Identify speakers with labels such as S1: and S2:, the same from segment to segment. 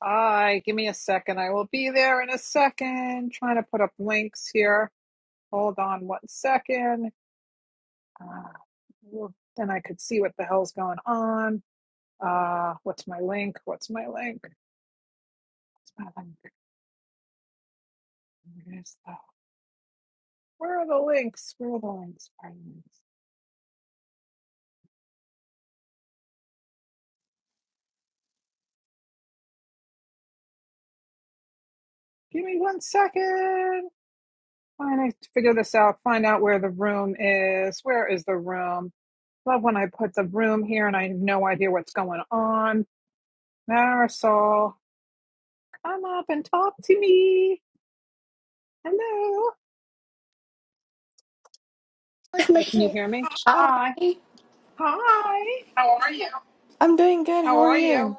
S1: I give me a second. I will be there in a second. Trying to put up links here. Hold on one second. Uh, well, then I could see what the hell's going on. Uh, what's my link? What's my link? What's my link? Where are the links? Where are the links? Where are the links? Give me one second. Trying to figure this out. Find out where the room is. Where is the room? Love when I put the room here and I have no idea what's going on. Marisol. Come up and talk to me. Hello. Hi, can you hear me?
S2: Hi,
S1: Hi. Hi.
S2: I'm doing good.
S1: How
S2: How are
S1: are you?
S2: you?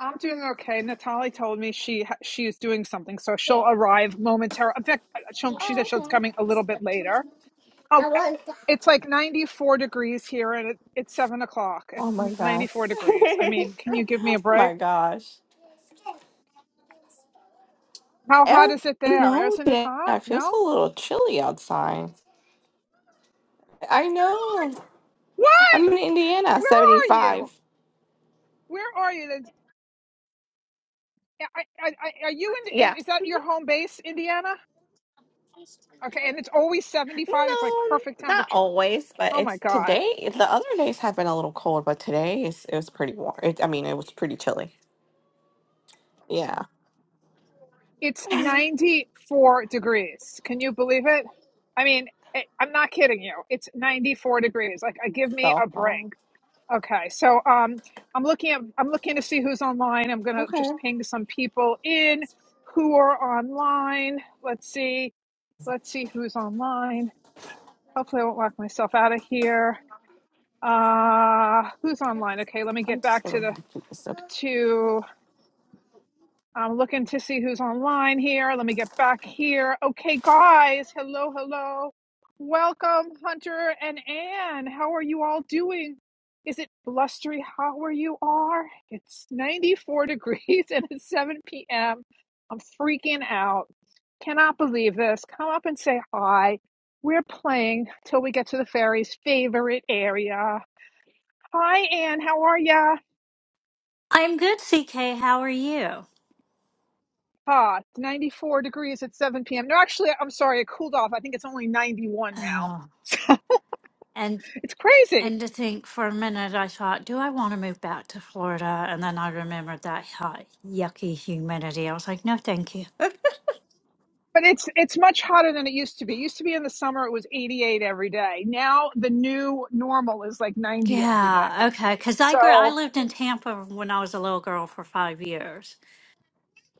S1: I'm doing okay. Natalie told me she ha- she is doing something, so she'll arrive momentarily. In fact, uh, she'll, she said she's coming a little bit later. Oh, uh, it's like 94 degrees here, and it, it's seven o'clock. It's
S2: Oh my gosh.
S1: 94 degrees. I mean, can you give me
S2: Oh
S1: a break?
S2: my gosh.
S1: How hot
S2: Uh,
S1: is it there?
S2: no,
S1: Isn't it
S2: today
S1: hot?
S2: it feels a
S1: No.
S2: little chilly outside. I know.
S1: What?
S2: I'm in
S1: Where
S2: Indiana,
S1: are you?
S2: 75.
S1: Where are you? I, I, I, are you in?
S2: Yeah.
S1: And is that your home base, Indiana? Okay, and it's always seventy-five. It's like
S2: No,
S1: perfect
S2: not
S1: temperature.
S2: always, but
S1: Oh my
S2: it's
S1: God,
S2: today. The other days have been a little cold, but today is, it was pretty warm. It, I mean, it was pretty chilly. Yeah.
S1: it's ninety-four degrees. Can you believe it? I mean, I, I'm not kidding you. It's ninety-four degrees. Like, I give me
S2: So,
S1: a break.
S2: um,
S1: Okay, so um, I'm looking at I'm looking to see who's online. I'm gonna
S2: okay.
S1: just ping some people in who are online. Let's see. Let's see who's online. Hopefully, I won't lock myself out of here. Uh, who's online? Okay, let me
S2: I'm
S1: get
S2: just
S1: back to
S2: gonna
S1: the
S2: do this. Okay.
S1: to. I'm looking to see who's online here. Let me get back here. Okay, guys. Hello, hello. Welcome, Hunter and Anne. How are you all doing? Is it blustery hot where you are? It's 94 degrees and it's 7 p.m. I'm freaking out. Cannot believe this. Come up and say hi. We're playing till we get to the fairy's favorite area. Hi, Ann. How are ya?
S3: I'm good, CK. How are you?
S1: Ah, it's 94 degrees at 7 p.m. No, actually, I'm sorry, it cooled off. I think it's only 91 now.
S3: Oh,
S1: So
S3: And
S1: it's crazy.
S3: and to think for a minute, I thought, do I want to move back to Florida? And then I remembered that hot, yucky humidity. I was like, no, thank you.
S1: But it's it's much hotter than it used to be. It used to be in the summer it was 88 every day. Now the new normal is like 90 every day.
S3: Yeah, okay. Because I grew, I
S1: So
S3: lived in Tampa when I was a little girl for five years.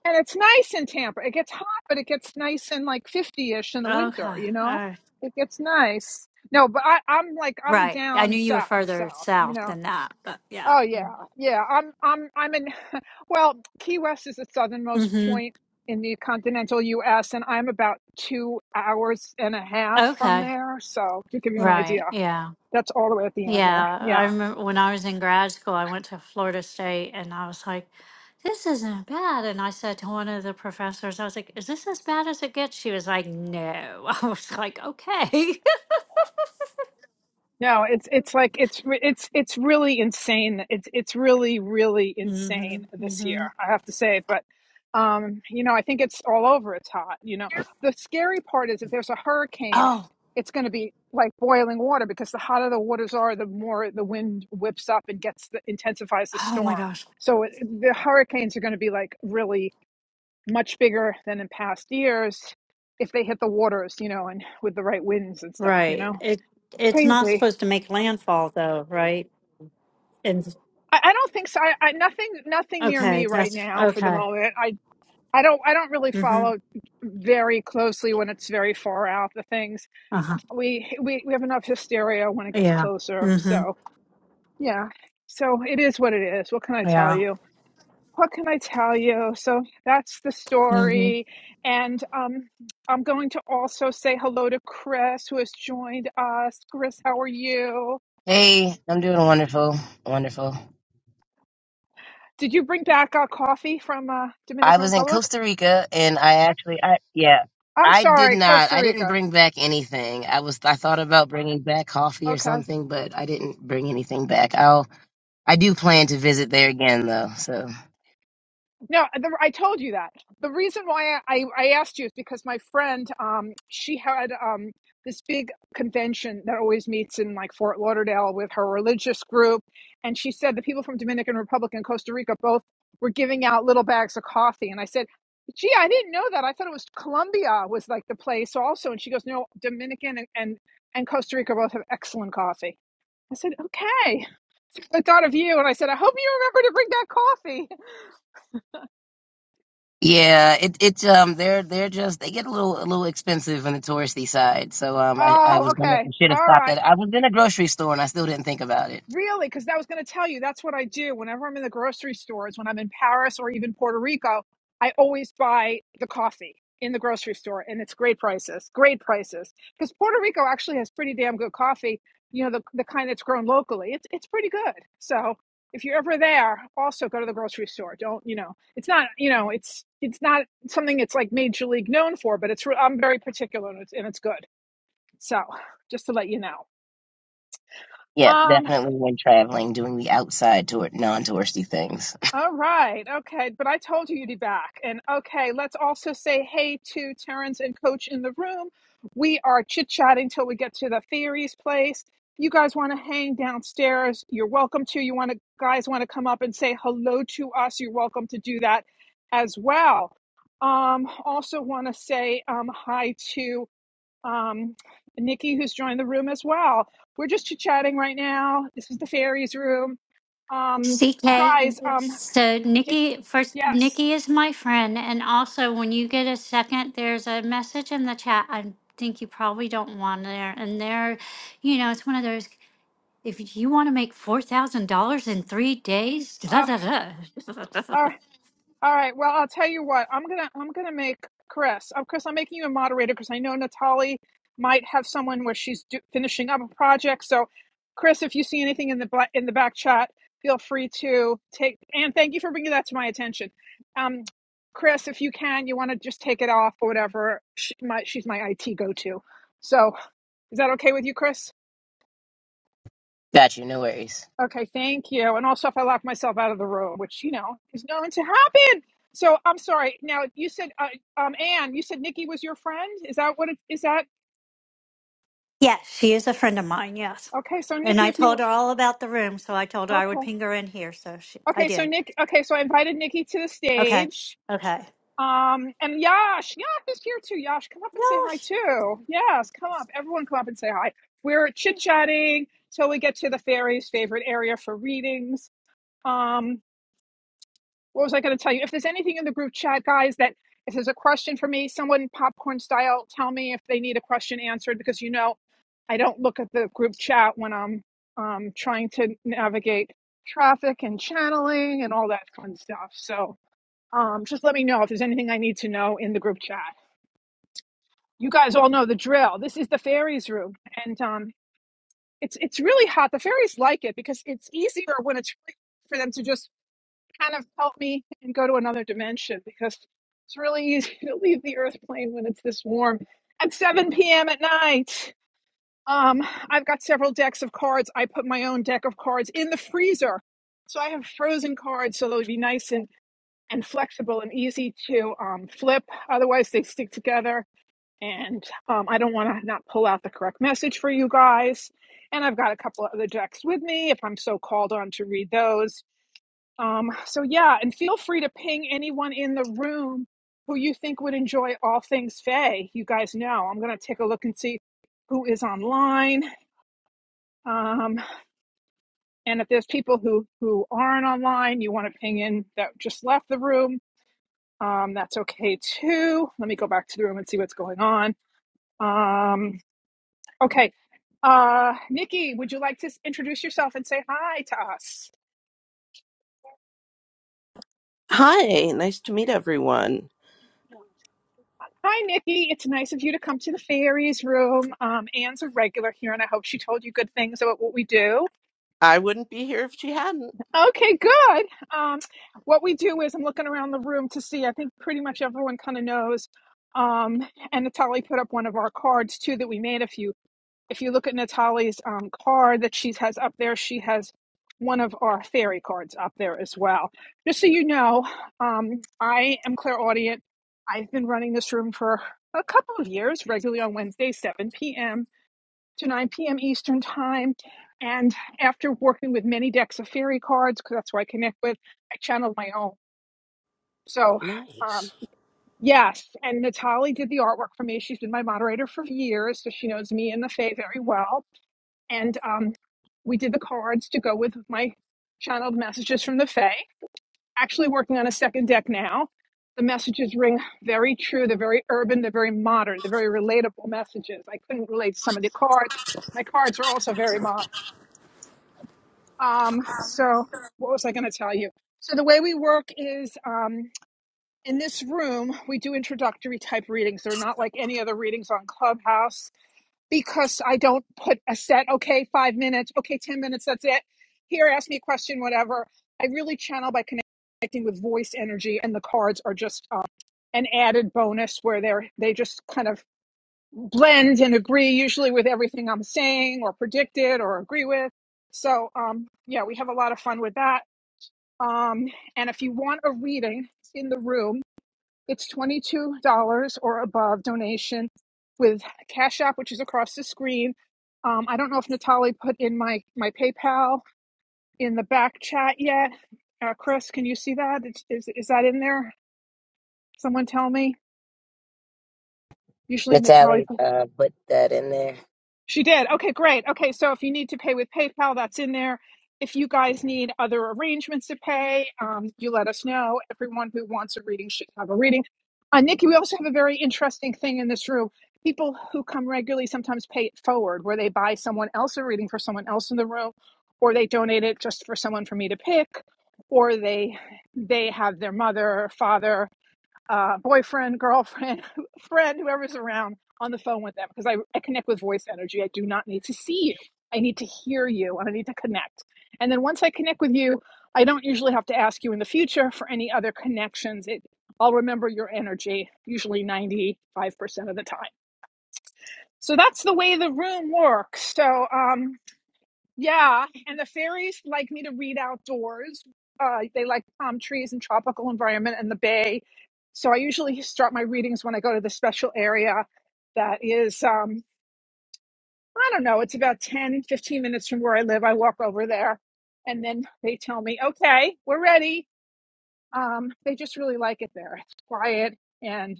S1: and it's nice in Tampa. It gets hot, but it gets nice in like 50-ish in the
S3: Okay,
S1: winter,
S3: all
S1: you know?
S3: right.
S1: It gets nice. No, but I, I'm like I'm
S3: Right. I
S1: down
S3: knew you were
S1: south,
S3: further
S1: south, you
S3: south
S1: know.
S3: than that, but yeah.
S1: Oh yeah, yeah. I'm I'm I'm in. Well, Key West is the southernmost
S3: Mm-hmm.
S1: point in the continental U.S., and I'm about two hours and a half from
S3: Okay.
S1: there. So to give you an idea,
S3: Right. Yeah.
S1: that's all the way at the end there.
S3: Yeah,
S1: Yeah.
S3: I remember when I was in grad school, I went to Florida State and I was like, this isn't bad. And I said to one of the professors, I was like, is this as bad as it gets? She was like, no. I was like, okay.
S1: No, it's it's like it's re- it's it's really insane. It's it's really really
S3: hmm
S1: insane this year.
S3: hmm
S1: I have to say, but um, you know, I think it's all over. It's hot. You know, the scary part is if there's a hurricane,
S3: Oh,
S1: it's going to be like boiling water because the hotter the waters are, the more the wind whips up and gets the, intensifies the
S3: oh my
S1: storm.
S3: gosh.
S1: So it, the hurricanes are going to be like really much bigger than in past years if they hit the waters, you know, and with the right winds and stuff. You know,
S3: Right. It it's not
S1: crazy.
S3: supposed to make landfall though, right? And
S1: I, I don't think so. I, I nothing nothing near me
S3: okay,
S1: right
S3: that's
S1: now for the
S3: okay.
S1: moment. I I don't I don't really
S3: hmm
S1: follow very closely when it's very far out the things.
S3: Uh-huh.
S1: We we we have enough hysteria when it gets
S3: Yeah.
S1: closer.
S3: hmm
S1: So yeah. So it is what it is. What can I tell
S3: Yeah.
S1: you? What can I tell you? So that's the story. And um, I'm going to also say hello to Chris, who has joined us. Chris, how are you?
S4: Hey, I'm doing wonderful. Wonderful.
S1: Did you bring back uh, coffee from uh,
S4: I
S1: Dominican
S4: was in
S1: Republic?
S4: Costa Rica and I actually I yeah,
S1: I'm
S4: I did
S1: sorry,
S4: not
S1: Costa
S4: I didn't
S1: Rica.
S4: bring back anything. I was I thought about bringing back coffee or
S1: Okay.
S4: something, but I didn't bring anything back. I'll I do plan to visit there again though. So,
S1: No, the, I told you that. The reason why I, I asked you is because my friend, um, she had um, this big convention that always meets in like Fort Lauderdale with her religious group, and she said the people from Dominican Republic and Costa Rica both were giving out little bags of coffee, and I said. Gee, I didn't know that. I thought it was Colombia was like the place also. And she goes, no, Dominican and, and, and Costa Rica both have excellent coffee. I said, okay. I thought of you and I said, I hope you remember to bring that coffee.
S4: yeah, it it, um they're they're just they get a little a little expensive on the touristy side. So, um I I
S1: Oh,
S4: was going to
S1: okay.
S4: I should have
S1: All
S4: stopped
S1: right.
S4: at I was in a grocery store and I still didn't think about it.
S1: Really, because I was going to tell you, that's what I do whenever I'm in the grocery stores, when I'm in Paris or even Puerto Rico, I always buy the coffee in the grocery store and it's great prices, great prices. Because Puerto Rico actually has pretty damn good coffee, you know, the, the kind that's grown locally. It's, it's pretty good. So if you're ever there, also go to the grocery store. Don't, you know, it's not, you know, it's, it's not something it's like major league known for, but it's, re- I'm very particular and it's, and it's good. So just to let you know.
S4: Yeah,
S1: Um,
S4: definitely when traveling doing the outside tour non-touristy things.
S1: All right. Okay. But I told you you'd be back. And okay, let's also say hey to Terrence and Coach in the room. We are chit chatting till we get to the theories place. You guys want to hang downstairs? You're welcome to. You want to guys want to come up and say hello to us? You're welcome to do that as well. Um, also want to say um, hi to um, Nikki who's joined the room as well. We're just chit chatting right now. This is the fairies room. Um,
S3: CK.
S1: guys. Um,
S3: So
S1: if
S3: Nikki first
S1: yes.
S3: Nikki is my friend and also when you get a second there's a message in the chat I think you probably don't want there and there you know it's one of those if you want to make four thousand dollars in three days da,
S1: Uh,
S3: da, da.
S1: all right. All right. Well, I'll tell you what. I'm gonna I'm gonna make Chris. Oh, Chris, I'm making you a moderator because I know Natali might have someone where she's do, finishing up a project. So, Chris, if you see anything in the black, in the back chat, feel free to take. And thank you for bringing that to my attention. Um, Chris, if you can, you want to just take it off or whatever. She, my, she's my IT go to. So, is that okay with you, Chris?
S4: Got you. No worries.
S1: Okay, thank you. And also, if I lock myself out of the room, which you know is known to happen. So I'm sorry. Now you said, uh, um, Anne, you said Nikki was your friend. Is that what it is? That
S3: Yeah, she is a friend of mine, yes.
S1: okay? So
S3: And
S1: Nikki,
S3: I
S1: if
S3: told
S1: you
S3: her all about the room, so I told her I would
S1: okay,
S3: ping her in here, so she I
S1: okay. So
S3: did.
S1: Nick, okay. So I invited Nikki to the
S3: Okay.
S1: stage.
S3: Okay.
S1: Um, and Yash, Yash is here too. Yash, come up and say hi
S3: Yes.
S1: too. Yes, come up. Everyone, come up and say hi. We're chit chatting till we get to the fairies' favorite area for readings. Um, what was I going to tell you? If there's anything in the group chat, guys, that if there's a question for me, someone popcorn style, tell me if they need a question answered because you know I don't look at the group chat when I'm um, trying to navigate traffic and channeling and all that fun stuff. So um, just let me know if there's anything I need to know in the group chat. You guys all know the drill. This is the fairies room, and um, it's it's really hot. The fairies like it because it's easier when it's free for them to just kind of help me and go to another dimension because it's really easy to leave the earth plane when it's this warm at 7 p.m. at night. Um, I've got several decks of cards. I put my own deck of cards in the freezer. So I have frozen cards so they'll be nice and, and flexible and easy to um, flip. Otherwise, they stick together. And um, I don't want to not pull out the correct message for you guys. And I've got a couple of other decks with me if I'm so called on to read those um, so yeah, and feel free to ping anyone in the room who you think would enjoy all things Faye. You guys know I'm gonna take a look and see who is online. Um, and if there's people who who aren't online, you want to ping in that just left the room. Um, that's okay too. Let me go back to the room and see what's going on. Um, okay, uh, Nikki, would you like to s- introduce yourself and say hi to us?
S5: Hi, nice to meet everyone.
S1: Hi, Nikki. It's nice of you to come to the fairies room. Um, Anne's a regular here, and I hope she told you good things about what we do.
S5: I wouldn't be here if she hadn't.
S1: Okay, good. Um, what we do is I'm looking around the room to see. I think pretty much everyone kind of knows. Um, and Natalie put up one of our cards too that we made a few if you look at Natalie's um, card that she has up there, she has one of our fairy cards up there as well. Just so you know, um, I am clairaudient. I've been running this room for a couple of years, regularly on Wednesday, 7 p.m. to 9 p.m. Eastern Time. And after working with many decks of fairy cards, because that's who I connect with, I channeled my own. So, um,
S5: Nice.
S1: yes, and Natalie did the artwork for me. She's been my moderator for years, so she knows me and the Fae very well and um, we did the cards to go with my channeled messages from the Fae. Actually, working on a second deck now. The messages ring very true. They're very urban. They're very modern. They're very relatable messages. I couldn't relate to some of the cards. My cards are also very modern. Um, so, what was I going to tell you? So, the way we work is um, in this room, we do introductory type readings. They're not like any other readings on Clubhouse because I don't put a set, okay, five minutes, okay, 10 minutes, that's it. Here, ask me a question, whatever. I really channel by connecting with voice energy, and the cards are just um, an added bonus where they're they just kind of blend and agree usually with everything I'm saying or predicted or agree with. So, um, yeah, we have a lot of fun with that. Um, and if you want a reading in the room, it's $22 or above donation with Cash App, which is across the screen. Um, I don't know if Natalie put in my, my PayPal in the back chat yet. Uh, Chris, can you see that? Is, is, is that in there? Someone tell me. Usually Natalie.
S4: Natalie,
S1: put,
S4: uh, put that in there.
S1: She did. Okay, great. Okay, so if you need to pay with PayPal, that's in there. If you guys need other arrangements to pay, um, you let us know. Everyone who wants a reading should have a reading. Uh, Nikki, we also have a very interesting thing in this room. People who come regularly sometimes pay it forward, where they buy someone else a reading for someone else in the room, or they donate it just for someone for me to pick, or they they have their mother, father, uh, boyfriend, girlfriend, friend, whoever's around on the phone with them because I, I connect with voice energy. I do not need to see you. I need to hear you and I need to connect. And then once I connect with you, I don't usually have to ask you in the future for any other connections. It, I'll remember your energy usually 95% of the time. So that's the way the room works. So um, yeah, and the fairies like me to read outdoors. Uh, they like palm trees and tropical environment and the bay. So I usually start my readings when I go to the special area that is, um, I don't know, it's about 10 15 minutes from where I live. I walk over there and then they tell me, okay, we're ready. Um, they just really like it there. It's quiet. And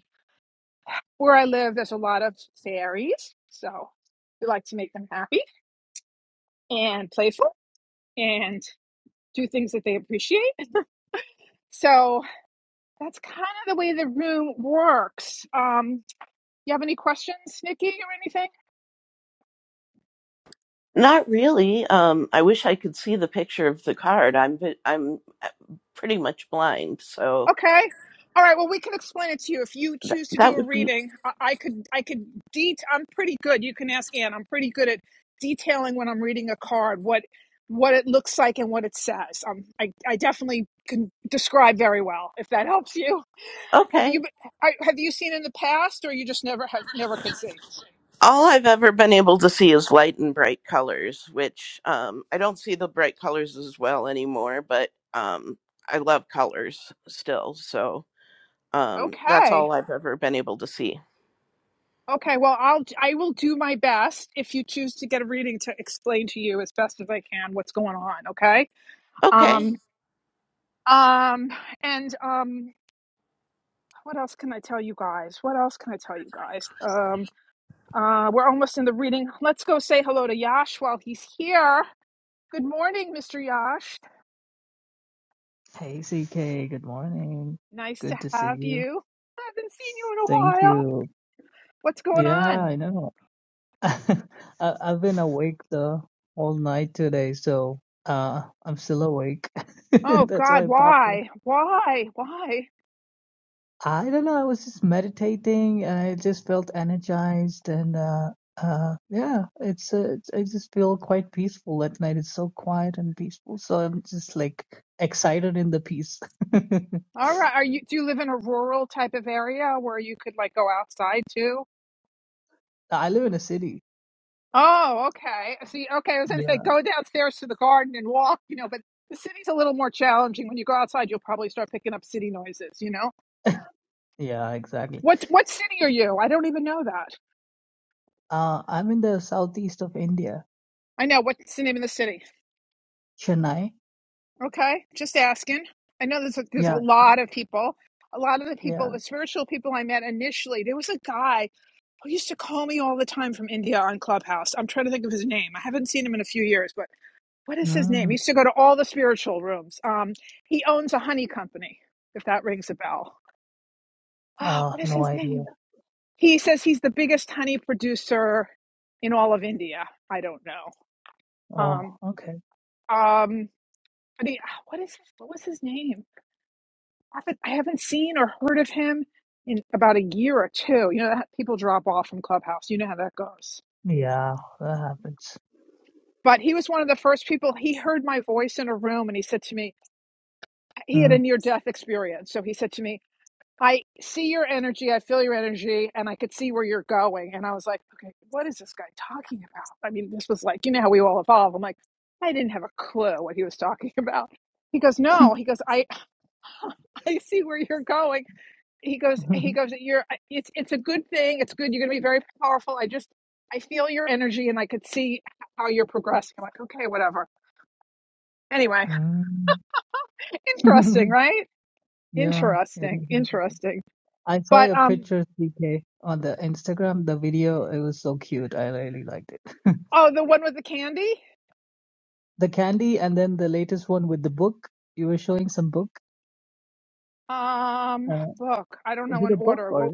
S1: where I live, there's a lot of fairies. So we like to make them happy and playful and do things that they appreciate So that's kind of the way the room works. Um, you have any questions, Nikki, or anything?
S5: Not really. Um, I wish I could see the picture of the card. I'm vi- I'm uh, pretty much blind, so
S1: Okay. All right. Well, we can explain it to you if you
S5: th-
S1: choose to do
S5: that
S1: a
S5: would be
S1: reading. I, I could, I could. Det- I'm pretty good. You can ask Ann. I'm pretty good at detailing when I'm reading a card what what it looks like and what it says. Um, I, I definitely can describe very well if that helps you. Have
S5: okay.
S1: you I, have you seen in the past, or you just never have never could see?
S5: All I've ever been able to see is light and bright colors, which um, I don't see the bright colors as well anymore. But um, I love colors still, so um, that's
S1: Okay.
S5: all I've ever been able to see.
S1: Okay, well, I'll I will do my best if you choose to get a reading to explain to you as best as I can what's going on, okay?
S5: Okay,
S1: Um um and um what else can I tell you guys? What else can I tell you guys? Um uh we're almost in the reading. Let's go say hello to Yash while he's here. Good morning, Mr. Yash.
S6: Hey, CK, good morning.
S1: Nice to
S6: Good to see
S1: have
S6: you.
S1: you. I haven't seen you in a
S6: Thank
S1: while.
S6: you.
S1: What's going
S6: Yeah,
S1: on?
S6: I know. I, I've been awake the whole night today, so uh, I'm still awake.
S1: Oh
S6: That's why
S1: god,
S6: I popped in.
S1: why? Why? Why?
S6: I don't know. I was just meditating, and I just felt energized, and uh, uh, yeah, it's, uh, it's I just feel quite peaceful at night. It's so quiet and peaceful, so I'm just like excited in the peace.
S1: All right. Are you do you live in a rural type of area where you could like go outside too?
S6: I live in a city.
S1: Oh, okay. See, okay, I was gonna say
S6: Yeah.
S1: go downstairs to the garden and walk, you know, but the city's a little more challenging. When you go outside, you'll probably start picking up city noises, you know?
S6: Yeah, exactly.
S1: What what city are you? I don't even know that.
S6: Uh, I'm in the southeast of India,
S1: I know what's the name of the city.
S6: Chennai.
S1: Okay, just asking. I know there's a, there's a
S6: Yeah,
S1: lot of people. A lot of the people,
S6: yeah.
S1: the spiritual people I met initially, there was a guy who used to call me all the time from India on Clubhouse. I'm trying to think of his name. I haven't seen him in a few years, but what is his name? He
S6: Mm.
S1: used to go to all the spiritual rooms. Um, he owns a honey company, if that rings a bell. Oh,
S6: Oh,
S1: what is
S6: no
S1: his
S6: idea.
S1: name? He says he's the biggest honey producer in all of India. I don't know. Um,
S6: Oh, okay.
S1: um, I mean, what is his, what was his name? I haven't, I haven't seen or heard of him in about a year or two. You know, that people drop off from Clubhouse. You know how that goes.
S6: Yeah, that happens.
S1: But he was one of the first people. He heard my voice in a room, and he said to me, he had a
S6: Mm.
S1: near death experience. So he said to me, I see your energy, I feel your energy, and I could see where you're going. And I was like, okay, what is this guy talking about? I mean, this was like, you know how we all evolve. I'm like, I didn't have a clue what he was talking about. He goes, no. He goes, I, I see where you're going. He goes, he goes, you're. It's it's a good thing. It's good. You're going to be very powerful. I just, I feel your energy, and I could see how you're progressing. I'm like, okay, whatever. Anyway,
S6: Mm.
S1: interesting, right?
S6: Yeah, it is.
S1: Interesting, interesting.
S6: I saw
S1: But
S6: your
S1: um,
S6: picture, CK, on the Instagram, the video. It was so cute. I really liked it.
S1: oh, the one with the candy.
S6: The candy, and then the latest one with the book. You were showing some book.
S1: Um,
S6: Uh,
S1: book. I don't
S6: was
S1: know
S6: it
S1: in
S6: a book
S1: order.
S6: or?
S1: What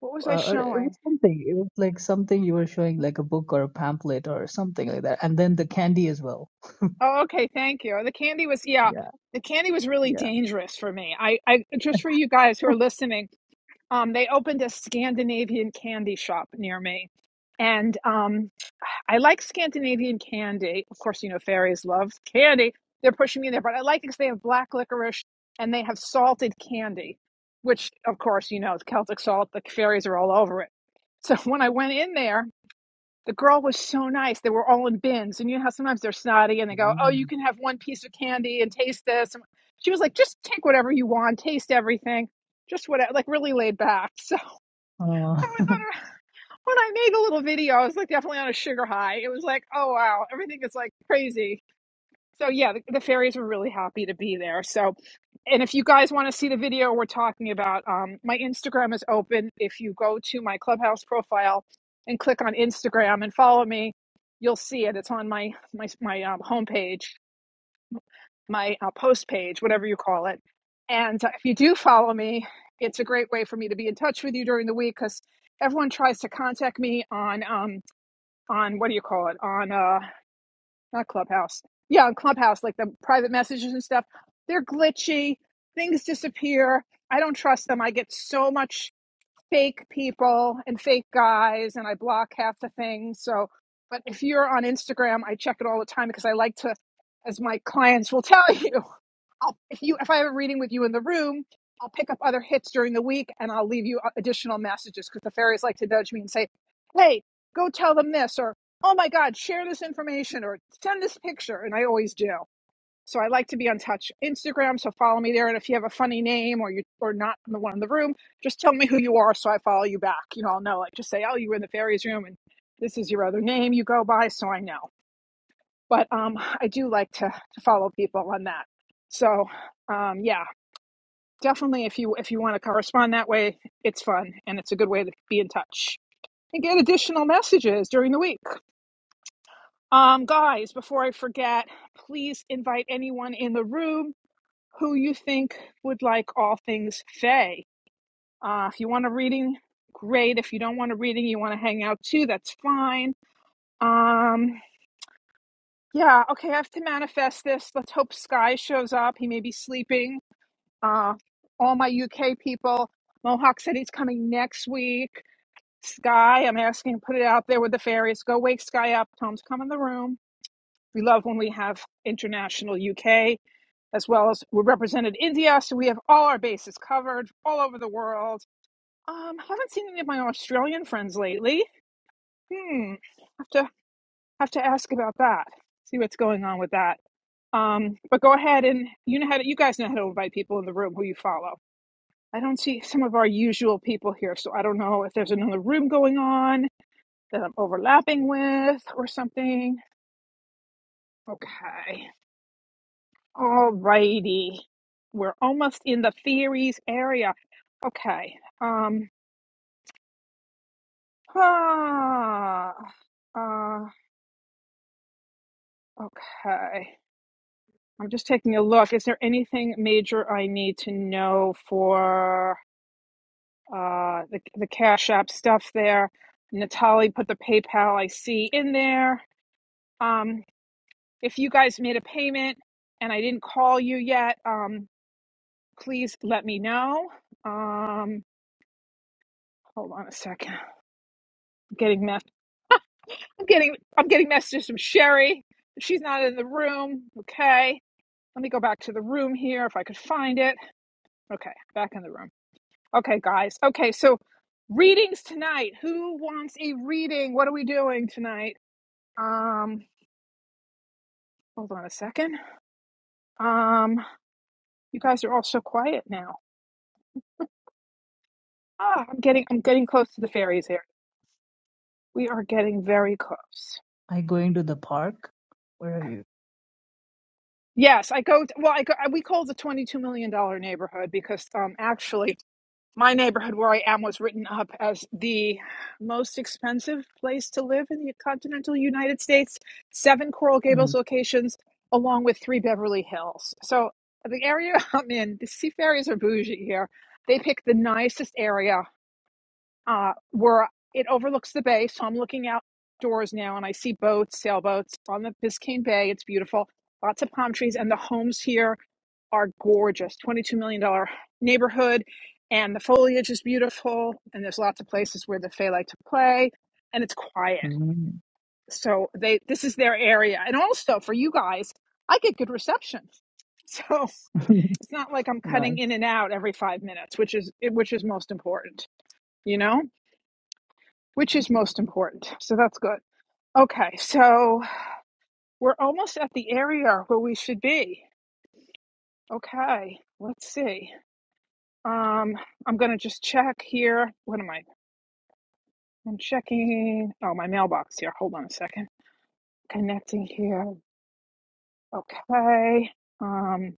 S1: what was I
S6: uh, it was
S1: showing?
S6: something. It was like something you were showing, like a book or a pamphlet or something like that. And then the candy as well.
S1: Oh, okay, thank you. The candy was yeah.
S6: Yeah,
S1: The candy was really
S6: yeah.
S1: dangerous for me. I I just for you guys who are listening, um they opened a Scandinavian candy shop near me. And um I like Scandinavian candy. Of course, you know fairies love candy. They're pushing me there, but I like it because they have black licorice and they have salted candy, which of course, you know, Celtic salt, the fairies are all over it. So when I went in there, The girl was so nice. They were all in bins. And you know how sometimes they're snotty and they go, Oh, you
S6: Mm.
S1: can have one piece of candy and taste this. And she was like, Just take whatever you want, taste everything. Just whatever, like really laid back.
S6: Uh,
S1: So I was on a, when I made the little video, I was like definitely on a sugar high. It was like, Oh, wow, everything is like crazy. So yeah, the, the fairies were really happy to be there. So and if you guys want to see the video we're talking about, um, my Instagram is open. If you go to my clubhouse profile and click on Instagram and follow me, you'll see it. It's on my my my um, homepage, my uh, post page, whatever you call it. And uh, if you do follow me, it's a great way for me to be in touch with you during the week because everyone tries to contact me on um on what do you call it on uh not Clubhouse. Yeah, on Clubhouse, like the private messages and stuff, they're glitchy. Things disappear. I don't trust them. I get so much fake people and fake guys, and I block half the things. So, but if you're on Instagram, I check it all the time because I like to, as my clients will tell you, I'll, if you if I have a reading with you in the room, I'll pick up other hits during the week and I'll leave you uh, additional messages because the fairies like to nudge me and say, "Hey, go tell them this," or "Oh my God, share this information," or "Send this picture," and I always do. So I like to be on touch Instagram, so follow me there. And if you have a funny name or you or not the one in the room, just tell me who you are so I follow you back. You know, I'll know. Like just say, "Oh, you were in the fairies room," and this is your other name you go by, so I know but um, I do like to, to follow people on that. So um, yeah, definitely if you if you want to correspond that way, it's fun and it's a good way to be in touch and get additional messages during the week. Um, guys, before I forget, please invite anyone in the room who you think would like all things Faye. Uh, if you want a reading, great. If you don't want a reading, you want to hang out too, that's fine. Um, yeah, okay, I have to manifest this. Let's hope Sky shows up. He may be sleeping Uh, all my UK people, Mohawk City's coming next week. Sky, I'm asking, to put it out there with the fairies. Go wake Sky up. Tom's come in the room. We love when we have international UK as well as we're represented India, so we have all our bases covered all over the world. Um, haven't seen any of my Australian friends lately. Hmm, have to have to ask about that. See what's going on with that. Um, but go ahead and you know how to, you guys know how to invite people in the room who you follow. I don't see some of our usual people here, so I don't know if there's another room going on that I'm overlapping with or something. Okay. All righty. We're almost in the theories area. Okay. Um ah, uh okay. I'm just taking a look. Is there anything major I need to know for uh the the Cash App stuff there? Natalie put the PayPal I see in there. Um. If you guys made a payment and I didn't call you yet, um, please let me know. Um, hold on a second. I'm getting mess. I'm getting I'm getting messages from Sherry. She's not in the room. Okay. Let me go back to the room here if I could find it. Okay, back in the room. Okay, guys. Okay, so readings tonight. Who wants a reading? What are we doing tonight? Um, hold on a second. Um, you guys are all so quiet now. Ah, I'm getting I'm getting close to the fairies here. We are getting very close.
S6: I going to the park. Where are you?
S1: Yes, I go. Well, I go. We call the twenty-two million dollar neighborhood because, um, actually, my neighborhood where I am was written up as the most expensive place to live in the continental United States. Seven Coral
S6: Mhm.
S1: Gables locations, along with three Beverly Hills. So the area I'm in, the Seafarers are bougie here. They pick the nicest area uh, where it overlooks the bay. So I'm looking outdoors now and I see boats, sailboats on the Biscayne Bay. It's beautiful. Lots of palm trees, and the homes here are gorgeous. $22 million dollars neighborhood, and the foliage is beautiful, and there's lots of places where the Fae like to play, and it's quiet. So they this is their area. And also for you guys, I get good reception. So it's not like I'm cutting
S6: nice.
S1: in and out every five minutes, which is which is most important, you know? which is most important. So that's good. Okay, so we're almost at the area where we should be. Okay, let's see. Um, I'm gonna just check here. What am I? I'm checking. Oh, my mailbox here. Hold on a second. Connecting here. Okay. Um,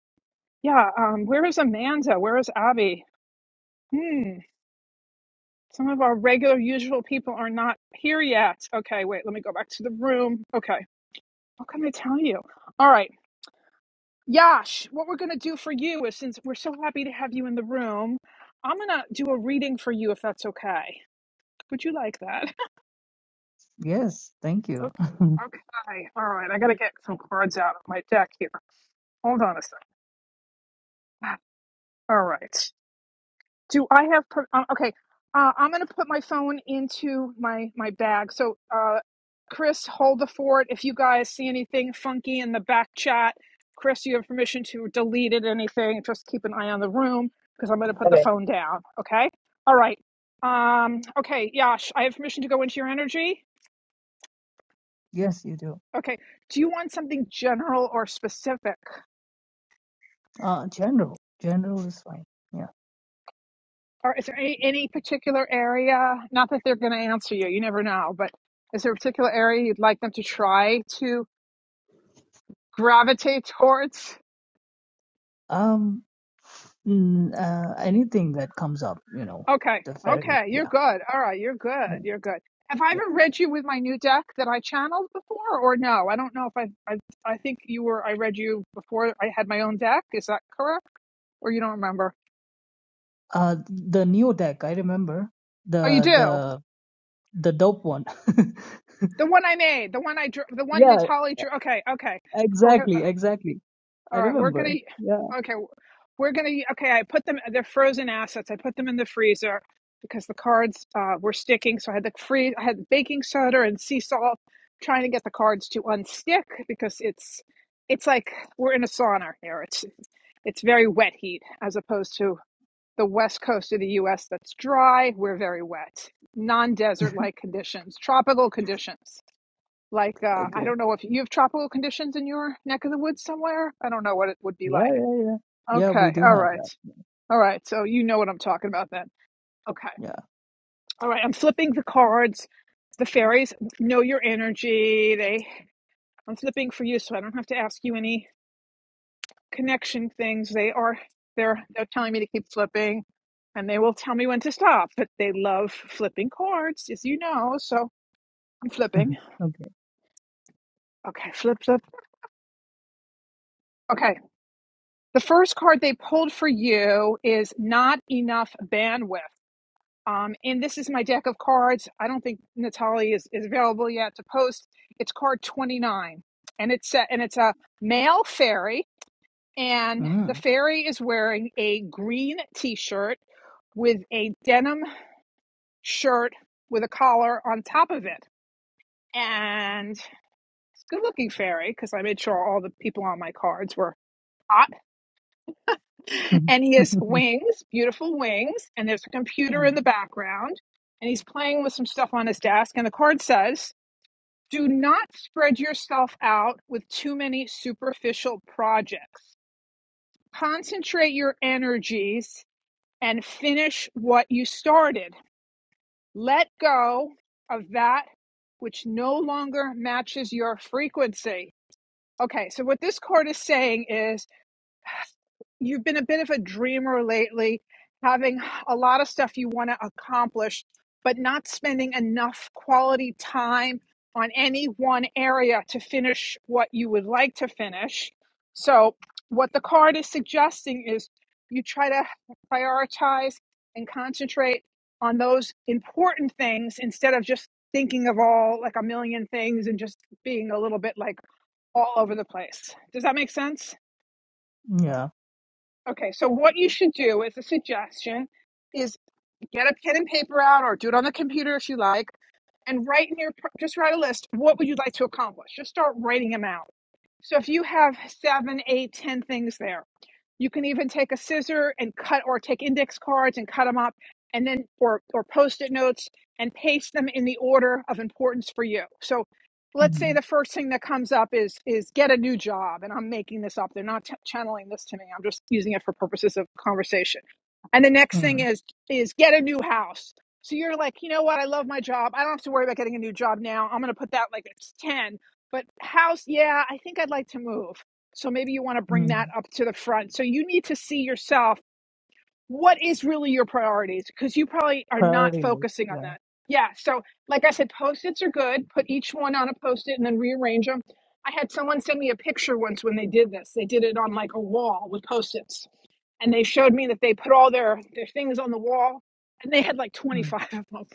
S1: yeah. Um, where is Amanda? Where is Abby? Hmm. Some of our regular, usual people are not here yet. Okay, wait. Let me go back to the room. Okay. What can I tell you? All right. Yash, what we're going to do for you is since we're so happy to have you in the room, I'm going to do a reading for you if that's okay. Would you like that?
S6: Yes, thank you.
S1: Okay. Okay. All right. I got to get some cards out of my deck here. Hold on a second. All right. Do I have? Per- uh, okay, uh, I'm going to put my phone into my my bag. So, uh, Chris, hold the fort. If you guys see anything funky in the back chat, Chris, you have permission to delete it. Anything? Just keep an eye on the room because I'm going to put the
S4: Okay.
S1: phone down. Okay. All right. Um, okay, Yash, I have permission to go into your energy.
S6: yes, you do.
S1: Okay. Do you want something general or specific?
S6: Uh, general. General is fine. Yeah.
S1: Or is there any, any particular area? Not that they're going to answer you, you never know, but is there a particular area you'd like them to try to gravitate towards?
S6: Um. mm, uh, anything that comes up, you know,
S1: Okay,
S6: the ferry.
S1: okay, you're
S6: Yeah,
S1: good. All right, you're
S6: yeah,
S1: good. You're good. Have I
S6: yeah.
S1: ever read you with my new deck that I channeled before, or no? I don't know if I, I, I think you were. I read you before I had my own deck. Is that correct, or you don't remember?
S6: Uh, the new deck. I remember
S1: Oh, you
S6: the
S1: do.
S6: the The dope one.
S1: The one I made, the one I drew, the one
S6: Yeah,
S1: Natali drew. Okay, okay. We're
S6: exactly, exactly.
S1: All
S6: I
S1: right, we're gonna.
S6: remember. Yeah,
S1: Okay, we're gonna. Okay, I put them. They're frozen assets. I put them in the freezer because the cards uh, were sticking. So I had the free. I had baking soda and sea salt, trying to get the cards to unstick because it's. It's like we're in a sauna here. It's it's very wet heat as opposed to the west coast of the U.S. That's dry. We're very wet, non-desert-like conditions, tropical conditions like uh, I
S6: okay.
S1: don't know if you have tropical conditions in your neck of the woods somewhere. I don't know what it would be
S6: Yeah,
S1: like.
S6: yeah, yeah. Yeah, we
S1: Okay.
S6: do
S1: All
S6: have
S1: right.
S6: that.
S1: All right. So you know what I'm talking about then. Okay.
S6: Yeah.
S1: All right. I'm flipping the cards. The fairies know your energy. They I'm flipping for you so I don't have to ask you any connection things. They are they're they're telling me to keep flipping and they will tell me when to stop. But they love flipping cards, as you know, so I'm flipping.
S6: Okay.
S1: Okay, flip, flip. Okay. The first card they pulled for you is not enough bandwidth. Um, and this is my deck of cards. I don't think Natalie is, is available yet to post. It's card 29. And it's a, and it's a male fairy. And the
S6: Mm.
S1: fairy is wearing a green t-shirt with a denim shirt with a collar on top of it. And it's a good looking fairy because I made sure all the people on my cards were hot and he has wings, beautiful wings, and there's a computer in
S6: Mm.
S1: the background, and he's playing with some stuff on his desk. And the card says, Do not spread yourself out with too many superficial projects. Concentrate your energies and finish what you started. Let go of that which no longer matches your frequency. Okay, so what this card is saying is you've been a bit of a dreamer lately, having a lot of stuff you want to accomplish, but not spending enough quality time on any one area to finish what you would like to finish. So, what the card is suggesting is you try to prioritize and concentrate on those important things instead of just thinking of all like a million things and just being a little bit like all over the place. Does that make sense?
S6: Yeah.
S1: Okay, so what you should do as a suggestion is get a pen and paper out or do it on the computer if you like and write in your just write a list what would you like to accomplish just start writing them out so if you have seven eight ten things there you can even take a scissor and cut, or take index cards and cut them up, and then or or post-it notes and paste them in the order of importance for you. So, let's say
S6: Mm.
S1: the first thing that comes up is is get a new job, and I'm making this up. They're not ch- channeling this to me. I'm just using it for purposes of conversation. And the next thing
S6: Mm.
S1: is is get a new house. So you're like, you know what? I love my job. I don't have to worry about getting a new job now. I'm going to put that like it's ten. But house, yeah, I think I'd like to move. So maybe you want to bring that
S6: Mm.
S1: up to the front. So you need to see yourself what is really your priorities because you probably are not
S6: Priority list.
S1: focusing on
S6: Yeah.
S1: that. Yeah. So, like I said, post its are good. Put each one on a post it and then rearrange them. I had someone send me a picture once when they did this. They did it on like a wall with post its and they showed me that they put all their their things on the wall and they had like
S6: Mm.
S1: 25 of them and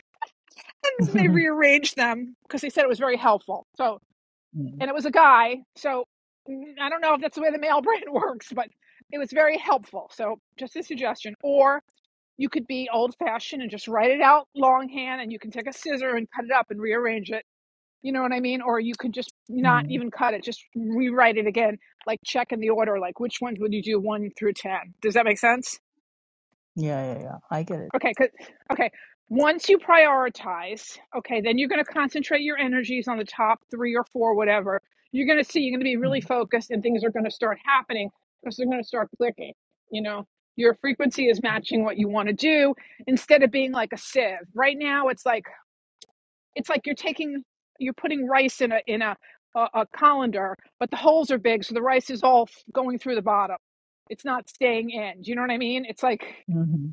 S1: they rearranged them because they said it was very helpful so
S6: Mm.
S1: and it was a guy. So mm, I don't know if that's the way the male brain works, but it was very helpful. So just a suggestion. Or you could be old fashioned and just write it out longhand and you can take a scissor and cut it up and rearrange it. You know what I mean? Or you could just not
S6: Mm.
S1: even cut it, just rewrite it again, like check in the order, like which ones would you do one through 10? Does that make sense?
S6: Yeah, yeah, yeah. I get it.
S1: Okay, 'cause- okay. Once you prioritize, okay, then you're going to concentrate your energies on the top three or four, whatever. You're going to see you're going to be really
S6: Mm.
S1: focused, and things are going to start happening because they're going to start clicking. You know, your frequency is
S6: Mm.
S1: matching what you want to do instead of being like a sieve. Right now, it's like it's like you're taking you're putting rice in a in a a, a colander, but the holes are big, so the rice is all f- going through the bottom. It's not staying in. Do you know what I mean? It's like
S6: Mm-hmm.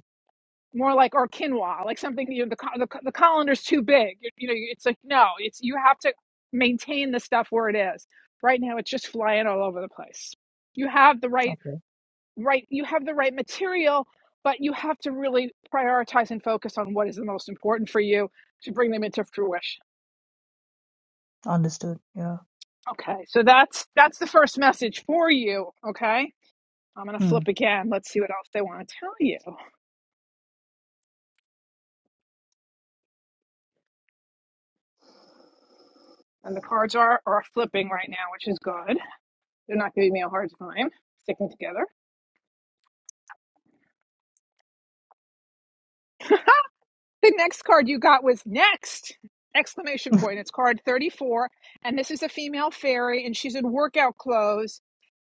S1: more like or quinoa, like something you know, the co- the, co- the colander's too big. You, you know, it's like no, it's you have to maintain the stuff where it is. Right now, it's just flying all over the place. You have the right
S6: Okay.
S1: right you have the right material, but you have to really prioritize and focus on what is the most important for you to bring them into fruition.
S6: Understood. Yeah.
S1: Okay, so that's that's the first message for you. Okay. I'm gonna flip
S6: Mm.
S1: again. Let's see what else they want to tell you. And the cards are are flipping right now, which is good. They're not giving me a hard time sticking together. The next card you got was next! Exclamation point. It's card 34. And this is a female fairy, and she's in workout clothes.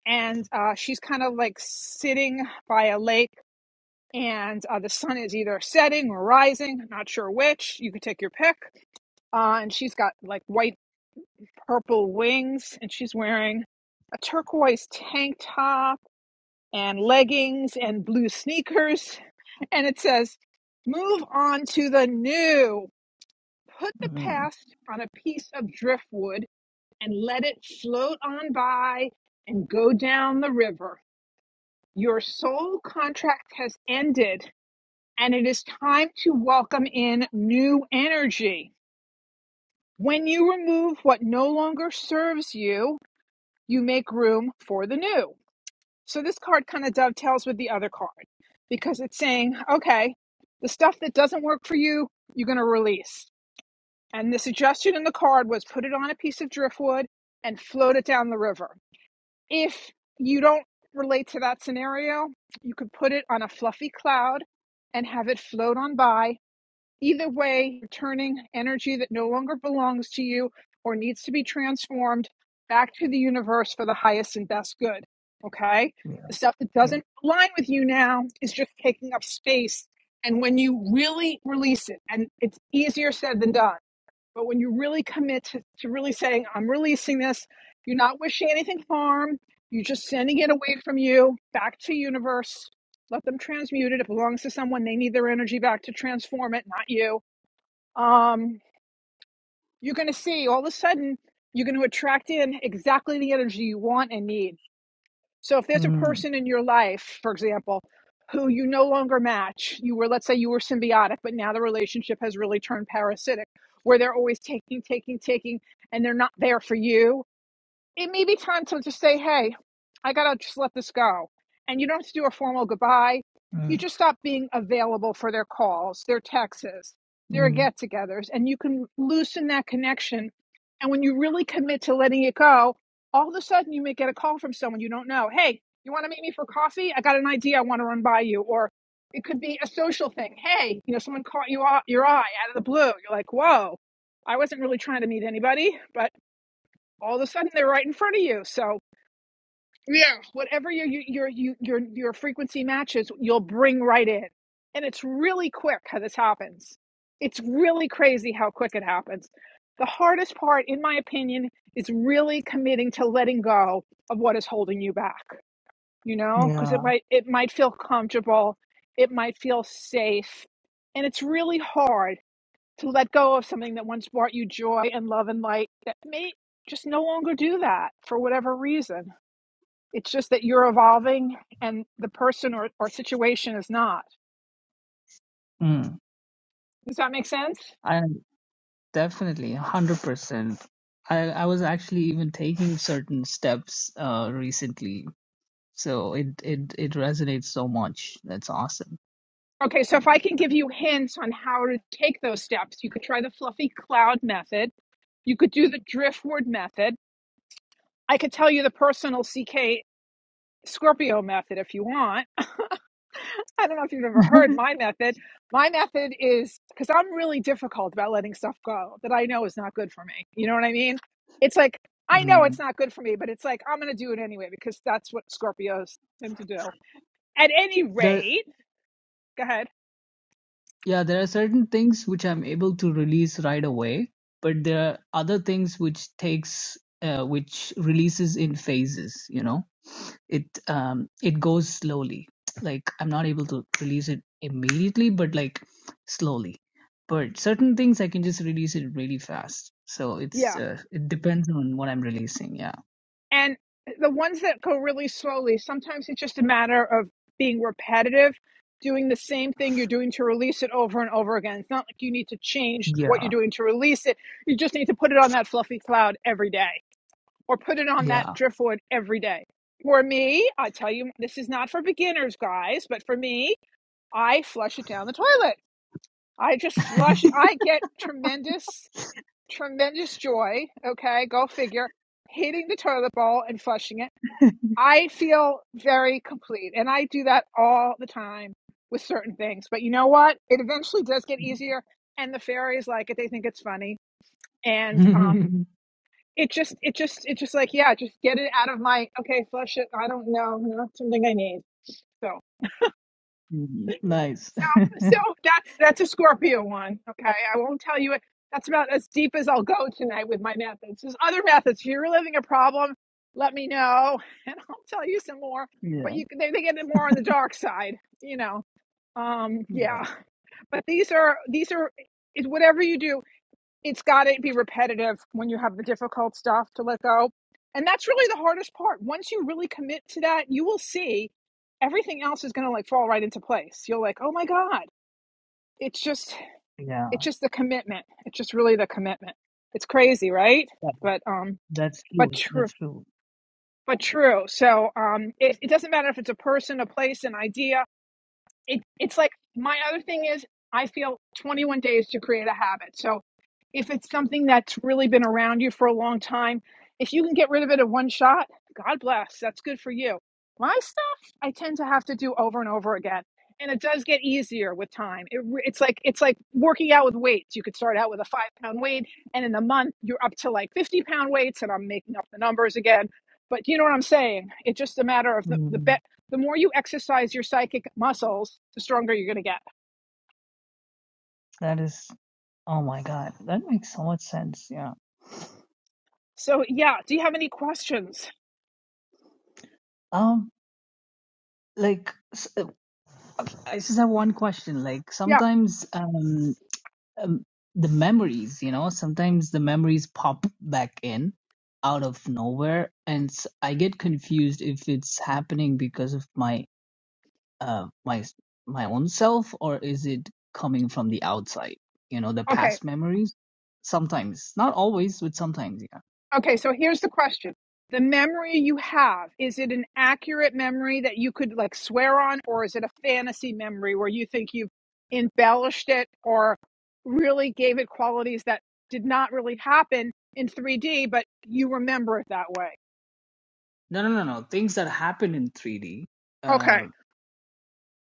S1: And uh, she's kind of like sitting by a lake. And uh, the sun is either setting or rising, I'm not sure which. You could take your pick. Uh, and she's got like white, purple wings, and she's wearing a turquoise tank top and leggings and blue sneakers. And it says, move on to the new. Put the
S6: Mm.
S1: past on a piece of driftwood and let it float on by and go down the river. Your soul contract has ended and it is time to welcome in new energy. When you remove what no longer serves you, you make room for the new. So this card kind of dovetails with the other card because it's saying, okay, the stuff that doesn't work for you, you're going to release. And the suggestion in the card was put it on a piece of driftwood and float it down the river. If you don't relate to that scenario, you could put it on a fluffy cloud and have it float on by Either way, returning energy that no longer belongs to you or needs to be transformed back to the universe for the highest and best good. Okay?
S6: Yeah.
S1: The stuff that
S6: Yeah.
S1: doesn't align with you now is just taking up space. And when you really release it, and it's easier said than done but when you really commit to, to really saying, I'm releasing this, you're not wishing anything harm, you're just sending it away from you back to universe. Let them transmute it. It belongs to someone. They need their energy back to transform it, not you. Um, you're going to see all of a sudden, you're going to attract in exactly the energy you want and need so if there's a
S6: Mm.
S1: person in your life, for example, who you no longer match, you were, let's say you were symbiotic, but now the relationship has really turned parasitic, where they're always taking, taking, taking, and they're not there for you it may be time to just say, hey, I gotta just let this go. And you don't have to do a formal goodbye. You
S6: Mm.
S1: just stop being available for their calls, their texts, their
S6: Mm.
S1: get togethers, and you can loosen that connection. And when you really commit to letting it go, all of a sudden you may get a call from someone you don't know. Hey, you wanna meet me for coffee? I got an idea I wanna run by you. Or it could be a social thing. Hey, you know, someone caught you off your eye out of the blue. You're like, whoa, I wasn't really trying to meet anybody, but all of a sudden they're right in front of you. So yeah, whatever your your your your your frequency matches, you'll bring right in, and it's really quick how this happens. It's really crazy how quick it happens. The hardest part, in my opinion, is really committing to letting go of what is holding you back. You know, because it
S6: Yeah.
S1: might it might feel comfortable, it might feel safe, and it's really hard to let go of something that once brought you joy and love and light that may just no longer do that for whatever reason. It's just that you're evolving and the person or, or situation is not.
S6: Mm.
S1: Does that make sense?
S6: Definitely, 100%. I, I was actually even taking certain steps uh, recently. So it, it, it resonates so much. That's awesome.
S1: Okay, so if I can give you hints on how to take those steps, you could try the fluffy cloud method. You could do the driftwood method. I could tell you the personal CK Scorpio method if you want I don't know if you've ever heard my method. My method is because I'm really difficult about letting stuff go that I know is not good for me. You know what I mean? It's like, I know
S6: Mm.
S1: it's not good for me, but it's like, I'm going to do it anyway because that's what Scorpios tend to do. At any
S6: There,
S1: rate, go ahead.
S6: yeah, there are certain things which I'm able to release right away, but there are other things which takes, uh, which releases in phases, you know? it um it goes slowly like i'm not able to release it immediately but like slowly but certain things i can just release it really fast so it's
S1: Yeah.
S6: uh, it depends on what i'm releasing yeah
S1: And the ones that go really slowly, sometimes it's just a matter of being repetitive, doing the same thing you're doing to release it over and over again. It's not like you need to change what you're
S6: yeah
S1: doing to release it. You just need to put it on that fluffy cloud every day or put it on that
S6: yeah
S1: driftwood every day. For me, I tell you, this is not for beginners, guys, but for me, I flush it down the toilet. I just flush. it. I get tremendous, tremendous joy. Okay, go figure. Hitting the toilet bowl and flushing it. I feel very complete, and I do that all the time with certain things. But you know what? It eventually does get easier, and the fairies like it. They think it's funny, and um, it just it just it just like yeah just get it out of my okay flush it i don't know not something i need so
S6: Mhm. nice
S1: so so that's that's a scorpio one okay i won't tell you it that's about as deep as i'll go tonight with my methods there's other methods if you're living a problem let me know and i'll tell you some more but
S6: yeah
S1: you can- they, they get it more on the dark side you know um
S6: yeah
S1: yeah but these are these are it's whatever you do it's got to be repetitive when you have the difficult stuff to let go. And that's really the hardest part. Once you really commit to that, you will see everything else is going to like fall right into place. You're like, "Oh my god." It's just
S6: yeah
S1: it's just the commitment. It's just really the commitment. It's crazy, right?
S6: that,
S1: But um
S6: that's
S1: but
S6: true
S1: true
S6: that's true
S1: but true. So um it, it doesn't matter if it's a person, a place, an idea, it, it's like my other thing is I feel 21 days to create a habit. So if it's something that's really been around you for a long time, if you can get rid of it at one shot, God bless. That's good for you. My stuff, I tend to have to do over and over again, and it does get easier with time. It, it's like it's like working out with weights. You could start out with a five pound weight, and in a month you're up to like 50 pound weights, and I'm making up the numbers again. But you know what I'm saying? It's just a matter of the, the be-
S6: Mhm.
S1: the more you exercise your psychic muscles, the stronger you're going to get.
S6: That is oh my god that makes so much sense yeah
S1: So, yeah, do you have any questions?
S6: um like s- I just have one question. Like
S1: Yeah.
S6: sometimes um, um the memories, you know, sometimes the memories pop back in out of nowhere, and s- I get confused if it's happening because of my uh my s- my own self or is it coming from the outside? You know, the
S1: Okay.
S6: past memories. Sometimes, not always, but sometimes, yeah.
S1: Okay. So, here's the question The memory you have, is it an accurate memory that you could like swear on, or is it a fantasy memory where you think you've embellished it or really gave it qualities that did not really happen in 3D, but you remember it that way?
S6: No, no, no, no. Things that happen in 3D.
S1: Okay.
S6: Uh,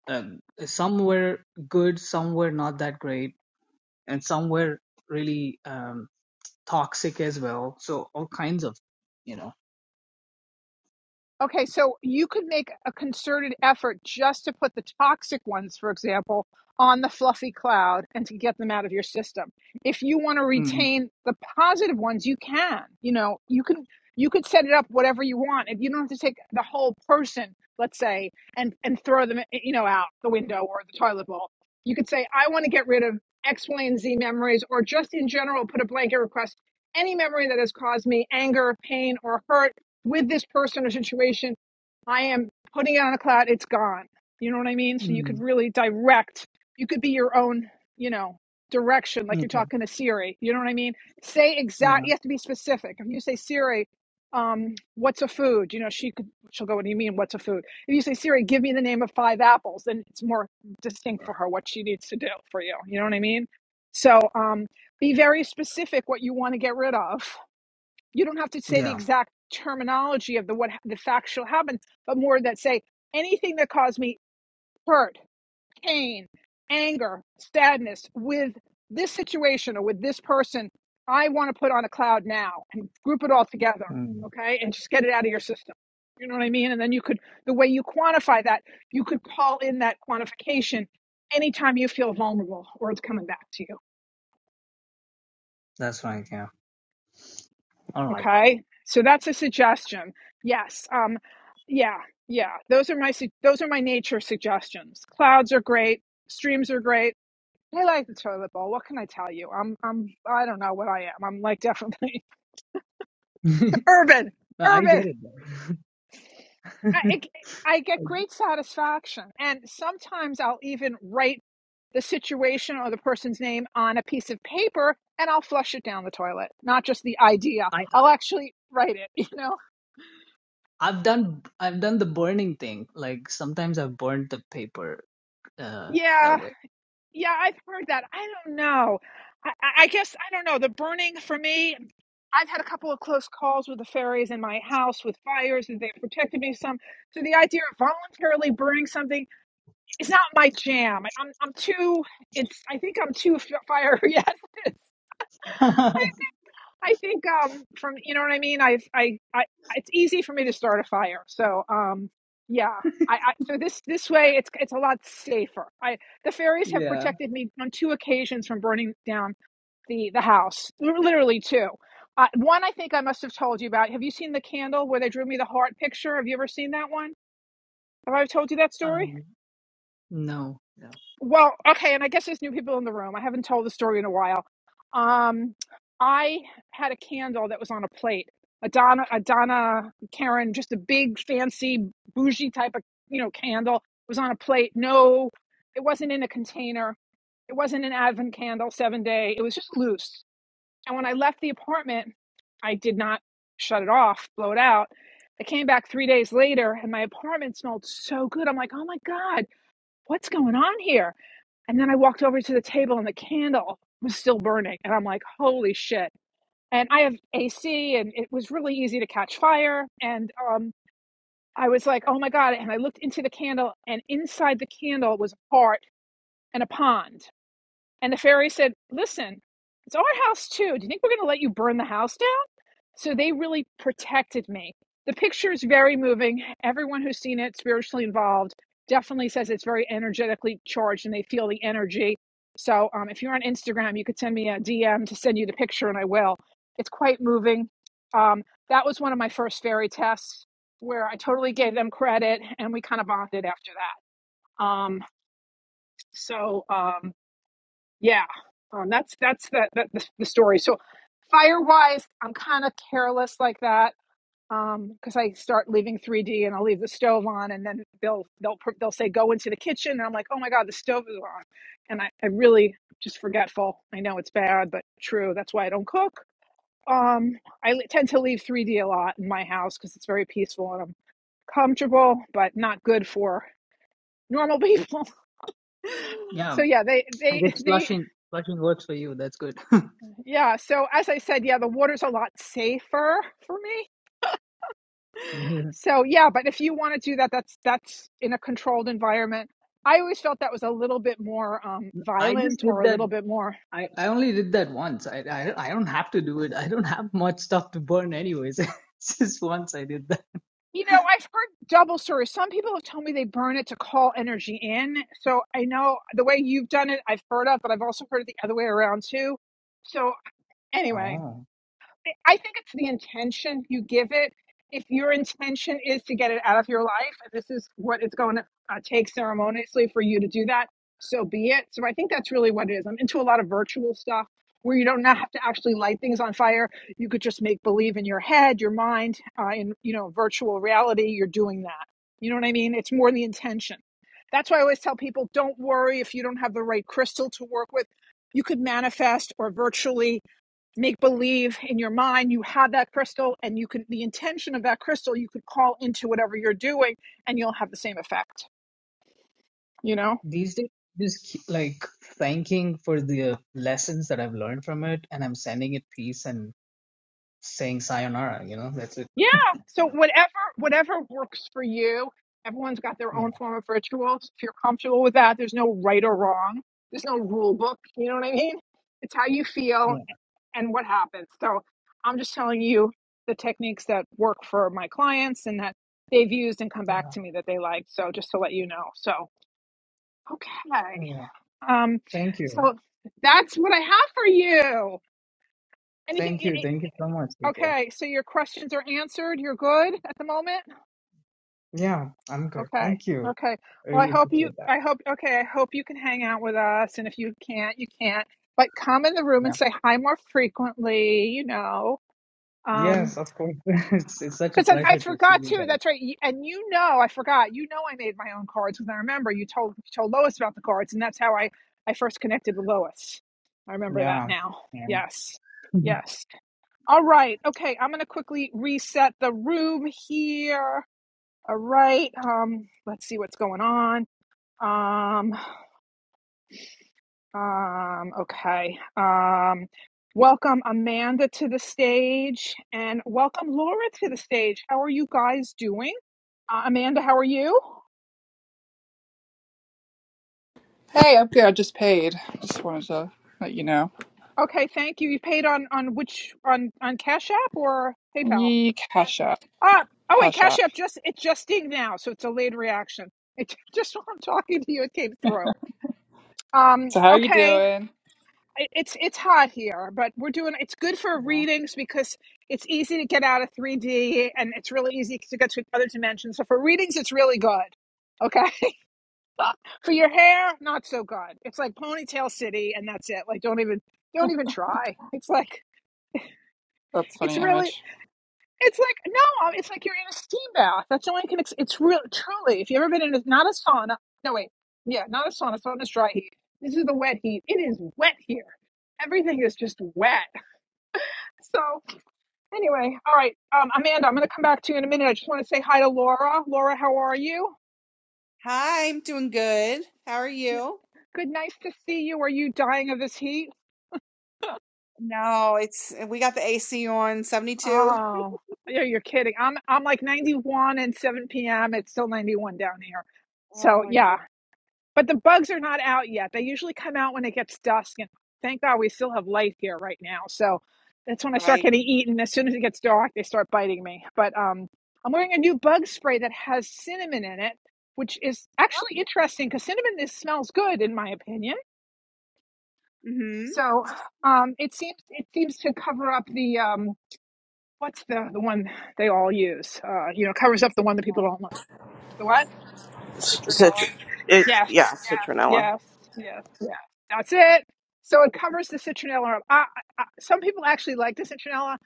S6: uh, some were good, some were not that great, and some were really um, toxic as well. So all kinds of, you know.
S1: Okay, so you could make a concerted effort just to put the toxic ones, for example, on the fluffy cloud and to get them out of your system. If you want to
S6: Mm,
S1: retain the positive ones, you can. You know, you can you could set it up whatever you want. And you don't have to take the whole person, let's say, and and throw them, you know, out the window or the toilet bowl. You could say, I want to get rid of X, Y, and Z memories, or just in general, put a blanket request. Any memory that has caused me anger, pain, or hurt with this person or situation, I am putting it on the cloud, it's gone. You know what I mean? So you could
S6: mm,
S1: really direct, you could be your own, you know, direction, like you're
S6: okay.
S1: talking to Siri. You know what I mean? Say exact,
S6: Yeah.
S1: you have to be specific. If you say Siri, um, what's a food? You know, she could, she'll go, what do you mean, what's a food? If you say, Siri, give me the name of five apples, then it's more distinct for her what she needs to do for you. You know what I mean? So um, be very specific what you want to get rid of you don't have to say the
S6: Yeah.
S1: exact terminology of the what the factual happened, but more that say anything that caused me hurt, pain, anger, sadness with this situation or with this person, I want to put on a cloud now and group it all together,
S6: Mm,
S1: okay, and just get it out of your system. You know what I mean? And then you could the way you quantify that, you could call in that quantification anytime you feel vulnerable or it's coming back to you.
S6: that's right. Yeah. All right.
S1: Okay, so that's a suggestion. Yes. Um, yeah, yeah. Those are my su- those are my nature suggestions. Clouds are great. Streams are great. I like the toilet bowl. What can I tell you? I'm I'm I don't know what I am. I'm like definitely urban,
S6: I get
S1: urban.
S6: it. Though.
S1: I, I I get great satisfaction, and sometimes I'll even write the situation or the person's name on a piece of paper, and I'll flush it down the toilet. Not just the idea.
S6: I
S1: I'll actually write it. You know.
S6: I've done I've done the burning thing. Like sometimes I've burned the paper uh
S1: Yeah.
S6: that way.
S1: Yeah, I've heard that. I don't know. I, I I guess I don't know. The burning for me, I've had a couple of close calls with the fairies in my house with fires, and they protected me some. So the idea of voluntarily burning something is not my jam. I- I'm I'm too. It's I think I'm too f- fire. Yes, it's. I think um from you know what I mean. I've I, I it's easy for me to start a fire. So um yeah. I, I so this this way it's it's a lot safer. I the fairies have
S6: yeah.
S1: protected me on two occasions from burning down the the house. Literally two. Uh, one I think I must have told you about. Have you seen the candle where they drew me the heart picture? Have you ever seen that one? Have I told you that story?
S6: Um no, no.
S1: Well, okay, and I guess there's new people in the room. I haven't told the story in a while. Um, I had a candle that was on a plate, a Donna, a Donna Karen, just a big fancy bougie type of you know candle was on a plate. No, it wasn't in a container. It wasn't an Advent candle, seven day. It was just loose. And when I left the apartment, I did not shut it off, blow it out. I came back three days later, and my apartment smelled so good. I'm like, oh my god, what's going on here? And then I walked over to the table and the candle was still burning. And I'm like, holy shit. And I have AC and it was really easy to catch fire. And um, I was like, oh my God. And I looked into the candle and inside the candle was a heart and a pond. And the fairy said, listen, it's our house too. Do you think we're going to let you burn the house so they really protected me. The picture is very moving. Everyone who's seen it, spiritually involved, definitely says it's very energetically charged and they feel the energy. So um, if you're on Instagram, you could send me a DM to send you the picture and I will. It's quite moving. Um, that was one of my first fairy tests where I totally gave them credit and we kind of bonded after that. Um, so um, yeah, um, that's that's the, the the story. So fire wise, I'm kind of careless like that um because i start leaving 3d and i'll leave the stove on and then they'll they'll they'll say go into the kitchen and i'm like oh my god the stove is on and i, I really just forgetful i know it's bad but true that's why i don't cook um i li- tend to leave 3d a lot in my house because it's very peaceful and i'm comfortable but not good for normal people
S6: Yeah.
S1: so yeah they
S6: I
S1: they
S6: guess
S1: they
S6: flushing flushing works for you. That's good.
S1: yeah so as i said yeah the water's a lot safer for me So yeah, but if you want to do that, that's that's in a controlled environment. I always felt that was a little bit more um,
S6: I just
S1: violent or
S6: did
S1: a
S6: that
S1: little bit more.
S6: I, I only did that once. I, I I don't have to do it. I don't have much stuff to burn anyways. it's just once I did that.
S1: You know, I've heard double stories. Some people have told me they burn it to call energy in. So I know the way you've done it, I've heard of, but I've also heard it the other way around too. So anyway,
S6: Oh.
S1: I think it's the intention you give it. If your intention is to get it out of your life, and this is what it's going to uh, take ceremoniously for you to do that, so be it. So I think that's really what it is. I'm into a lot of virtual stuff where you don't have to actually light things on fire. You could just make believe in your head, your mind, uh, in you know virtual reality. You're doing that. You know what I mean? It's more the intention. That's why I always tell people, don't worry if you don't have the right crystal to work with. You could manifest or virtually make believe in your mind you have that crystal and you can the intention of that crystal you could call into whatever you're doing and you'll have the same effect you know
S6: These days just keep, like thanking for the lessons that I've learned from it and I'm sending it peace and saying sayonara, you know, that's it.
S1: yeah so whatever whatever works for you everyone's got their
S6: Yeah,
S1: own form of rituals if you're comfortable with that there's no right or wrong there's no rule book you know what i mean it's how you feel
S6: yeah,
S1: and what happens so i'm just telling you the techniques that work for my clients and that they've used and come back
S6: yeah,
S1: to me that they like so just to let you know so okay
S6: yeah.
S1: Um,
S6: Thank you.
S1: so that's what I have for you. Anything?
S6: Thank
S1: y-
S6: you.
S1: y-
S6: Thank you so much, PK.
S1: Okay, so your questions are answered. You're good at the moment.
S6: Yeah, I'm good.
S1: Okay,
S6: Thank you.
S1: okay. Well, I
S6: Really
S1: hope you.
S6: appreciate that.
S1: I hope. Okay, I hope you can hang out with us. And if you can't, you can't. But come in the room and
S6: Yeah.
S1: say hi more frequently. You know. Um,
S6: Yes, of course. it's, it's such a
S1: Because I, I
S6: pleasure to see
S1: forgot
S6: you
S1: too.
S6: guys.
S1: That's right. You- And you know, I forgot. You know, I made my own cards because I remember you told you told Lois about the cards, and that's how I I first connected with Lois. I remember that
S6: Yeah.
S1: now.
S6: yeah.
S1: Yes, yes. All right. Okay. I'm gonna quickly reset the room here. All right. Um. Let's see what's going on. Um. Um. Okay. Um. Welcome Amanda to the stage, and welcome Laura to the stage. How are you guys doing? Uh, Amanda, how are you?
S7: Hey, I'm good. I just paid. Just wanted to let you know.
S1: Okay, thank you. You paid on on which on on Cash App or PayPal?
S7: Yee, Cash App.
S1: Ah, oh wait,
S7: Cash
S1: Cash
S7: App.
S1: App just it just dinged now, so it's a late reaction. It just while I'm talking to you, it came through. Um,
S7: So how are you
S1: okay,
S7: doing?
S1: it, it's it's hot here, but we're doing it's good for
S7: Yeah.
S1: readings because it's easy to get out of 3D and it's really easy to get to other dimensions. So for readings, it's really good. okay? Uh, For your hair, not so good. It's like ponytail city, and that's it. Like don't even don't even try. It's like
S7: That's a
S1: it's
S7: funny
S1: really
S7: image.
S1: it's like no, um, it's like you're in a steam bath. That's the only can. Ex- it's real truly. If you've ever been in a, not a sauna, no wait, yeah, not a sauna. Sauna's dry heat. This is the wet heat. It is wet here. Everything is just wet. So anyway, all right, um, Amanda, I'm going to come back to you in a minute. I just want to say hi to Laura. Laura, how are you?
S8: Hi, I'm doing good. How are you?
S1: Good, nice to see you. Are you dying of this heat?
S8: No, it's we got the AC on 72.
S1: Oh, yeah, you're kidding. I'm I'm like 91 and 7 p.m. It's still 91 down here.
S8: Oh
S1: So
S8: my
S1: yeah,
S8: God.
S1: but the bugs are not out yet. They usually come out when it gets dusk, and thank God we still have light here right now. So that's when I start
S8: Right.
S1: getting eaten. As soon as it gets dark, they start biting me. But um, I'm wearing a new bug spray that has cinnamon in it, which is actually interesting because cinnamon is, smells good in my opinion.
S8: Mm-hmm.
S1: So um, it seems it seems to cover up the um, What's the the one they all use? Uh, you know, covers up the one that
S8: Citronella.
S1: people don't like. The what?
S8: Citronella.
S5: Citr- it, yeah,
S1: Yes, yes,
S5: citronella.
S1: yes, yes, yes. That's it. So it covers the citronella. up. I, I, some people actually like the citronella.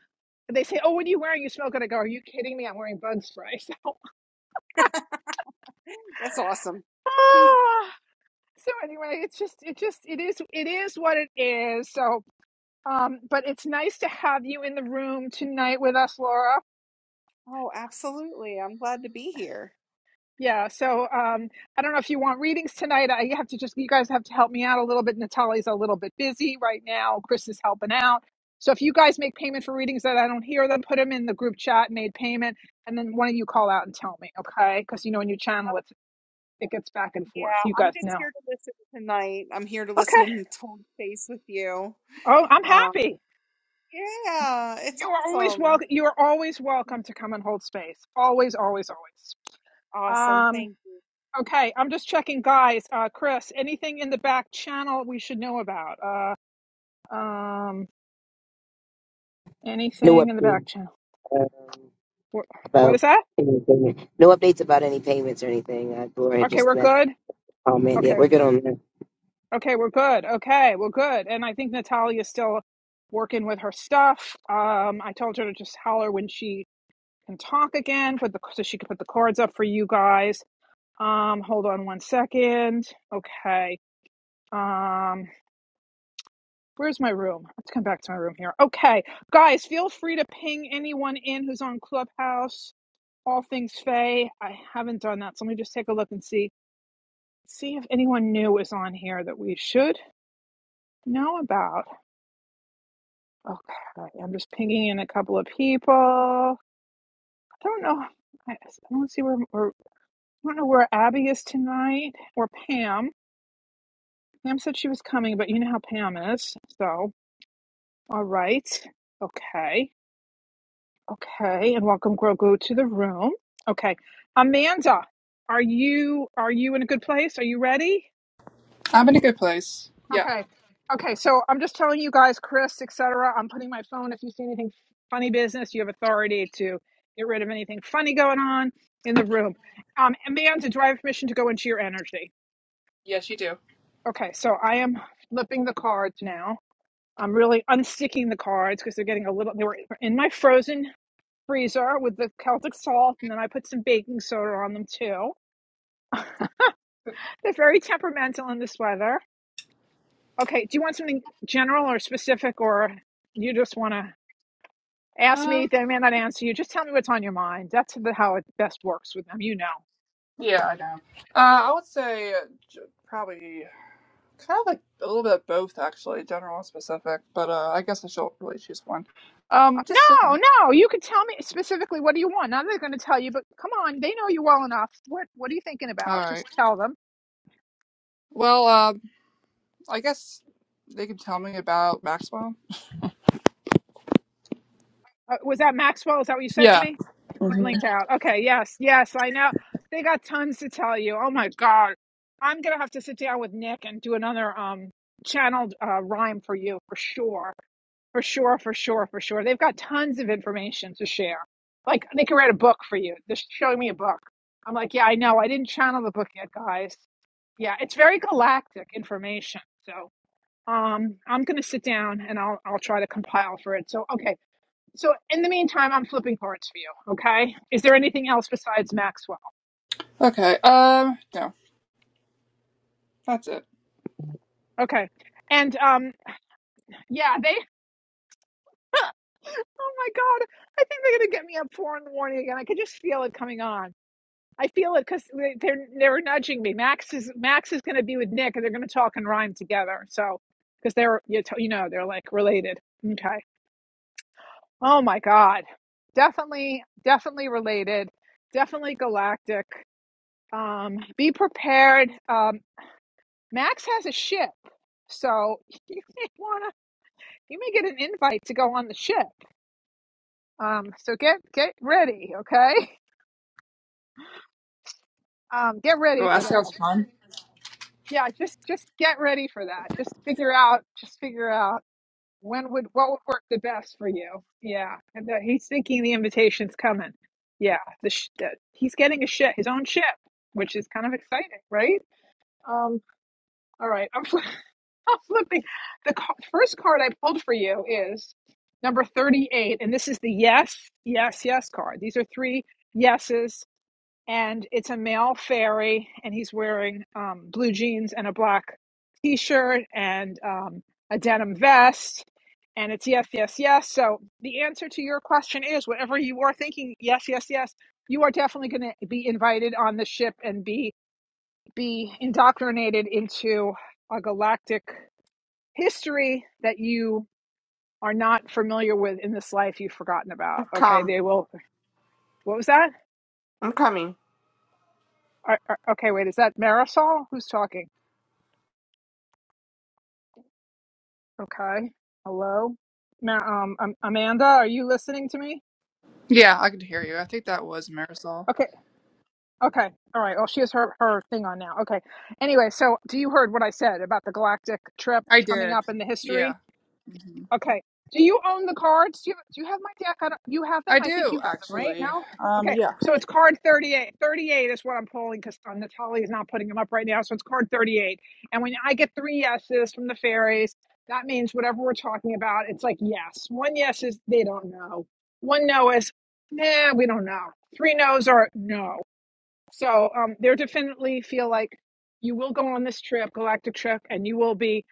S1: but They say, "Oh, what are you wearing? You smell good." I go, "Are you kidding me? I'm wearing bug spray."
S8: That's awesome.
S1: So, ah, so anyway, it's just, it just, it is, it is what it is. So, um, but it's nice to have you in the room tonight with us, Laura.
S8: Oh, absolutely. I'm glad to be here.
S1: Yeah, so um, I don't know if you want readings tonight. I have to just, you guys have to help me out a little bit. Natalie's a little bit busy right now. Chris is helping out. So if you guys make payment for readings that I don't hear them, put them in the group chat, made payment, and then one of you call out and tell me, okay? Because you know, when you channel it, it gets back and
S8: Yeah,
S1: forth. You
S8: I'm
S1: guys
S8: just
S1: know.
S8: here to listen tonight. I'm here to
S1: Okay.
S8: listen and hold space with you.
S1: Oh, I'm
S8: Um,
S1: happy.
S8: yeah, it's
S1: You are always
S8: awesome.
S1: welcome. You are always welcome to come and hold space. Always, always, always.
S8: Awesome.
S1: Um,
S8: Thank you.
S1: Okay, I'm just checking, guys. Uh, Chris, anything in the back channel we should know about? Uh, um,
S4: No
S1: anything in the
S4: update
S1: back channel?
S4: um,
S1: What, what
S4: about
S1: is that?
S4: anything. No updates about any payments or anything. Uh, Gloria
S1: Okay,
S4: just
S1: we're
S4: met
S1: good.
S4: comment. Yeah,
S1: Okay,
S4: we're good on that.
S1: okay, we're good. Okay, we're good. And I think Natalia's still working with her stuff. Um, I told her to just holler when she can talk again, put the so she can put the cards up for you guys. Um, hold on one second. Okay. Um, Where's my room? I have to come back to my room here. Okay, guys, feel free to ping anyone in who's on Clubhouse. All things Faye. I haven't done that, so let me just take a look and see see if anyone new is on here that we should know about. Okay, I'm just pinging in a couple of people. I don't know. I, I don't see where, where I don't know where Abby is tonight or Pam. Pam said she was coming, but you know how Pam is. So, all right, okay. Okay, and welcome Grogu to the room. Okay, Amanda, are you are you in a good place? Are you ready?
S7: I'm in a good place. Yeah.
S1: Okay, okay. So I'm just telling you guys, Chris, etc. I'm putting my phone. If you see anything funny business, you have authority to get rid of anything funny going on in the room. Um, Amanda, do I have permission to go into your energy?
S7: Yes, you do.
S1: Okay, so I am flipping the cards now. I'm really unsticking the cards because they're getting a little. They were in my frozen freezer with the Celtic salt, and then I put some baking soda on them too. They're very temperamental in this weather. Okay, do you want something general or specific, or you just want to ask me?
S7: Um,
S1: They may not answer you. Just tell me what's on your mind. That's how it best works with them. You know.
S7: yeah, I know. Uh, I would say uh, j- probably kind of like a little bit of both, actually, general and specific, but uh, I guess I should really choose one.
S1: Uh,
S7: Um, just
S1: No,
S7: general.
S1: no, you can tell me specifically what do you want. Now they're going to tell you, but come on, they know you well enough. What What are you thinking
S7: All
S1: about?
S7: right.
S1: Just tell them.
S7: Well, um, I guess they can tell me about Maxwell.
S1: Uh, was that Maxwell? Is that what you said to
S7: Yeah.
S1: me? You
S7: hmm
S1: blinked out. Okay, yes, yes, I know. They got tons to tell you. Oh my God. I'm going to have to sit down with Nick and do another um channeled uh, rhyme for you for sure. For sure, for sure, for sure. They've got tons of information to share. Like, they can write a book for you. They're showing me a book. I'm like, yeah, I know. I didn't channel the book yet, guys. Yeah, it's very galactic information. So, um, I'm gonna sit down and I'll I'll try to compile for it. So, okay, so in the meantime, I'm flipping cards for you. Okay. Is there anything else besides Maxwell?
S7: Okay. Um, no, that's it.
S1: Okay. And um, yeah, they. oh my God, I think they're gonna get me up four in the morning again. I could just feel it coming on. I feel it because they're they're nudging me. Max is Max is gonna be with Nick, and they're gonna talk and rhyme together. So because they're you t- you know they're like related. Okay. Oh my God. Definitely, definitely related. Definitely galactic. Um, be prepared. Um, Max has a ship, so you may wanna you may get an invite to go on the ship. Um, so get get ready, okay? Um, get
S7: Oh,
S1: ready
S7: that
S1: for
S7: sounds
S1: that.
S7: fun.
S1: Yeah, just just get ready for that. Just figure out just figure out when would what would work the best for you. Yeah, and that he's thinking the invitation's coming. Yeah, the, sh- the he's getting a ship, his own ship, which is kind of exciting, right? Um, all right, I'm I'm flipping. The ca- first card I pulled for you is number 38, and this is the yes, yes, yes card. These are three yeses, and it's a male fairy, and he's wearing um, blue jeans and a black t shirt and um, a denim vest. And it's yes, yes, yes. So the answer to your question is whatever you are thinking, yes, yes, yes, you are definitely going to be invited on the ship and be be indoctrinated into a galactic history that you are not familiar with in this life you've forgotten about.
S2: I'm
S1: Okay,
S2: calm.
S1: they will. What was that?
S2: I'm coming.
S1: Are, are- okay, wait, is that Marisol? Who's talking? Okay, hello, Ma- um, um, Amanda, are you listening to me?
S7: Yeah, I could hear you. I think that was Marisol.
S1: Okay, okay, all right. Well, she has her her thing on now. Okay. Anyway, so do you heard what I said about the galactic trip
S7: I
S1: coming
S7: did.
S1: up in the history?
S7: Yeah. hmm
S1: Okay. Do you own the cards? Do you, do you have my deck? I don't, you have them?
S7: I
S1: I think
S7: do,
S1: you have them, right?
S7: actually.
S1: No?
S7: Um,
S1: Okay.
S7: yeah.
S1: So it's card 38. 38 is what I'm pulling because Natalie is not putting them up right now. So it's card 38. And when I get three yeses from the fairies, that means whatever we're talking about, it's like yes. One yes is they don't know. One no is, nah, we don't know. Three no's are no. So um, there definitely feel like you will go on this trip, galactic trip, and you will be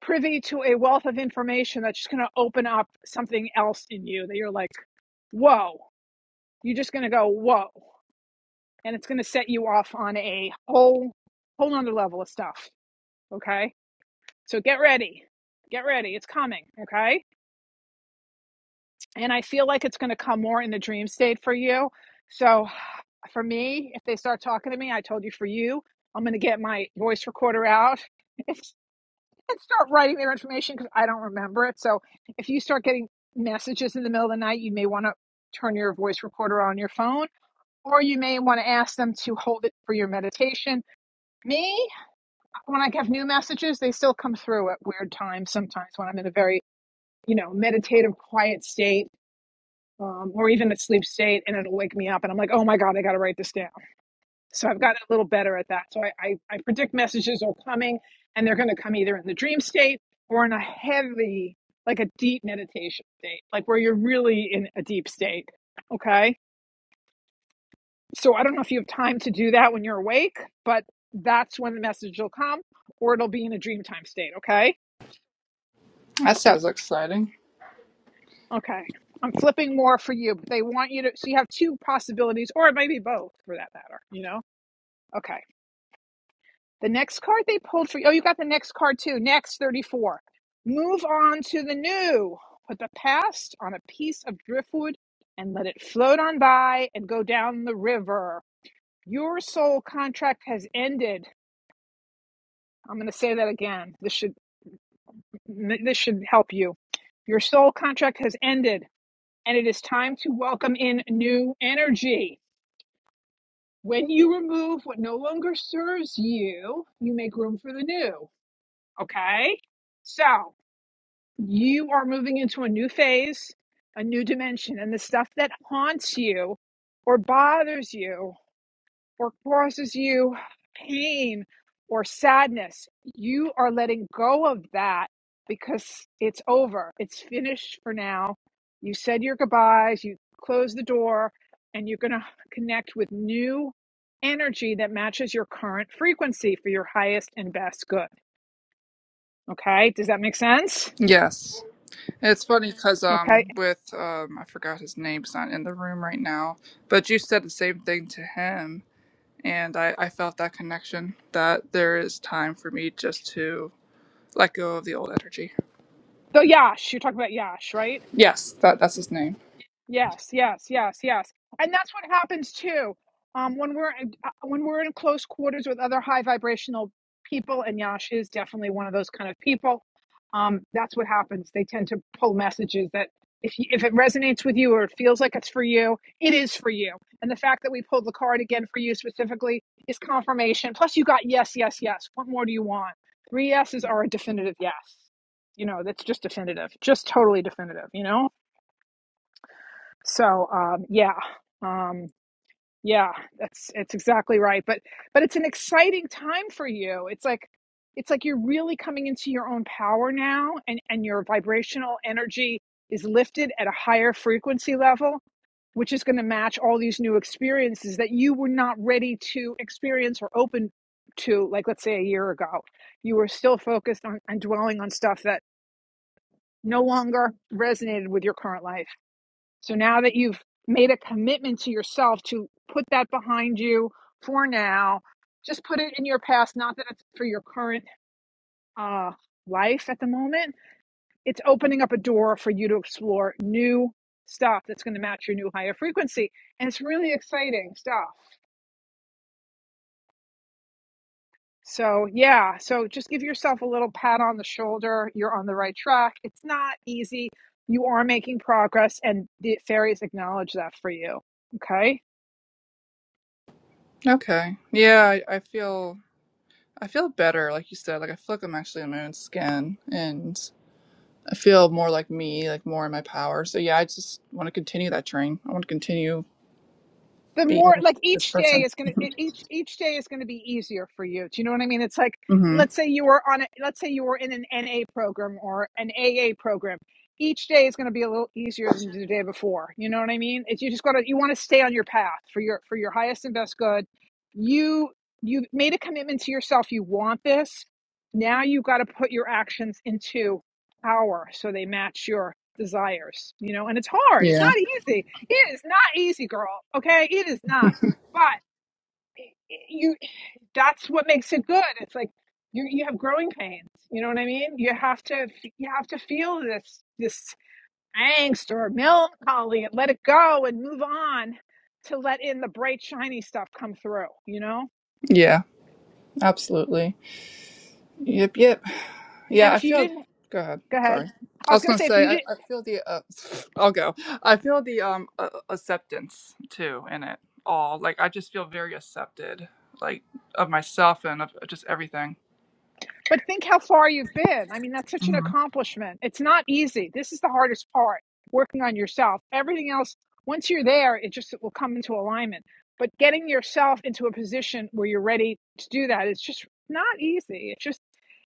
S1: privy to a wealth of information that's just going to open up something else in you that you're like, whoa, you're just going to go, whoa. And it's going to set you off on a whole, whole nother level of stuff. Okay. So get ready. Get ready. It's coming. Okay. and I feel like it's going to come more in the dream state for you. So, for me, if they start talking to me, I told you for you, I'm going to get my voice recorder out and start writing their information because I don't remember it. So, if you start getting messages in the middle of the night, you may want to turn your voice recorder on your phone, or you may want to ask them to hold it for your meditation. Me, when I have new messages, they still come through at weird times sometimes when I'm in a very you know meditative quiet state um, or even a sleep state and it'll wake me up and I'm like, oh my God, I got to write this down. So I've gotten a little better at that. So I, I, I predict messages are coming and they're going to come either in the dream state or in a heavy, like a deep meditation state, like where you're really in a deep state. Okay. So I don't know if you have time to do that when you're awake, but that's when the message will come or it'll be in a dream time state. Okay.
S7: That sounds exciting.
S1: Okay. I'm flipping more for you, but they want you to, so you have two possibilities, or it might be both for that matter, you know? Okay. The next card they pulled for you. Oh, you got the next card too. Next, 34. Move on to the new. Put the past on a piece of driftwood and let it float on by and go down the river. Your soul contract has ended. I'm going to say that again. This should this should help you. Your soul contract has ended and it is time to welcome in new energy. When you remove what no longer serves you, you make room for the new. Okay? So, You are moving into a new phase, a new dimension, and the stuff that haunts you or bothers you or causes you pain or sadness, you are letting go of that because it's over. It's finished for now. You said your goodbyes, you closed the door, and you're going to connect with new energy that matches your current frequency for your highest and best good. Okay? Does that make sense?
S7: Yes. It's funny because,
S1: Okay?
S7: um, with, um, I forgot his name. He's not in the room right now. But you said the same thing to him. And I, I felt that connection that there is time for me just to let go of the old energy.
S1: So Yash, you're talking about Yash, right?
S7: Yes, that that's his name.
S1: Yes, yes, yes, yes. And that's what happens too. Um, when we're in- uh, when we're in close quarters with other high vibrational people, and Yasha is definitely one of those kind of people. Um, that's what happens. They tend to pull messages that if you, if it resonates with you or it feels like it's for you, it is for you. And the fact that we pulled the card again for you specifically is confirmation. Plus, you got yes, yes, yes. What more do you want? Three yeses are a definitive yes. You know, that's just definitive, just totally definitive. You know. So um, yeah, um, yeah, that's it's exactly right. But but it's an exciting time for you. It's like it's like you're really coming into your own power now, and and your vibrational energy is lifted at a higher frequency level, which is going to match all these new experiences that you were not ready to experience or open to. Like let's say a year ago, you were still focused on, on dwelling on stuff that no longer resonated with your current life so now that you've made a commitment to yourself to put that behind you for now, just put it in your past, not that it's for your current uh, life at the moment. It's opening up a door for you to explore new stuff that's going to match your new higher frequency. And it's really exciting stuff. So, yeah, so just give yourself a little pat on the shoulder. You're on the right track. It's not easy. You are making progress, and the fairies acknowledge that for you. Okay.
S7: Okay. Yeah, I, I feel I feel better, like you said. Like I feel like I'm actually in my own skin, and I feel more like me, like more in my power. So yeah, I just want to continue that train. I want to continue
S1: the more
S7: being
S1: like
S7: this
S1: each day
S7: person.
S1: is going to each each day is going to be easier for you do you know what i mean it's like
S7: hmm
S1: let's say you were on a let's say you were in an na program or an aa program each day is going to be a little easier than the day before you know what i mean it's you just got to you want to stay on your path for your for your highest and best good you you made a commitment to yourself you want this now you have got to put your actions into power so they match your desires you know and it's hard it's not
S7: Yeah.
S1: easy it is not easy, girl. Okay, it is not. But you, that's what makes it good. It's like you you have growing pains. You know what I mean? You have to you have to feel this this angst or melancholy and let it go and move on to let in the bright shiny stuff come through. You know?
S7: Yeah. Absolutely. Yep. Yep. Yeah.
S1: And
S7: I
S1: if you
S7: feel.
S1: didn't,
S7: Go ahead.
S1: go ahead.
S7: Sorry.
S1: I
S7: I
S1: was
S7: was
S1: gonna
S7: gonna
S1: say if
S7: say
S1: you
S7: I,
S1: did,
S7: I feel the uh, I'll go. I feel the um uh, acceptance too in it all. Like I just feel very accepted, like of myself and of just everything.
S1: But think how far you've been. I mean, that's such an accomplishment. It's not easy. This is the hardest part, working on yourself. Everything else, once you're there, it just it will come into alignment. But getting yourself into a position where you're ready to do that is just not easy. It's just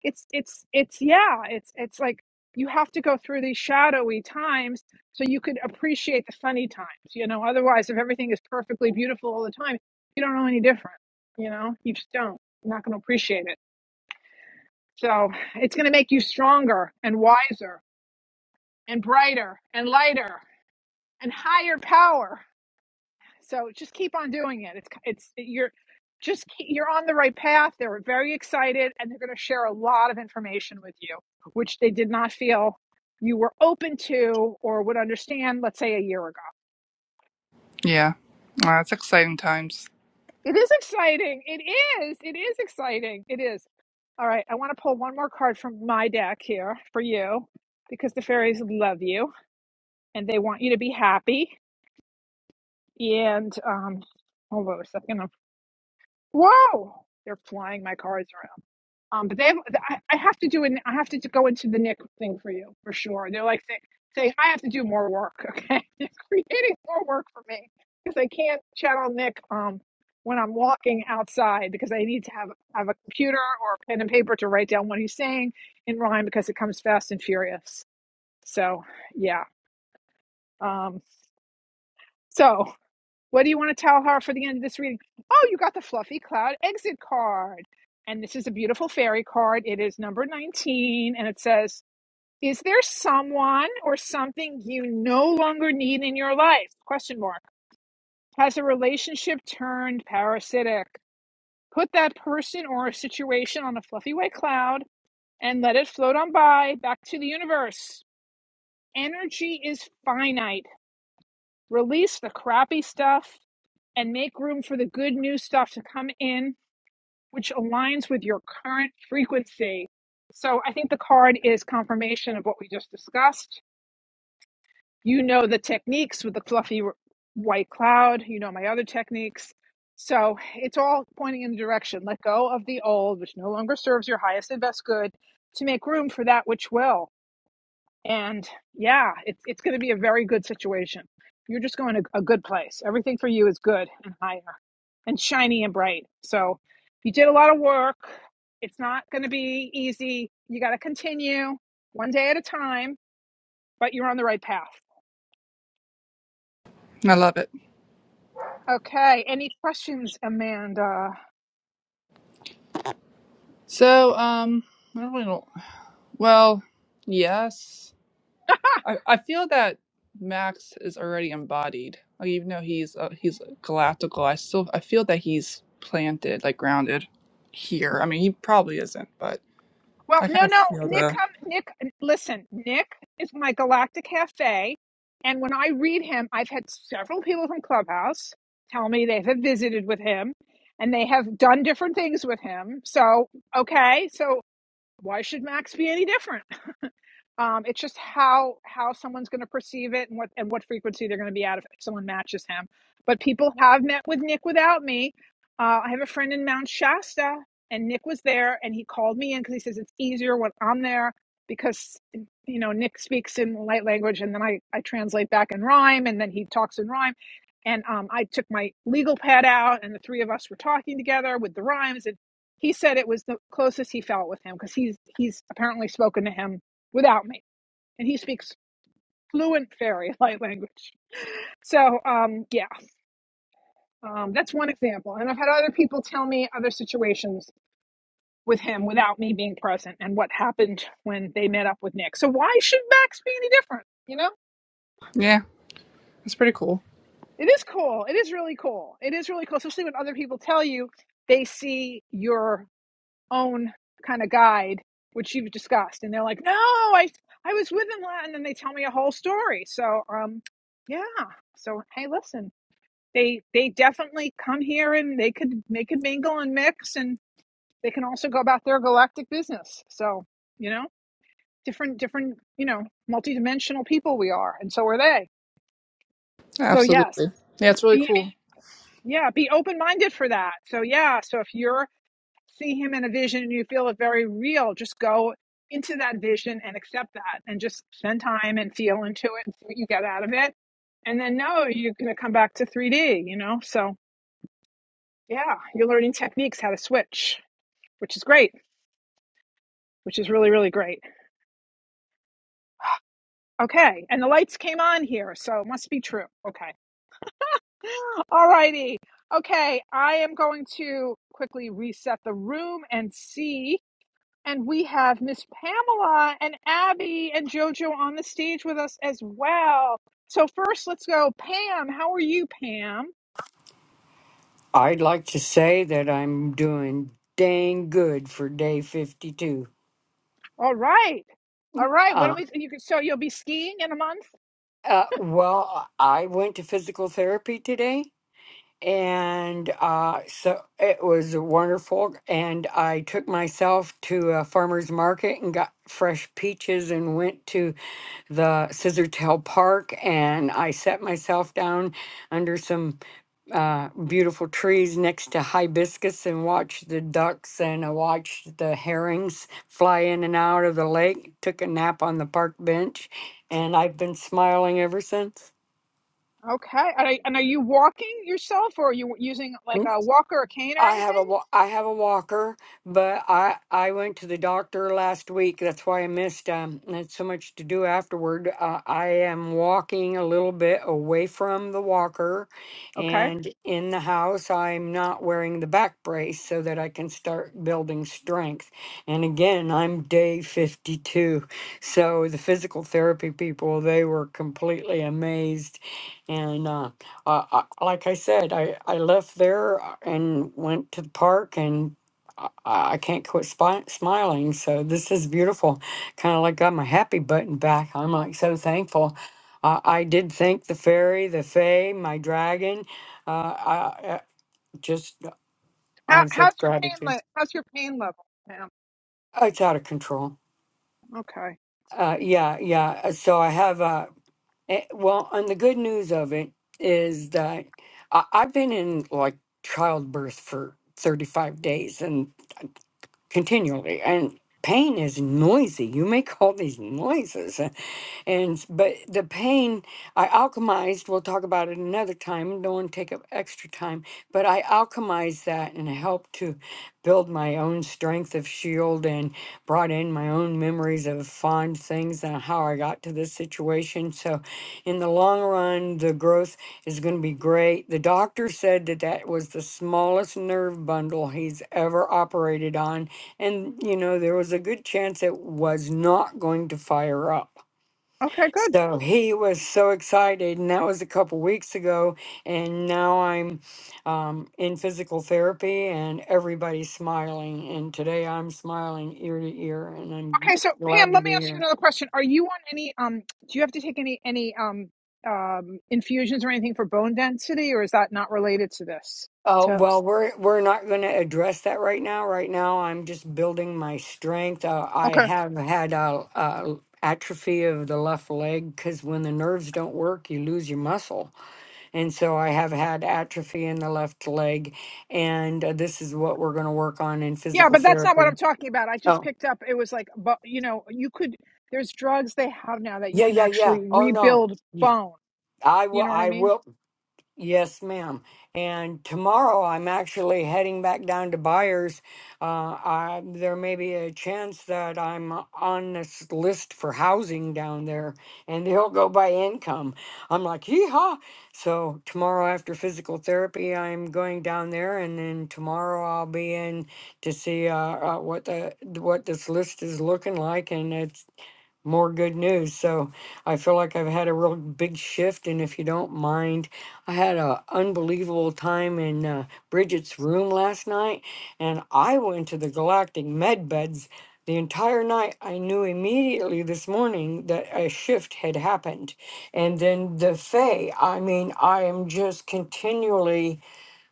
S1: it's it's it's yeah, it's it's like you have to go through these shadowy times so you could appreciate the funny times, you know. Otherwise, if everything is perfectly beautiful all the time, you don't know any different, you know. You just don't. You're not going to appreciate it. So it's going to make you stronger and wiser and brighter and lighter and higher power. So just keep on doing it. It's it's you're just keep, you're on the right path. They're very excited and they're going to share a lot of information with you, which they did not feel you were open to or would understand. Let's say a year ago.
S7: Yeah. Uh, it's exciting times.
S1: It is exciting. It is. It is exciting. It is. All right. I want to pull one more card from my deck here for you because the fairies love you and they want you to be happy. And um, hold on a second. I'm- Whoa, they're flying my cards around. Um, but they have. I, I have to do an. I have to go into the Nick thing for you for sure. They're like say, saying I have to do more work. Okay, they're creating more work for me because I can't channel Nick. Um. When I'm walking outside, because I need to have have a computer or a pen and paper to write down what he's saying in rhyme, because it comes fast and furious. So, yeah. Um, so What do you want to tell her for the end of this reading? Oh, you got the fluffy cloud exit card. And this is a beautiful fairy card. It is number 19, and it says, Is there someone or something you no longer need in your life? Question mark. Has a relationship turned parasitic? Put that person or situation on a fluffy white cloud and let it float on by back to the universe. Energy is finite. Release the crappy stuff and make room for the good new stuff to come in which aligns with your current frequency. So I think the card is confirmation of what we just discussed. You know the techniques with the fluffy white cloud, you know my other techniques. So it's all pointing in the direction let go of the old, which no longer serves your highest and best good, to make room for that which will. And yeah, it's, it's going to be a very good situation. You're just going to a good place. Everything for you is good and higher and shiny and bright. So you did a lot of work. It's not going to be easy. You got to continue one day at a time, but you're on the right path.
S7: I love it.
S1: Okay. Any questions, Amanda?
S7: So, um, I really don't. Well, yes.
S1: Huh.
S7: I, I feel that Max is already embodied. Like, even though he's uh, he's galactical, I still I feel that he's planted, like grounded here. I mean, he probably isn't, but
S1: Well,
S7: I kind
S1: no,
S7: of
S1: no.
S7: feel
S1: Nick,
S7: the.
S1: come, Nick, listen, Nick is my galactic cafe. And when I read him, I've had several people from Clubhouse tell me they have visited with him and they have done different things with him. So, okay. So why should Max be any different? Um, it's just how how someone's going to perceive it and what and what frequency they're going to be at if, someone matches him. But people have met with Nick without me. Uh, I have a friend in Mount Shasta, and Nick was there, and he called me in because he says it's easier when I'm there because you know Nick speaks in light language, and then I I translate back in rhyme, and then he talks in rhyme. And um, I took my legal pad out, and the three of us were talking together with the rhymes. And he said it was the closest he felt with him because he's he's apparently spoken to him without me. And he speaks fluent fairy light language. So, um, yeah, um, that's one example. And I've had other people tell me other situations with him without me being present and what happened when they met up with Nick. So, why should Max be any different? You know,
S7: Yeah, it's pretty cool.
S1: it is cool. It is really cool. It is really cool, especially when other people tell you they see your own kind of guide, which you've discussed, and they're like, no, I. I was with him, and then they tell me a whole story. So, um, yeah. So hey, listen. they they definitely come here and they could they could mingle and mix and they can also go about their galactic business so you know different different you know multidimensional people we are and so are they so yes
S7: Absolutely. Yeah, it's really
S1: be
S7: cool.
S1: yeah be open-minded for that so yeah so if you're see him in a vision and you feel it very real just go into that vision and accept that and just spend time and feel into it and see what you get out of it and then no you're going to come back to 3d you know so Yeah, you're learning techniques how to switch, which is great, which is really, really great. Okay, and the lights came on here, so it must be true. Okay. All righty. Okay, I am going to quickly reset the room and see. And we have Miss Pamela and Abby and JoJo on the stage with us as well. So first, let's go. Pam, how are you, Pam?
S9: I'd like to say that I'm doing dang good for day 52.
S1: All right. All right. What do
S9: Uh,
S1: we? You, can- so you'll be skiing in a month.
S9: uh, well, I went to physical therapy today, and uh, so it was wonderful. And I took myself to a farmer's market and got fresh peaches and went to the Scissortail Park, and I set myself down under some uh, beautiful trees next to hibiscus and watched the ducks and I watched the herrings fly in and out of the lake. Took a nap on the park bench, and I've been smiling ever since.
S1: Okay. And are, and are you walking yourself, or are you using like a walker, a cane, or
S9: I have a
S1: anything?
S9: wa- I have a walker, but I I went to the doctor last week. That's why I missed. Um, had so much to do afterward. Uh, I am walking a little bit away from the walker,
S1: Okay.
S9: and in the house, I'm not wearing the back brace so that I can start building strength. And again, I'm day 52, so the physical therapy people they were completely amazed, and. Uh, uh, I, like I said, I, I left there uh, and went to the park, and I, I can't quit spi- smiling. So this is beautiful. Kind of like got my happy button back. I'm like so thankful. Uh, I did thank the fairy, the fae, my dragon. Uh, I, I just I
S1: How
S9: have
S1: how's
S9: such
S1: your pain?
S9: gratitude.
S1: Le- how's your pain level, Pam?
S9: It's out of control.
S1: Okay.
S9: Uh, yeah, yeah. uh, So I have. uh, Eh, well, and the good news of it is that I, I've been in like childbirth for 35 days and continually, and pain is noisy. You make all these noises. eh, and but the pain I alchemized. We'll talk about it another time. Don't want to take up extra time. But I alchemized that and helped to build my own strength of shield and brought in my own memories of fond things and how I got to this situation. So, in the long run, the growth is going to be great. The doctor said that that was the smallest nerve bundle he's ever operated on. And, you know, there was a good chance it was not going to fire up.
S1: Okay. Good.
S9: So he was so excited, and that was a couple weeks ago. And now I'm um, in physical therapy, and everybody's smiling. And today I'm smiling ear to ear, and I'm
S1: Okay. So,
S9: glad
S1: Pam,
S9: to
S1: let me
S9: be
S1: ask you
S9: here.
S1: another question. Are you on any? Um, do you have to take any any um um infusions or anything for bone density, or is that not related to this?
S9: Oh
S1: To
S9: well, we're we're not going to address that right now. Right now, I'm just building my strength. Uh, I
S1: okay.
S9: have had a, a atrophy of the left leg because when the nerves don't work, you lose your muscle And so I have had atrophy in the left leg. And uh, this is what we're going to work on in
S1: Yeah,
S9: physical
S1: but that's not what I'm
S9: therapy.
S1: talking about. I just
S9: Oh,
S1: picked up. It was like, but you know, you could. There's drugs they have now that you
S9: yeah,
S1: can
S9: yeah, yeah.
S1: actually
S9: Oh, no.
S1: rebuild
S9: You-
S1: bone.
S9: I will.
S1: You know what I
S9: I
S1: mean?
S9: will. Yes, ma'am. And tomorrow I'm actually heading back down to Buyers. Uh, I, there may be a chance that I'm on this list for housing down there, and they'll go by income. I'm like, yeehaw! So tomorrow after physical therapy, I'm going down there, and then tomorrow I'll be in to see uh, uh, what the what this list is looking like, and it's more good news. So I feel like I've had a real big shift. And if you don't mind, I had an unbelievable time in uh, Bridget's room last night, and I went to the Galactic Med Beds the entire night. I knew immediately this morning that a shift had happened. And then the Fae, I mean, I am just continually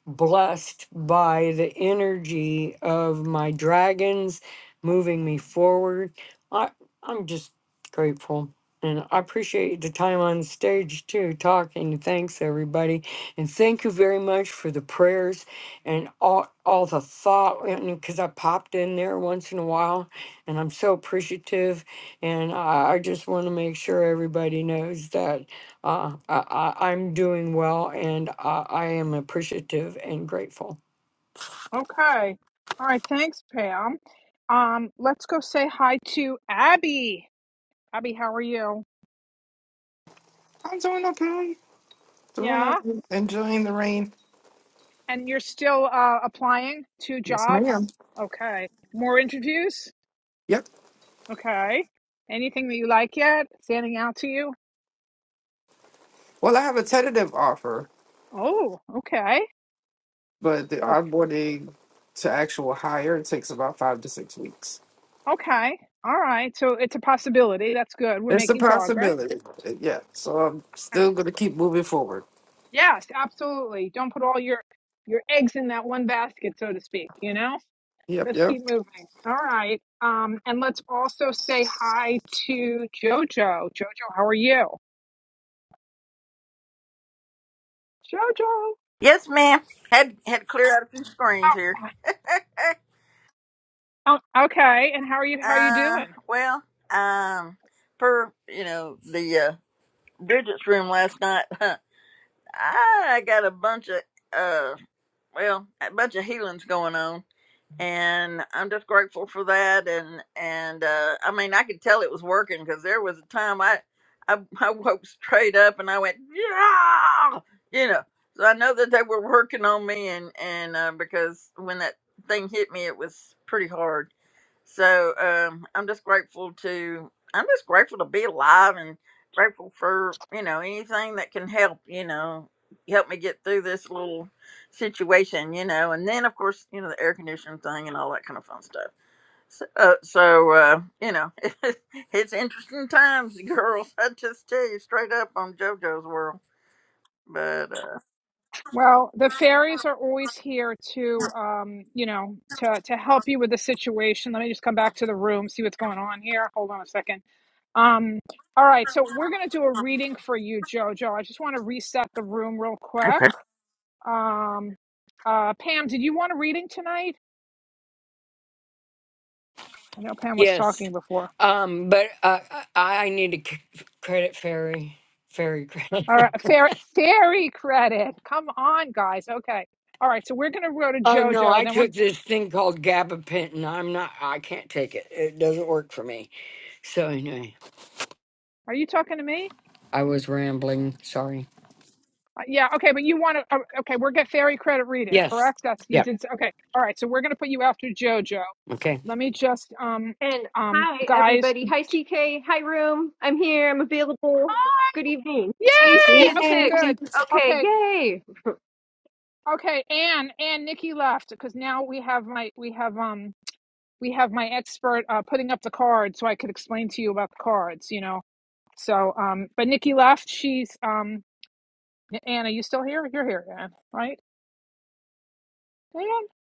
S9: blessed by the energy of my dragons moving me forward. I, I'm just grateful. And I appreciate the time on stage too, talking. Thanks, everybody. And thank you very much for the prayers and all, all the thought, because I popped in there once in a while, and I'm so appreciative. And I, I just want to make sure everybody knows that. Uh, I, I, I'm doing well and I, I am appreciative and grateful.
S1: Okay. All right. Thanks, Pam. Um, let's go say hi to Abby. Abby, how are you?
S10: I'm doing okay. Doing
S1: Yeah.
S10: okay. Enjoying the rain.
S1: And you're still uh, applying to
S10: Yes,
S1: jobs?
S10: ma'am.
S1: Okay. More interviews?
S10: Yep.
S1: Okay. Anything that you like yet standing out to you?
S10: Well, I have a tentative offer,
S1: Oh, okay.
S10: but the
S1: Okay.
S10: onboarding to actual hire takes about five to six weeks.
S1: Okay. All right. So it's a possibility. That's good. We're
S10: It's a
S1: making progress.
S10: possibility. Yeah. So I'm
S1: Okay.
S10: still going to keep moving forward.
S1: Yes, absolutely. Don't put all your your eggs in that one basket, so to speak, you know?
S10: Yep.
S1: Let's
S10: Yep.
S1: keep moving. All right. Um, and let's also say hi to Jojo. Jojo, how are you? Jojo.
S11: Yes, ma'am. Had had to clear out a few screens here.
S1: How,
S11: Eh,
S1: oh, okay. And how are you? How are you
S11: Uh,
S1: doing?
S11: well, um, per you know the uh, Bridget's room last night, I got a bunch of uh, well, a bunch of healings going on. and I'm just grateful for that. And and uh, I mean, I could tell it was working because there was a time I, I I woke straight up and I went yeah, you know. So I know that they were working on me, and and uh, because when that thing hit me, it was pretty hard. So um, I'm just grateful to I'm just grateful to be alive and grateful for you know anything that can help you know help me get through this little situation, you know. And then, of course, you know, the air conditioning thing and all that kind of fun stuff. So, uh, so uh, you know, it's interesting times, girls. I just tell you straight up on JoJo's world. But uh,
S1: Well, the fairies are always here to, um, you know, to to help you with the situation. Let me just come back to the room, see what's going on here. Hold on a second. Um, all right. So we're gonna do a reading for you, Jojo. I just want to reset the room real quick.
S11: okay,
S1: Um, uh, Pam, did you want a reading tonight? I know Pam was
S9: Yes.
S1: talking before.
S9: Um, but uh, I, I need to c- credit Fairy. Fairy credit.
S1: All right, fair, fairy credit. Come on, guys. Okay. All right, so we're going to go to
S9: Oh no,
S1: JoJo.
S9: I
S1: Then we're.
S9: took this thing called gabapentin. I'm not. I can't take it. It doesn't work for me. So anyway,
S1: Are you talking to me?
S9: I was rambling. Sorry.
S1: Uh, yeah. Okay, but you want to. Uh, okay, we're get fairy credit reading,
S9: Yes.
S1: correct? That's you
S9: Yep.
S1: did. s- Okay. All right, so we're going to put you after JoJo.
S9: Okay.
S1: Let me just. Um.
S12: And
S1: Um.
S12: hi,
S1: Guys.
S12: everybody. Hi, CK. Hi, room. I'm here. I'm available.
S1: Hi.
S12: Good evening. AC
S1: Yay.
S12: is
S1: Okay.
S9: Yay.
S12: fixed.
S1: Good.
S12: Okay.
S1: Okay.
S12: Yay.
S1: Okay. Anne. Anne. Nikki left because now we have my. We have um. We have my expert uh, putting up the cards so I could explain to you about the cards. You know. So, um, but Nikki left. She's um, Anna. You still here? You're here, Ann, right? Ann,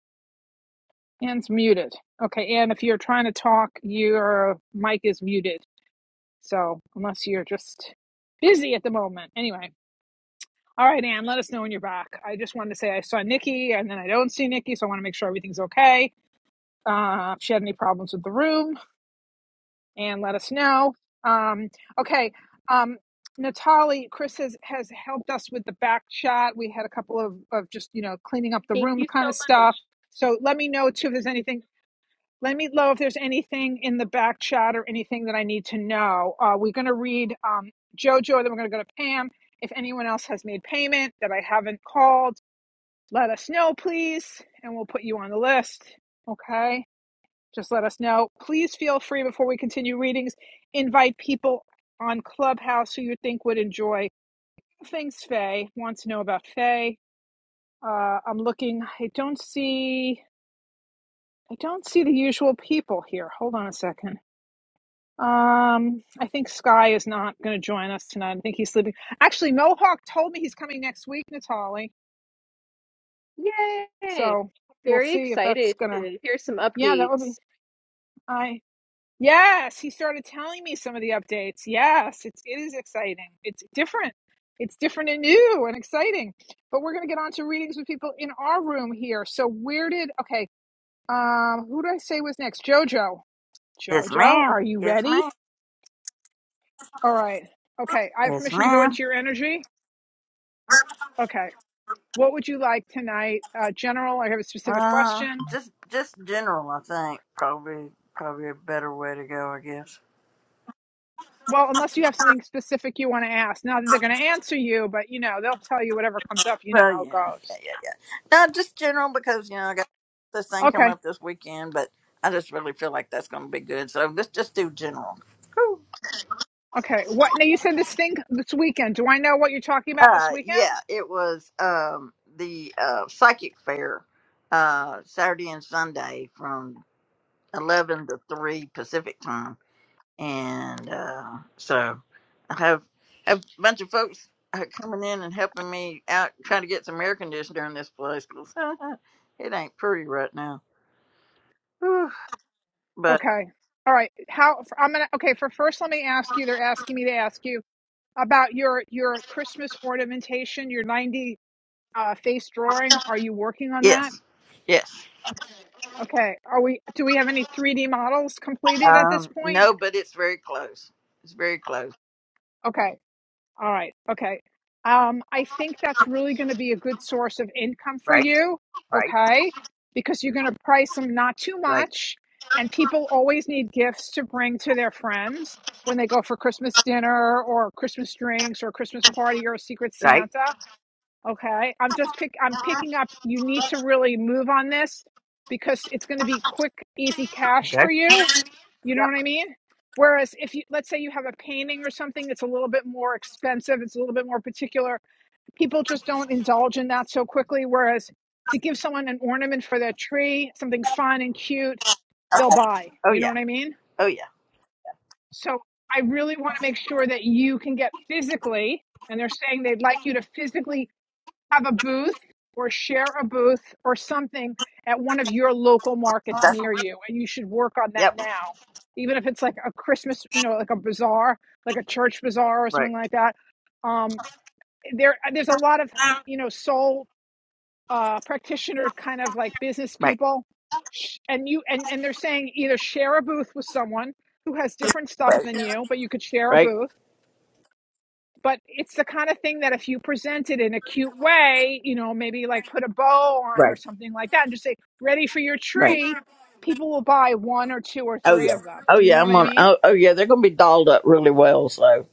S1: Ann's muted. Okay, Ann, if you're trying to talk, your mic is muted. So unless you're just busy at the moment, anyway. All right, Ann, let us know when you're back. I just wanted to say I saw Nikki, and then I don't see Nikki, so I want to make sure everything's okay. Uh, if she had any problems with the room, and let us know. Um, okay. Um, Natali, Chris has, has helped us with the back shot. We had a couple of, of just, you know, cleaning up the
S12: Thank
S1: room
S12: you
S1: kind
S12: so
S1: of
S12: much.
S1: stuff. So let me know too if there's anything. Let me know if there's anything in the back shot or anything that I need to know. Uh, we're going to read um, JoJo, then we're going to go to Pam. If anyone else has made payment that I haven't called, let us know, please, and we'll put you on the list. Okay just let us know. Please feel free before we continue readings, invite people on Clubhouse who you think would enjoy things Faye wants to know about Faye. Uh, I'm looking. I don't see. I don't see the usual people here. Hold on a second. Um, I think Sky is not going to join us tonight. I think he's sleeping. Actually, Mohawk told me he's coming next week, Natali.
S12: Yay.
S1: So we'll
S12: Very
S1: see if that's
S12: excited
S1: gonna.
S12: to hear some
S1: Yeah, that would be.
S12: updates.
S1: I Yes, he started telling me some of the updates. Yes, it's it is exciting. It's different. It's different and new and exciting. But we're gonna get on to readings with people in our room here. So where did okay, um who did I say was next? Jojo.
S11: yes,
S1: Jojo,
S11: ma'am.
S1: are you
S11: Yes,
S1: ready?
S11: ma'am.
S1: All right. Okay, I have
S11: Yes,
S1: permission to go
S11: ma'am.
S1: into your energy. Okay. What would you like tonight? Uh general, I have a specific
S11: Uh,
S1: question.
S11: just just general, I think probably probably a better way to go, I guess.
S1: Well, unless you have something specific you want to ask. Not that they're gonna answer you, but you know, they'll tell you whatever comes up. You know
S11: Well,
S1: how it
S11: yeah, yeah,
S1: goes.
S11: yeah, yeah. No, just general because you know I got this thing
S1: Okay.
S11: coming up this weekend, but I just really feel like that's going to be good. So let's just do general. Cool.
S1: Okay. What now you said this thing this weekend. Do I know what you're talking about this
S11: Uh, yeah,
S1: weekend?
S11: it was um the uh psychic fair, uh Saturday and Sunday from eleven to three Pacific time, and uh so I have have a bunch of folks uh, coming in and helping me out trying to get some air conditioner in this place 'cause it ain't pretty right now. But
S1: Okay. All right. How I'm gonna okay, for first let me ask you, they're asking me to ask you about your your Christmas ornamentation, your 90 uh face drawing. Are you working on that?
S11: yes, yes.
S1: Okay. Are we do we have any 3D models completed at this
S11: Um,
S1: point?
S11: no, but it's very close. It's very close.
S1: Okay. All right. Okay. Um, I think that's really going to be a good source of income for
S11: Right,
S1: you.
S11: right,
S1: Okay. Because you're going to price them not too
S11: right,
S1: much. And people always need gifts to bring to their friends when they go for Christmas dinner or Christmas drinks or a Christmas party or a secret
S11: right.
S1: Santa. Okay. I'm just pick, I'm picking up. You need to really move on this because it's going to be quick, easy cash
S11: Okay.
S1: for you you know
S11: Yep.
S1: what I mean? Whereas if you let's say you have a painting or something that's a little bit more expensive, it's a little bit more particular, people just don't indulge in that so quickly. Whereas to give someone an ornament for their tree, something fun and cute, they'll
S11: Okay.
S1: buy.
S11: Oh
S1: You know
S11: yeah.
S1: what I mean?
S11: Oh yeah.
S1: So I really want to make sure that you can get physically, and they're saying they'd like you to physically have a booth or share a booth or something at one of your local markets
S11: That-
S1: near you and you should work on that
S11: yep.
S1: now even if it's like a christmas you know like a bazaar like a church bazaar or
S11: Right.
S1: something like that um there there's a lot of you know soul uh practitioner kind of like business
S11: Right.
S1: people and you and and they're saying either share a booth with someone who has different stuff
S11: Right.
S1: than you but you could share a
S11: Right.
S1: booth but it's the kind of thing that if you present it in a cute way, you know, maybe like put a bow on or
S11: Right.
S1: something like that and just say, ready for your
S11: Right.
S1: tree, people will buy one or two or
S11: Oh
S1: three
S11: yeah.
S1: of them.
S11: Oh
S1: You know
S11: yeah.
S1: what
S11: I'm
S1: I
S11: on.
S1: mean?
S11: Oh, oh yeah. They're gonna be dolled up really well. So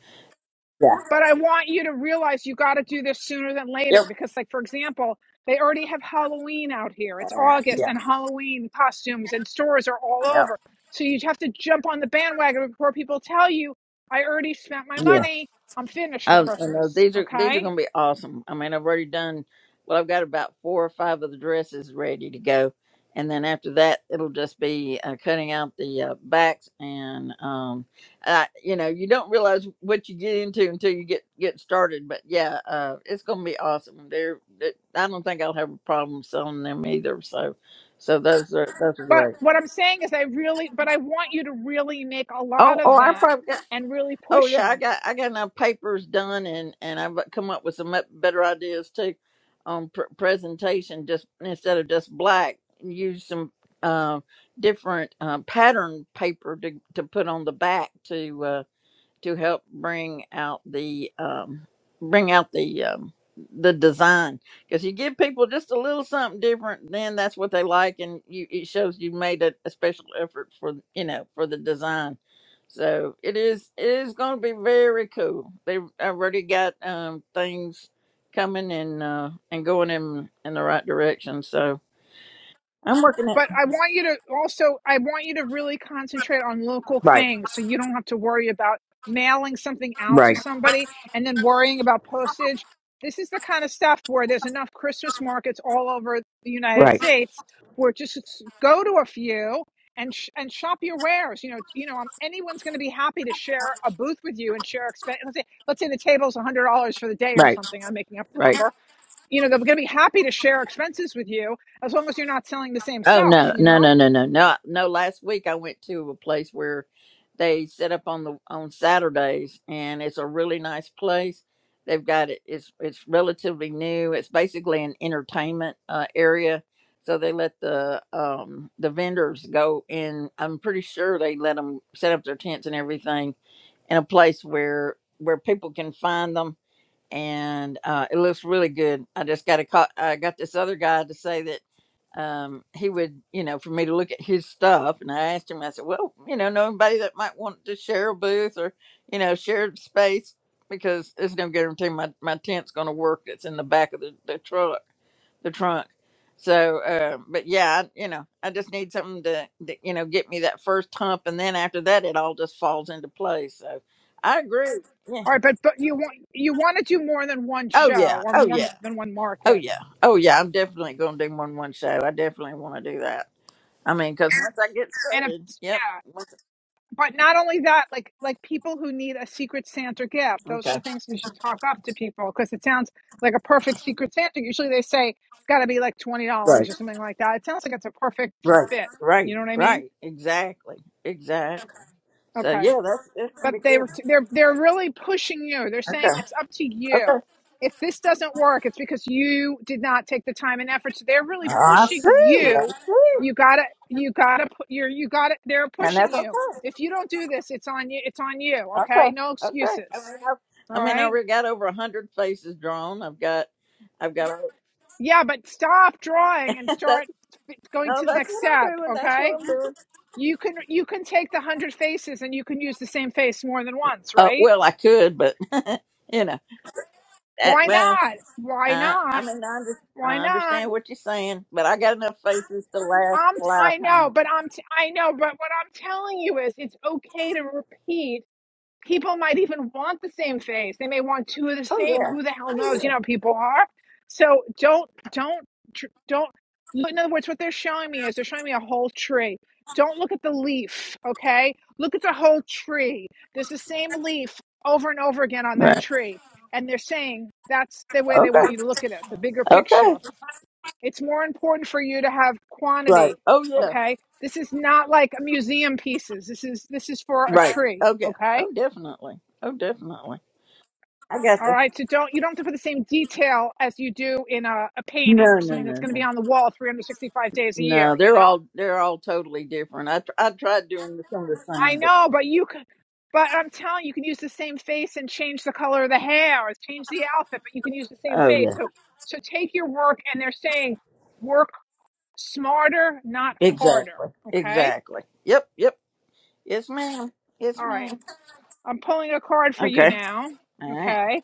S11: yeah.
S1: But I want you to realize you got to do this sooner than later
S11: Yep.
S1: because, like, for example, they already have Halloween out here. It's
S11: Uh,
S1: August
S11: yeah.
S1: and Halloween costumes and stores are all over. So you have to jump on the bandwagon before people tell you, I already spent my
S11: Yep.
S1: money. I'm finished for
S11: Oh, I know
S1: Christmas.
S11: these are these are
S1: Okay.
S11: gonna be awesome. I mean, I've already done. Well, I've got about four or five of the dresses ready to go, and then after that, it'll just be uh, cutting out the uh, backs and um, uh, you know, you don't realize what you get into until you get get started. But yeah, uh, it's gonna be awesome. They're, they I don't think I'll have a problem selling them either. So, so those are those are
S1: But
S11: great.
S1: what I'm saying is, I really, but I want you to really make a lot
S11: Oh,
S1: of
S11: oh, I
S1: them
S11: probably got.
S1: and really
S11: Oh
S1: push them.
S11: yeah, I got I got enough papers done, and and I've come up with some up- better ideas too on pr- presentation. Just instead of just black, use some uh, different uh, pattern paper to to put on the back to. uh, to help bring out the um, bring out the um, the design because you give people just a little something different then that's what they like and you it shows you made a, a special effort for you know for the design so it is it is going to be very cool they've already got um things coming and uh and going in in the right direction so i'm working it
S1: but I want you to also I want you to really concentrate on local
S11: Right,
S1: things so you don't have to worry about mailing something out to
S11: right,
S1: somebody and then worrying about postage. This is the kind of stuff where there's enough Christmas markets all over the United
S11: right,
S1: States where just s- go to a few and sh- and shop your wares. You know, you know, um, anyone's going to be happy to share a booth with you and share expense. Let's say let's say the table's one hundred dollars for the day or
S11: right,
S1: something. I'm making up the
S11: right.
S1: number you know, they're going to be happy to share expenses with you as long as you're not selling the same
S11: Oh
S1: stuff,
S11: no,
S1: you
S11: no,
S1: know?
S11: no, no, no, no, no. Last week I went to a place where they set up on the on Saturdays, and it's a really nice place. They've got it. It's it's relatively new. It's basically an entertainment uh, area, so they let the um the vendors go in. I'm pretty sure they let them set up their tents and everything in a place where where people can find them, and uh, it looks really good. I just got a call. I got this other guy to say that um, he would, you know, for me to look at his stuff. And I asked him, I said, well, you know, know anybody that might want to share a booth or, you know, share a space because there's no guarantee my, my tent's going to work that's in the back of the, the truck, the trunk. So, uh, but yeah, I, you know, I just need something to, that, you know, get me that first hump. And then after that, it all just falls into place. So I agree. Yeah.
S1: All right, but but you want you want to do more than one
S11: Oh,
S1: show
S11: yeah.
S1: or
S11: Oh,
S1: more
S11: yeah.
S1: than one
S11: Oh,
S1: market,
S11: yeah. Oh, yeah. I'm definitely going to do one one show. I definitely want to do that. I mean, because once I get
S1: and if
S11: started, yep.
S1: yeah,
S11: once-
S1: but not only that, like like people who need a secret Santa gift, those are
S11: Okay.
S1: the things you should talk up to people because it sounds like a perfect secret Santa. Usually they say it's got to be like twenty dollars
S11: Right.
S1: or something like that. It sounds like it's a perfect
S11: Right.
S1: fit. You
S11: Right.
S1: know what I mean?
S11: Right. Exactly. Exactly. So
S1: Okay.
S11: yeah, that's that's gonna
S1: but
S11: be
S1: they
S11: good.
S1: were t- they're they're really pushing you. They're saying
S11: Okay.
S1: it's up to you.
S11: Okay.
S1: If this doesn't work, it's because you did not take the time and effort. So they're really
S11: I
S1: pushing
S11: see. I
S1: you.
S11: see.
S1: You gotta you gotta put you're you gotta they're
S11: And
S1: pushing
S11: that's
S1: you.
S11: okay.
S1: If you don't do this, it's on you it's on you, okay?
S11: Okay.
S1: No
S11: Okay. I
S1: excuses.
S11: mean, I've, I
S1: All
S11: mean, I
S1: right?
S11: already got over a hundred faces drawn. I've got, I've got.
S1: Yeah, but stop drawing and start
S11: that's
S1: going
S11: no,
S1: to the
S11: that's
S1: next
S11: what
S1: step,
S11: I'm doing. That's
S1: okay?
S11: what I'm doing.
S1: You can you can take the hundred faces and you can use the same face more than once,
S11: Uh,
S1: right?
S11: well, I could, but you know, that
S1: Why
S11: well.
S1: not? Why
S11: I, I
S1: not?
S11: mean, I, under,
S1: Why
S11: I
S1: not?
S11: understand what you're saying, but I got enough faces to last
S1: I'm
S11: a
S1: t- I know,
S11: lifetime.
S1: but I'm t- I know, but what I'm telling you is it's okay to repeat. People might even want the same face. They may want two of the same.
S11: Oh
S1: Who the hell knows? You
S11: yeah.
S1: know, people are. So don't don't tr- don't. look- In other words, what they're showing me is they're showing me a whole tree. Don't look at the leaf, okay? Look at the whole tree. There's the same leaf over and over again on that
S11: Right.
S1: tree, and they're saying that's the way they
S11: Okay.
S1: want you to look at it, the bigger picture
S11: Okay.
S1: it's more important for you to have
S11: Right.
S1: quantity,
S11: Oh yeah.
S1: okay? This is not like museum pieces. This is this is for a
S11: Right.
S1: tree,
S11: Okay.
S1: okay?
S11: Oh definitely. Oh definitely. I got
S1: All
S11: the.
S1: right, so don't you don't have to put the same detail as you do in a, a painting or
S11: No, no,
S1: something that's
S11: no,
S1: going to be
S11: no.
S1: on the wall 365 days a year,
S11: No,
S1: you
S11: they're
S1: know?
S11: all they're all totally different. I tr- I tried doing the- some of the
S1: I
S11: same, but
S1: know, but you could but I'm telling you, you can use the same face and change the color of the hair or change the outfit, but you can use the same
S11: oh
S1: face.
S11: yeah,
S1: So so take your work and they're saying work smarter, not harder,
S11: exactly,
S1: okay?
S11: exactly. Yep, yep. Yes, ma'am. Yes,
S1: All right.
S11: ma'am.
S1: I'm pulling a card for you
S11: Okay.
S1: now.
S11: All right.
S1: Okay.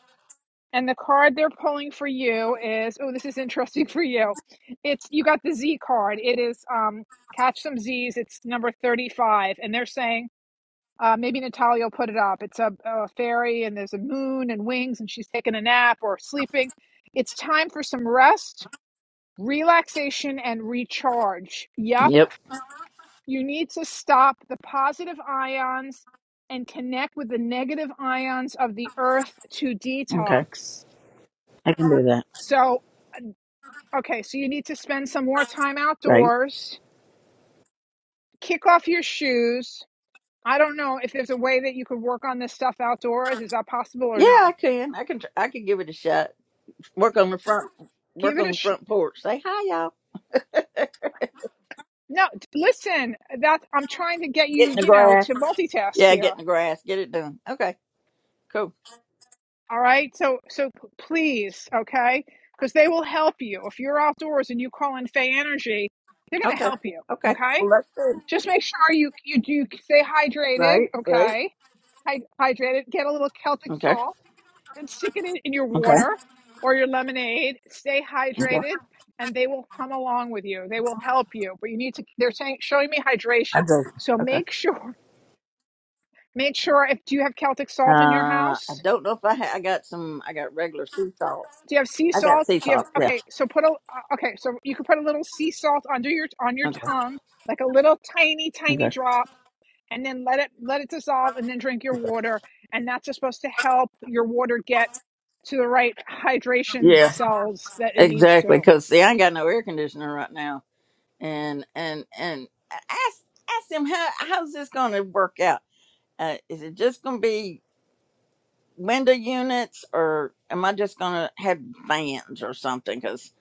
S1: And the card they're pulling for you is oh, this is interesting for you. It's you got the Z card. It is um catch some Z's. It's number 35. And they're saying, uh, maybe Natalia will put it up. It's a, a fairy and there's a moon and wings and she's taking a nap or sleeping. It's time for some rest, relaxation, and recharge. Yep
S11: Yep.
S1: you need to stop the positive ions and connect with the negative ions of the earth to
S11: Okay.
S1: detox.
S11: I can do that.
S1: So, okay, so you need to spend some more time
S11: Right.
S1: outdoors, kick off your shoes. I don't know if there's a way that you could work on this stuff outdoors. Is that possible or
S11: Yeah, I
S1: no?
S11: can. I can. tr- I can give it a shot. Work on the front.
S1: Give
S11: Work
S1: it
S11: on
S1: a
S11: the
S1: sh-
S11: front porch. Say hi, y'all.
S1: no. Listen, that I'm trying to get
S11: Get
S1: you,
S11: in the
S1: you know,
S11: grass.
S1: to multitask
S11: Yeah,
S1: here.
S11: get in the grass. Get it done. Okay. Cool.
S1: All right. So so p- please, okay? Because they will help you. If you're outdoors and you call in Fey Energy, they're gonna
S11: Okay.
S1: help you.
S11: Okay.
S1: Okay.
S11: Well, that's
S1: Just make sure you you do stay hydrated.
S11: right. Right.
S1: Okay, Hy- hydrated. Get a little Celtic
S11: Okay.
S1: salt and stick it in, in your
S11: Okay.
S1: water or your lemonade. Stay
S11: Okay.
S1: hydrated, and they will come along with you. They will help you. But you need to. They're saying showing me
S11: I
S1: hydration.
S11: do.
S1: So
S11: Okay.
S1: make sure make sure if do you have Celtic salt in your
S11: Uh, I
S1: house?
S11: don't know if I ha- I got some. I got regular sea salt.
S1: Do you have sea
S11: I got
S1: salt?
S11: sea
S1: Do you have
S11: salt. Yeah.
S1: okay? So put a uh, okay. So you can put a little sea salt under your on your
S11: Okay.
S1: tongue, like a little tiny tiny
S11: Okay.
S1: drop, and then let it let it dissolve, and then drink your water. And that's just supposed to help your water get to the right hydration
S11: Yeah.
S1: cells that it needs
S11: Exactly.
S1: to.
S11: Because see, I ain't got no air conditioner right now, and and and ask ask him how how's this gonna work out Uh, is it just going to be window units, or am I just going to have fans or something? Because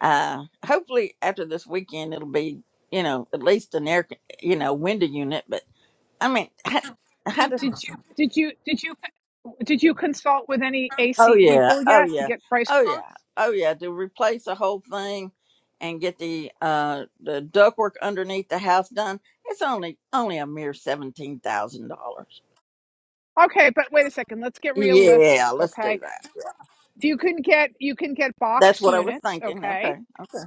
S11: uh, hopefully after this weekend, it'll be you know at least an air con- you know window unit. But I mean, how, how does?
S1: Did you did you did you did you consult with any
S11: Oh
S1: AC
S11: yeah,
S1: people
S11: oh
S1: yet to
S11: yeah,
S1: get price
S11: oh yeah,
S1: quotes?
S11: oh yeah. To replace the whole thing and get the uh the ductwork underneath the house done, it's only only a mere seventeen thousand dollars.
S1: Okay, but wait a second. Let's get realistic.
S11: Yeah, let's do
S1: Okay,
S11: that. Yeah.
S1: you can get you can get
S11: That's
S1: box
S11: what I was
S1: units.
S11: thinking.
S1: Okay,
S11: Okay, okay.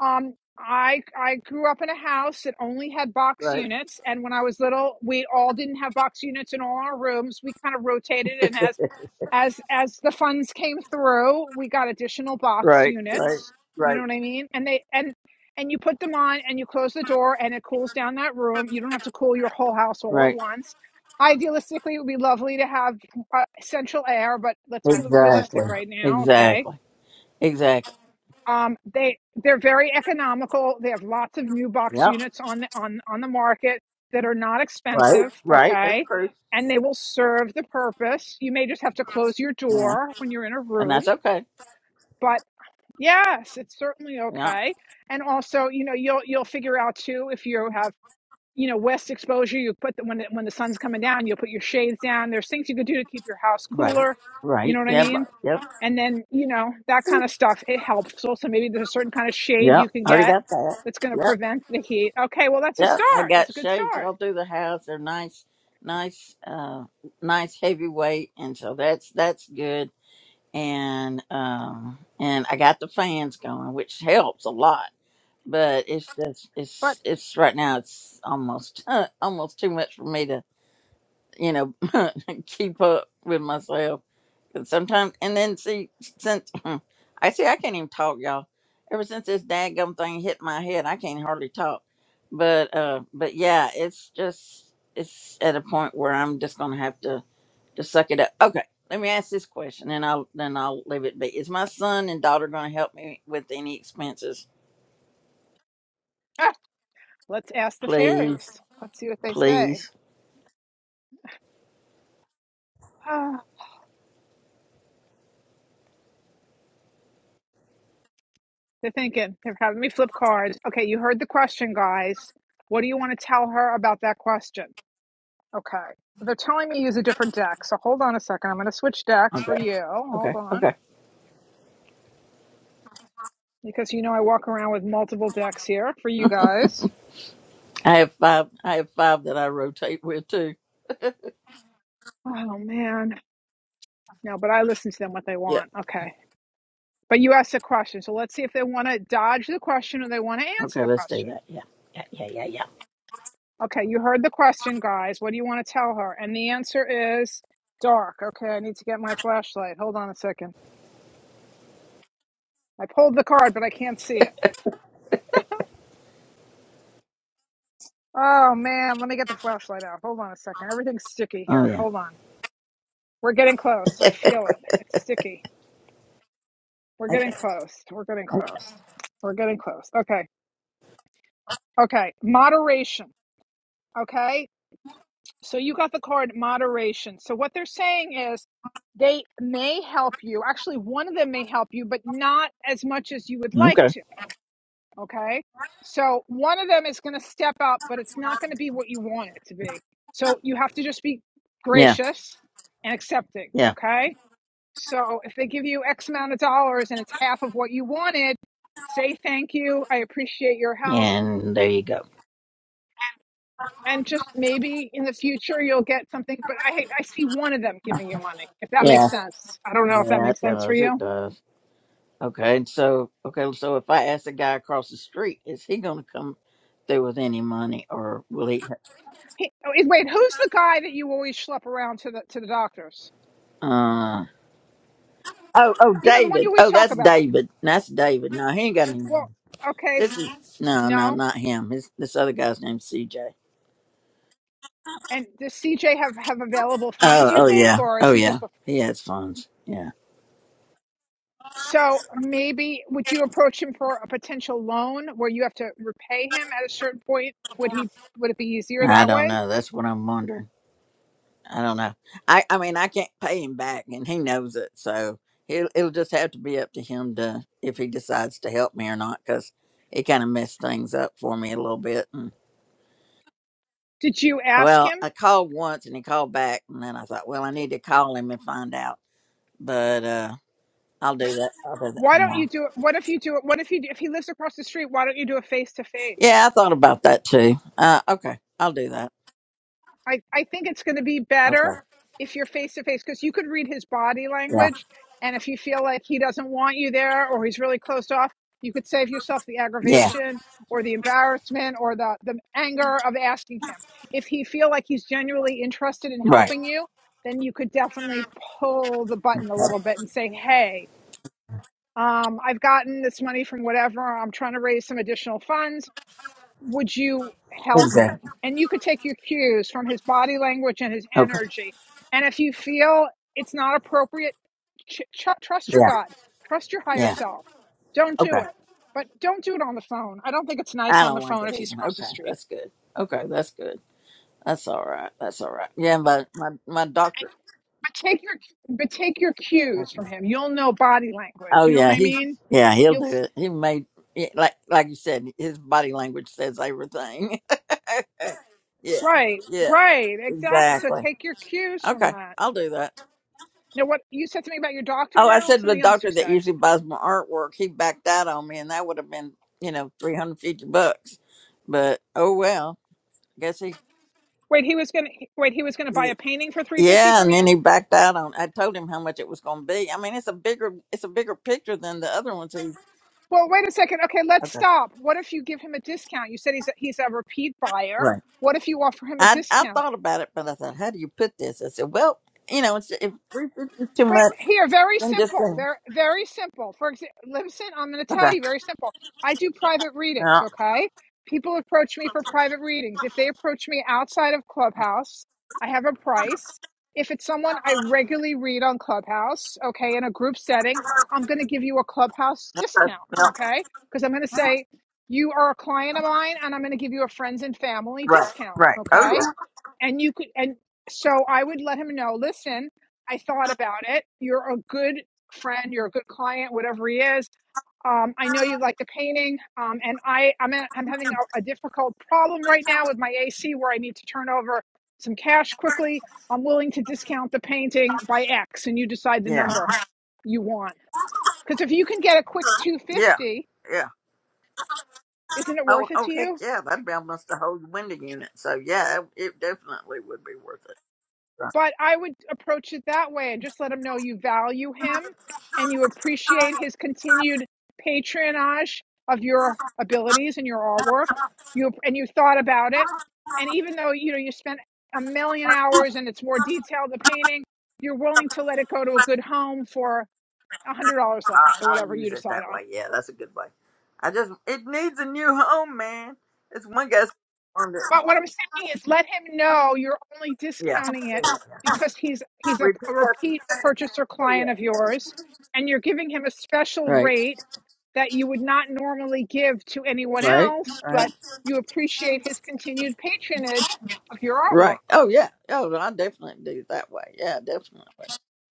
S1: Um, I I grew up in a house that only had box
S11: right,
S1: units, and when I was little, we all didn't have box units in all our rooms. We kind of rotated, and as as as the funds came through, we got additional box
S11: right, right,
S1: units. You know
S11: right,
S1: what I mean? And they and and you put them on, and you close the door, and it cools down that room. You don't have to cool your whole house all at
S11: right.
S1: once. Idealistically, it would be lovely to have uh, central air, but let's be
S11: Exactly.
S1: realistic right now, okay?
S11: Exactly. Exactly.
S1: Um, they they're very economical. They have lots of new box
S11: Yep.
S1: units on the on on the market that are not
S11: Right.
S1: expensive.
S11: Right. That's
S1: Okay,
S11: true.
S1: and they will serve the purpose. You may just have to close your
S11: Yeah.
S1: door when you're in a
S11: And
S1: room,
S11: that's okay.
S1: but yes, it's certainly
S11: Yeah.
S1: okay. And also, you know, you'll you'll figure out too if you have you know west exposure. You put the, when the, when the sun's coming down, you'll put your shades down. There's things you could do to keep your house
S11: Right.
S1: cooler. You know
S11: Right.
S1: what I
S11: Yep.
S1: mean?
S11: Yep.
S1: and then you know that kind of stuff it helps also maybe there's a certain kind of shade you
S11: Yep.
S1: can
S11: Already
S1: get
S11: got that.
S1: that's going to
S11: Yep.
S1: prevent the heat okay well that's a
S11: Yep. I
S1: start that's
S11: got
S1: a good
S11: shades
S1: start
S11: all through the house. They're nice, nice, uh, nice heavy weight. And so that's, that's good. And, um, and I got the fans going, which helps a lot but it's just
S1: but
S11: it's it's right now it's almost almost too much for me to you know keep up with myself because sometimes and then see since i see i can't even talk y'all ever since this daggum thing hit my head i can't hardly talk but uh but yeah it's just it's at a point where i'm just gonna have to to suck it up okay let me ask this question and i'll then i'll leave it be is my son and daughter gonna help me with any expenses
S1: ah, let's ask the
S11: please
S1: fairies let's see what they
S11: please
S1: say ah, they're thinking they're having me flip cards okay you heard the question guys what do you want to tell her about that question okay they're telling me use a different deck so hold on a second i'm going to switch decks for
S11: Okay.
S1: you hold
S11: Okay.
S1: on
S11: Okay.
S1: because you know i walk around with multiple decks here for you guys
S11: I have five. I have five that I rotate with too.
S1: oh man No, but I listen to them what they
S11: Yeah.
S1: want. Okay. But you asked a question. So let's see if they want to dodge the question or they want to answer
S11: Okay.
S1: the
S11: Let's do
S1: question.
S11: that. Yeah. Yeah. Yeah. Yeah. Yeah.
S1: Okay. You heard the question, guys. What do you want to tell her? And the answer is dark. Okay. I need to get my flashlight. Hold on a second. I pulled the card, but I can't see it. Oh, man. Let me get the flashlight out. Hold on a second. Everything's sticky
S11: Oh
S1: here.
S11: yeah.
S1: Hold on. We're getting close. I feel it. It's sticky. We're getting
S11: Okay.
S1: close. We're getting
S11: okay.
S1: close. We're getting close. Okay. Okay. Moderation. Okay. So you got the card moderation. So what they're saying is they may help you. Actually, one of them may help you, but not as much as you would like to. Okay. So one of them is going to step up, but it's not going to be what you want it to be. So you have to just be
S11: Yeah.
S1: gracious and accepting.
S11: Yeah.
S1: Okay. So if they give you X amount of dollars and it's half of what you wanted, say thank you. I appreciate your help.
S11: And there you go.
S1: and just maybe in the future you'll get something. But I I see one of them giving you money, if that
S11: Yeah.
S1: makes sense. I don't know if that
S11: That
S1: makes sense for
S11: does it.
S1: you.
S11: Does. Okay. And so okay. So if I ask the guy across the street, is he going to come through with any money, or will he?
S1: He, oh, eh, wait, who's the guy that you always schlep around to the to the doctors?
S11: Uh. Oh. Oh.
S1: You know the one you
S11: David.
S1: always
S11: Oh,
S1: talk
S11: that's
S1: about.
S11: David. That's David. No, he ain't got any money.
S1: Well, okay,
S11: This
S1: s-
S11: is no, no,
S1: no.
S11: not him. His this other guy's named CJ.
S1: And does CJ have have available funds?
S11: Oh,
S1: You
S11: oh
S1: think,
S11: yeah,
S1: or is
S11: oh
S1: he
S11: yeah,
S1: just a
S11: he has funds. Yeah,
S1: So maybe would you approach him for a potential loan where you have to repay him at a certain point? Would he would it be easier
S11: I
S1: that
S11: don't
S1: way?
S11: know. That's what I'm wondering. I don't know. I, I mean, I can't pay him back, and he knows it. So he'll, it'll just have to be up to him to if he decides to help me or not, because he kind of messed things up for me a little bit. And
S1: Did you ask
S11: well,
S1: him?
S11: I called once, and he called back, and then I thought, well, I need to call him and find out. But uh, I'll do that. I'll do that
S1: Why don't
S11: tomorrow.
S1: you do it? What if you do it? What if you if he lives across the street? Why don't you do a face to face?
S11: Yeah, I thought about that too. Uh, okay, I'll do that.
S1: I, I think it's going to be better
S11: Okay.
S1: if you're face to face because you could read his body
S11: Yeah.
S1: language. And if you feel like he doesn't want you there or he's really closed off, you could save yourself the
S11: Yeah.
S1: aggravation or the embarrassment or the, the anger of asking him. If he feel like he's genuinely interested in
S11: Right.
S1: helping you, then you could definitely pull the button a
S11: Yeah,
S1: little bit and say, hey, um, I've gotten this money from whatever. I'm trying to raise some additional funds would you help me?
S11: Exactly.
S1: And you could take your cues from his body language and his energy. And if you feel it's not appropriate, ch- ch- trust your
S11: Yeah.
S1: God, trust your higher
S11: Yeah.
S1: self. Don't
S11: Okay.
S1: do it, but don't do it on the phone. I don't think it's nice
S11: I
S1: on the
S11: don't like
S1: phone
S11: it
S1: if he's
S11: either.
S1: across the
S11: Okay.
S1: street.
S11: That's good. Okay. That's good. That's all right. That's all right. Yeah. But my, my
S1: And
S11: doctor.
S1: but take your but take your cues
S11: Okay.
S1: from him. You'll know body language.
S11: Oh,
S1: You know what
S11: yeah.
S1: I
S11: He,
S1: mean?
S11: yeah, he'll
S1: You'll
S11: do
S1: s-
S11: it. He made, yeah, like, like you said, his body language says everything. yeah.
S1: right,
S11: Yeah.
S1: right, exactly. So
S11: Exactly.
S1: take your cues from
S11: Okay.
S1: that.
S11: I'll do that.
S1: Now, what you said to me about your doctor
S11: Oh, I
S1: now?
S11: said the
S1: Something else
S11: doctor
S1: you
S11: that
S1: said.
S11: usually buys my artwork, he backed out on me and that would have been, you know, 350 bucks. But oh well. Guess he,
S1: Wait, he was gonna wait. He was gonna buy a painting for three fifty
S11: Yeah,
S1: from
S11: and then
S1: you.
S11: he backed out on. I told him how much it was going to be. I mean, it's a bigger it's a bigger picture than the other ones. He,
S1: Well, wait a second. Okay, let's
S11: okay,
S1: stop. What if you give him a discount? You said he's a, he's a repeat buyer.
S11: right.
S1: What if you offer him a
S11: I I
S1: discount?
S11: thought about it, but I thought, how do you put this? I said, well, you know, it's, if three fifty is too
S1: Wait,
S11: much,
S1: here, very
S11: then just say
S1: simple. Very, very simple. For example, listen, I'm going to tell
S11: okay.
S1: you very simple. I do private readings,
S11: Yeah,
S1: okay? People approach me for private readings. If they approach me outside of Clubhouse, I have a price. If it's someone I regularly read on Clubhouse, okay, in a group setting, I'm going to give you a Clubhouse discount, okay? Because I'm going to say, you are a client of mine and I'm going to give you a friends and family
S11: right,
S1: discount,
S11: right.
S1: okay?
S11: Oh
S1: and you could and so i would let him know listen i thought about it you're a good friend you're a good client whatever he is um, i know you like the painting um, and i i'm, a, I'm having a, a difficult problem right now with my ac where i need to turn over some cash quickly i'm willing to discount the painting by x and you decide the
S11: yeah, yeah,
S1: number you want because if you can get a quick
S11: yeah,
S1: 250
S11: yeah.
S1: isn't it
S11: Oh,
S1: worth it
S11: oh
S1: to
S11: heck
S1: you
S11: yeah, that'd be almost a whole window unit. So yeah, it, it definitely would be worth it.
S1: But I would approach it that way and just let him know you value him and you appreciate his continued patronage of your abilities and your artwork. You and you thought about it, and even though you know you spent a million hours and it's more detailed the painting, you're willing to let it go to a good home for a hundred dollars less
S11: I-
S1: or
S11: I'll
S1: whatever you
S11: use it
S1: decide
S11: that
S1: on
S11: way. Yeah, that's a good way. I just it needs a new home, man. It's one guy's on the
S1: But what I'm saying is, let him know you're only
S11: yeah.
S1: discounting it
S11: yeah.
S1: because he's he's a,
S11: Repeat
S1: a repeat
S11: that.
S1: purchaser
S11: Oh
S1: client
S11: yeah.
S1: of
S11: Oh, yeah.
S1: yours, and you're giving him a special
S11: Right.
S1: rate that you would not normally give to anyone
S11: Right.
S1: else.
S11: Right.
S1: But you appreciate his continued patronage of your
S11: Right.
S1: artwork.
S11: Oh yeah. Oh, I definitely do it that way. Yeah, definitely.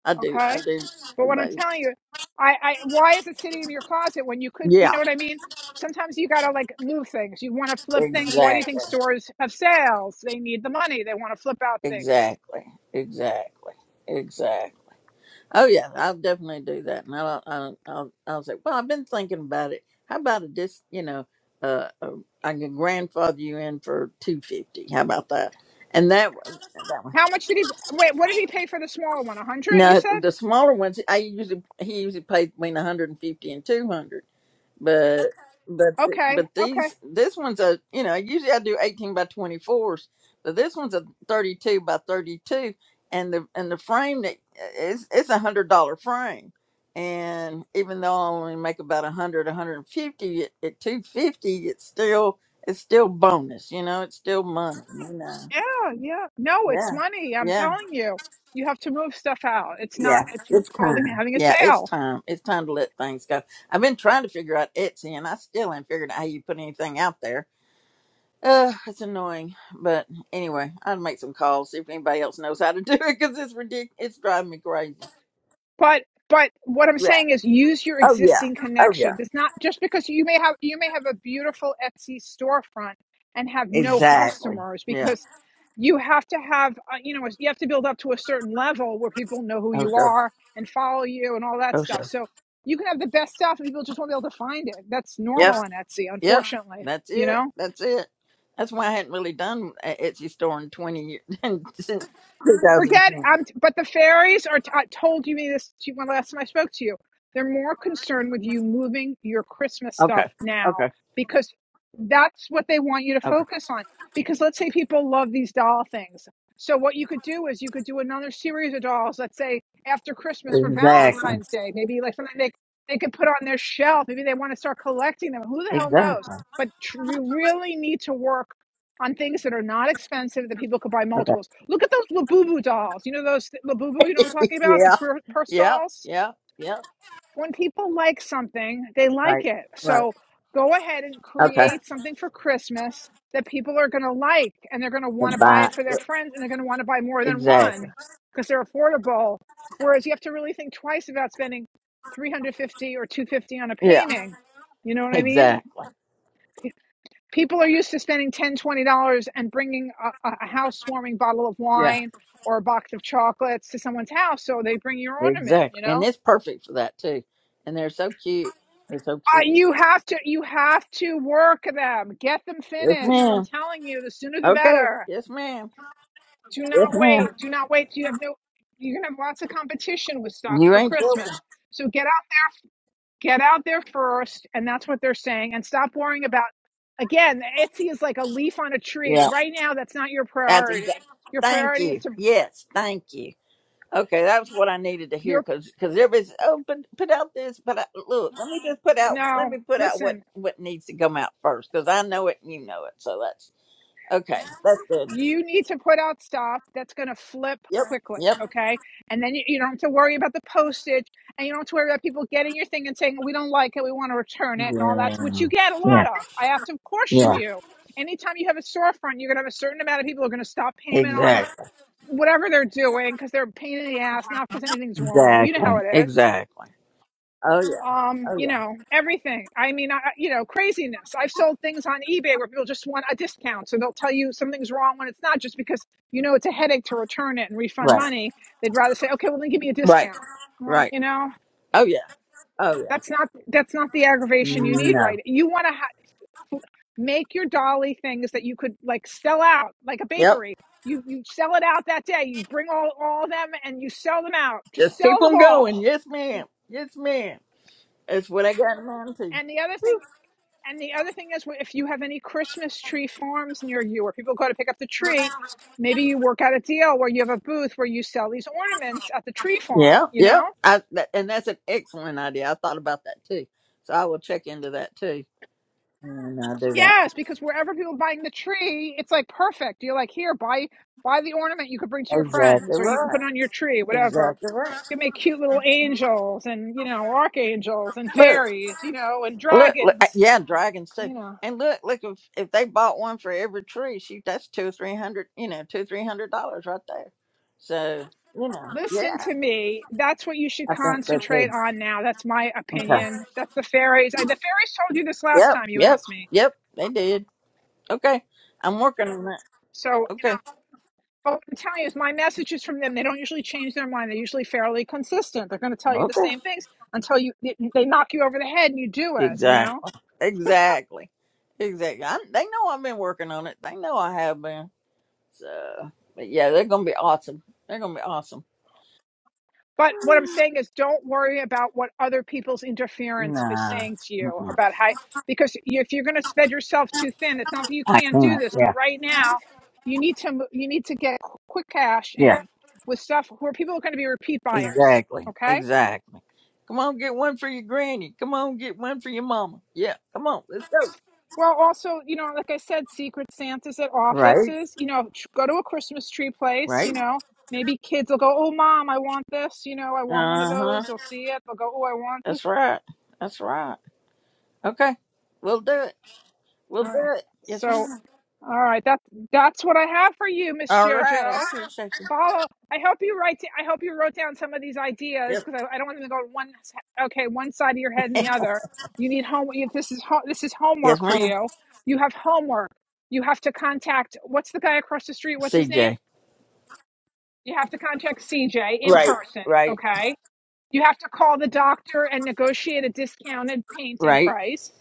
S11: I do. I
S1: Okay,
S11: do.
S1: but what I'm
S11: Everybody.
S1: telling you, I, I why is it sitting in your closet when you could? You
S11: Yeah.
S1: know what I mean? Sometimes you gotta like move things. You want to flip things. Why do you think
S11: Exactly.
S1: stores have sales? They need the money. They want to flip out things
S11: Exactly. Exactly. Exactly. Oh yeah, I'll definitely do that, and I'll I'll I'll, I'll say, well, I've been thinking about it. How about a dis? You know, uh, uh, I can grandfather you in for two fifty. How about that? And that one, that one.
S1: How much did he wait? What did he pay for the smaller one? A hundred? You
S11: Now
S1: said?
S11: the smaller ones, I usually he usually pays between one hundred and fifty and 200 but but th-
S1: Okay,
S11: but
S1: okay.
S11: these this one's a you know usually I do eighteen by twenty fours, but this one's a thirty two by thirty two, and the and the frame that is it's a hundred dollar frame, and even though I only make about a hundred a hundred and fifty at, at two fifty, it's still it's still bonus, you know, it's still money, you know,
S1: Yeah, yeah. No, it's
S11: yeah.
S1: money. I'm
S11: Yeah,
S1: telling you, you have to move stuff out. It's not.
S11: yeah,
S1: It's, it's
S11: it's
S1: called
S11: time.
S1: having a
S11: Yeah, it's
S1: sale.
S11: time. It's time to let things go. I've been trying to figure out Etsy, and I still ain't figured out how you put anything out there Uh, it's annoying, but anyway, i would make some calls see if anybody else knows how to do it because it's ridiculous. It's driving me crazy.
S1: But but what I'm
S11: Yeah.
S1: saying is use your
S11: Oh yeah.
S1: existing
S11: Oh
S1: connections.
S11: yeah.
S1: It's not just because you may have you may have a beautiful Etsy storefront and have no
S11: Exactly.
S1: customers
S11: Yeah.
S1: because you have to have uh, you know you have to build up to a certain level where people know who
S11: Oh
S1: you
S11: sure.
S1: are and follow you and all that
S11: Oh
S1: stuff.
S11: sure.
S1: So you can have the best stuff and people just won't be able to find it. That's
S11: Yep.
S1: normal on Etsy,
S11: Yep.
S1: unfortunately,
S11: That's
S1: you
S11: it.
S1: know?
S11: That's it. That's why I hadn't really done an Etsy store in twenty years since two thousand
S1: Forget,
S11: ten.
S1: um, but the fairies are. T- I told you me this to you when last time I spoke to you. They're more concerned with you moving your Christmas
S11: Okay.
S1: stuff now
S11: Okay.
S1: because that's what they want you to
S11: Okay.
S1: focus on. Because let's say people love these doll things. So what you could do is you could do another series of dolls. Let's say after Christmas for
S11: Exactly.
S1: Valentine's Day, maybe like something they they could put on their shelf. Maybe they want to start collecting them. Who the hell knows?
S11: Exactly.
S1: But tr- we really need to work on things that are not expensive that people could buy multiples. Look at those Labubu dolls. You know those th- Labubu, you know what I'm talking about? The
S11: Yeah.
S1: purse
S11: Yep.
S1: dolls.
S11: Yep. Yep.
S1: When people like something, they like
S11: Right.
S1: it.
S11: Right.
S1: So go ahead and
S11: Okay.
S1: create something for Christmas that people are going to like and they're going to want to buy
S11: Bye.
S1: it for their friends and they're going to want to buy more than one
S11: Exactly.
S1: because they're affordable. Whereas you have to really think twice about spending 350 or 250 on a
S11: Yeah.
S1: painting. You know what I mean?
S11: Exactly.
S1: people are used to spending 10 dollars, 20 dollars and bringing a, a housewarming bottle of
S11: Yeah.
S1: wine or a box of chocolates to someone's house so they bring your ornament
S11: Exactly.
S1: you
S11: And
S1: know
S11: it's perfect for that too. And they're so cute. They're so
S1: uh,
S11: cute.
S1: you have to you have to work them get them
S11: Yes,
S1: finished i'm
S11: ma'am.
S1: telling you the sooner the
S11: Okay.
S1: better
S11: Yes, ma'am.
S1: do
S11: Yes,
S1: not
S11: ma'am.
S1: wait do not wait till you have no you're gonna have lots of competition with stuff
S11: You
S1: for
S11: ain't joking.
S1: christmas so get Get out there first, and that's what they're saying, and stop worrying about again, Etsy is like a leaf on a tree.
S11: Yeah.
S1: Right now that's not your
S11: That's
S1: priority.
S11: exactly.
S1: Your
S11: Thank
S1: priority is
S11: you.
S1: to
S11: Yes. Thank you. Okay, That's what I needed to hear
S1: your
S11: because because everybody's oh put, put out this but I, look let me just put out let
S1: no,
S11: me put out what
S1: listen,
S11: what needs to come out first because I know it and you know it so that's okay that's good
S1: you need to put out stuff that's going to flip
S11: yep
S1: quickly,
S11: yep
S1: okay? And then you, you don't have to worry about the postage and you don't have to worry about people getting your thing and saying, we don't like it, we want to return it, and all
S11: yeah
S1: that's which you get a
S11: yeah
S1: lot of. I have to caution
S11: yeah
S1: you. Anytime you have a storefront, you're going to have a certain amount of people who are going to stop payment on
S11: exactly.
S1: whatever they're doing because they're a pain in the ass, not because anything's wrong. You know how
S11: Exactly.
S1: it is.
S11: Exactly. Oh yeah.
S1: Um,
S11: Oh
S1: you
S11: yeah.
S1: know, everything. I mean, I, you know, craziness. I've sold things on eBay where people just want a discount. So they'll tell you something's wrong when it's not just because, you know, it's a headache to return it and refund
S11: Right.
S1: money. They'd rather say, okay, well, then give me a
S11: Right.
S1: discount. Well,
S11: Right.
S1: you know,
S11: Oh yeah. Oh yeah.
S1: that's not, that's not the aggravation you need, right?
S11: No.
S1: You want to, ha- Make your dolly things that you could like sell out, like a
S11: Yep.
S1: bakery. You you sell it out that day. You bring all all of them and you sell them out. Just
S11: Just keep
S1: sell them
S11: them going.
S1: all.
S11: Yes, ma'am. Yes, ma'am. That's what I got in mind too.
S1: And the other thing, and the other thing is, if you have any Christmas tree farms near you, where people go to pick up the tree, maybe you work out a deal where you have a booth where you sell these ornaments at the tree farm.
S11: Yeah.
S1: You know?
S11: Yep. I that, and that's an excellent idea. I thought about that too. So I will check into that too. And I'll do that.
S1: Yes, because wherever people are buying the tree, it's like perfect. You're like, here, buy buy the ornament you could bring to your
S11: Exactly
S1: friends, or you could put
S11: right.
S1: it on your tree, whatever.
S11: Exactly
S1: can make cute little angels and you know archangels and
S11: right.
S1: fairies you know and
S11: Look, look, uh,
S1: dragons
S11: yeah, dragons too.
S1: you know
S11: And look, look if if they bought one for every tree, shoot, that's two or three hundred, you know, two three hundred dollars right there. So you know,
S1: listen
S11: yeah,
S1: to me that's what you should
S11: I think so too.
S1: concentrate on now that's my
S11: Okay.
S1: opinion that's the fairies and the fairies told you this last
S11: Yep,
S1: time you
S11: yep,
S1: asked me
S11: yep. They did. Okay, I'm working on that.
S1: so you
S11: Okay,
S1: know, what i'm telling you is my messages from them they don't usually change their mind they're usually fairly consistent they're going to tell you the
S11: okay.
S1: same things until you they knock you over the head and you do it you
S11: Exactly,
S1: know
S11: exactly, exactly. I, they know I've been working on it. They know I have been. So, but yeah, they're gonna be awesome. They're gonna be awesome.
S1: But what I'm saying is, don't worry about what other people's interference is
S11: Nah,
S1: saying to you
S11: mm-mm,
S1: about how, because if you're going to spread yourself too thin, it's not that you
S11: I
S1: can't do
S11: can't.
S1: this, but
S11: Yeah,
S1: right now you need to mo- you need to get qu- quick cash
S11: yeah.
S1: in with stuff where people are going to be repeat buyers.
S11: Exactly.
S1: Okay.
S11: Exactly. Come on, get one for your granny. Come on, get one for your mama. Yeah. Come on. Let's go.
S1: Well, also, you know, like I said, secret Santas at
S11: Right.
S1: offices. You know, tr- go to a Christmas tree place.
S11: Right.
S1: You know, maybe kids will go, "Oh, mom, I want this." You know, I want one of
S11: Uh huh.
S1: those. They'll see it. They'll go, "Oh, I want this."
S11: That's right. That's right. Okay. We'll do it. We'll
S1: All right.
S11: do it. Yes,
S1: So.
S11: ma'am.
S1: All right, that's that's what I have for you, Miss
S11: All right. I
S1: JoJo.
S11: appreciate you.
S1: Follow. I hope you write. I hope you wrote down some of these ideas
S11: Yep.
S1: because I, I don't want them to go to one. Okay, one side of your head and the other. You need home. If this is ho- this is
S11: Yes,
S1: homework for
S11: ma'am.
S1: you. You have homework. You have to contact. What's the guy across the street? What's his name?
S11: CJ.
S1: You have to contact CJ in
S11: Right.
S1: person.
S11: Right.
S1: Okay. You have to call the doctor and negotiate a discounted painting
S11: Right.
S1: price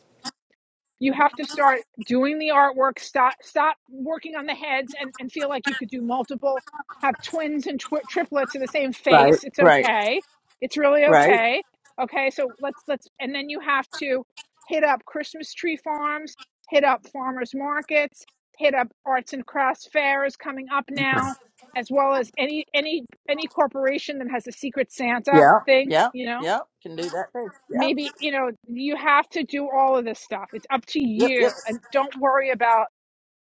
S1: you have to start doing the artwork stop stop working on the heads and, and feel like you could do multiple have twins and tw- triplets in the same
S11: Right.
S1: face it's
S11: Right.
S1: okay it's really
S11: Right.
S1: okay okay so let's let's and then you have to hit up christmas tree farms hit up farmers markets hit up arts and crafts fairs coming up now as well as any any any corporation that has a secret santa
S11: Yeah.
S1: thing
S11: Yeah.
S1: you know
S11: Yeah. Can do that too. Yep.
S1: maybe you know you have to do all of this stuff it's up to
S11: Yep.
S1: you
S11: Yep.
S1: and don't worry about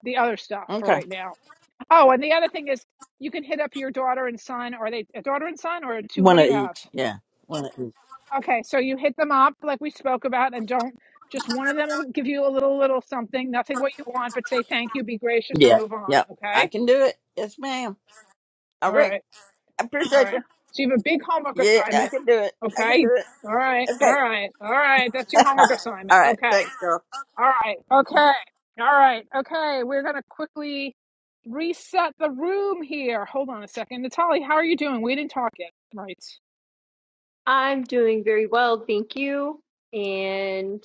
S1: the other stuff for
S11: Okay.
S1: right now oh and the other thing is you can hit up your daughter and son are they a daughter and son or two what
S11: One
S1: do
S11: of
S1: you have
S11: each. Yeah. One of each.
S1: okay so you hit them up like we spoke about and don't just one of them will give you a little little something nothing what you want but say thank you be gracious and
S11: Yeah.
S1: move on
S11: Yep. I
S1: okay
S11: can do it. Yes, ma'am. All
S1: all
S11: right.
S1: right
S11: I
S1: all
S11: appreciate
S1: right
S11: you.
S1: so you have a big homework
S11: Yeah, I
S1: assignment
S11: can do it. I can
S1: okay
S11: do it.
S1: all right all
S11: Okay.
S1: right all right that's your homework
S11: All
S1: assignment
S11: right.
S1: okay
S11: Thanks, girl.
S1: All right. Okay. All right. Okay. We're going to quickly reset the room here. Hold on a second. Natalie, how are you doing? We didn't talk yet. Right.
S12: I'm doing very well. Thank you. And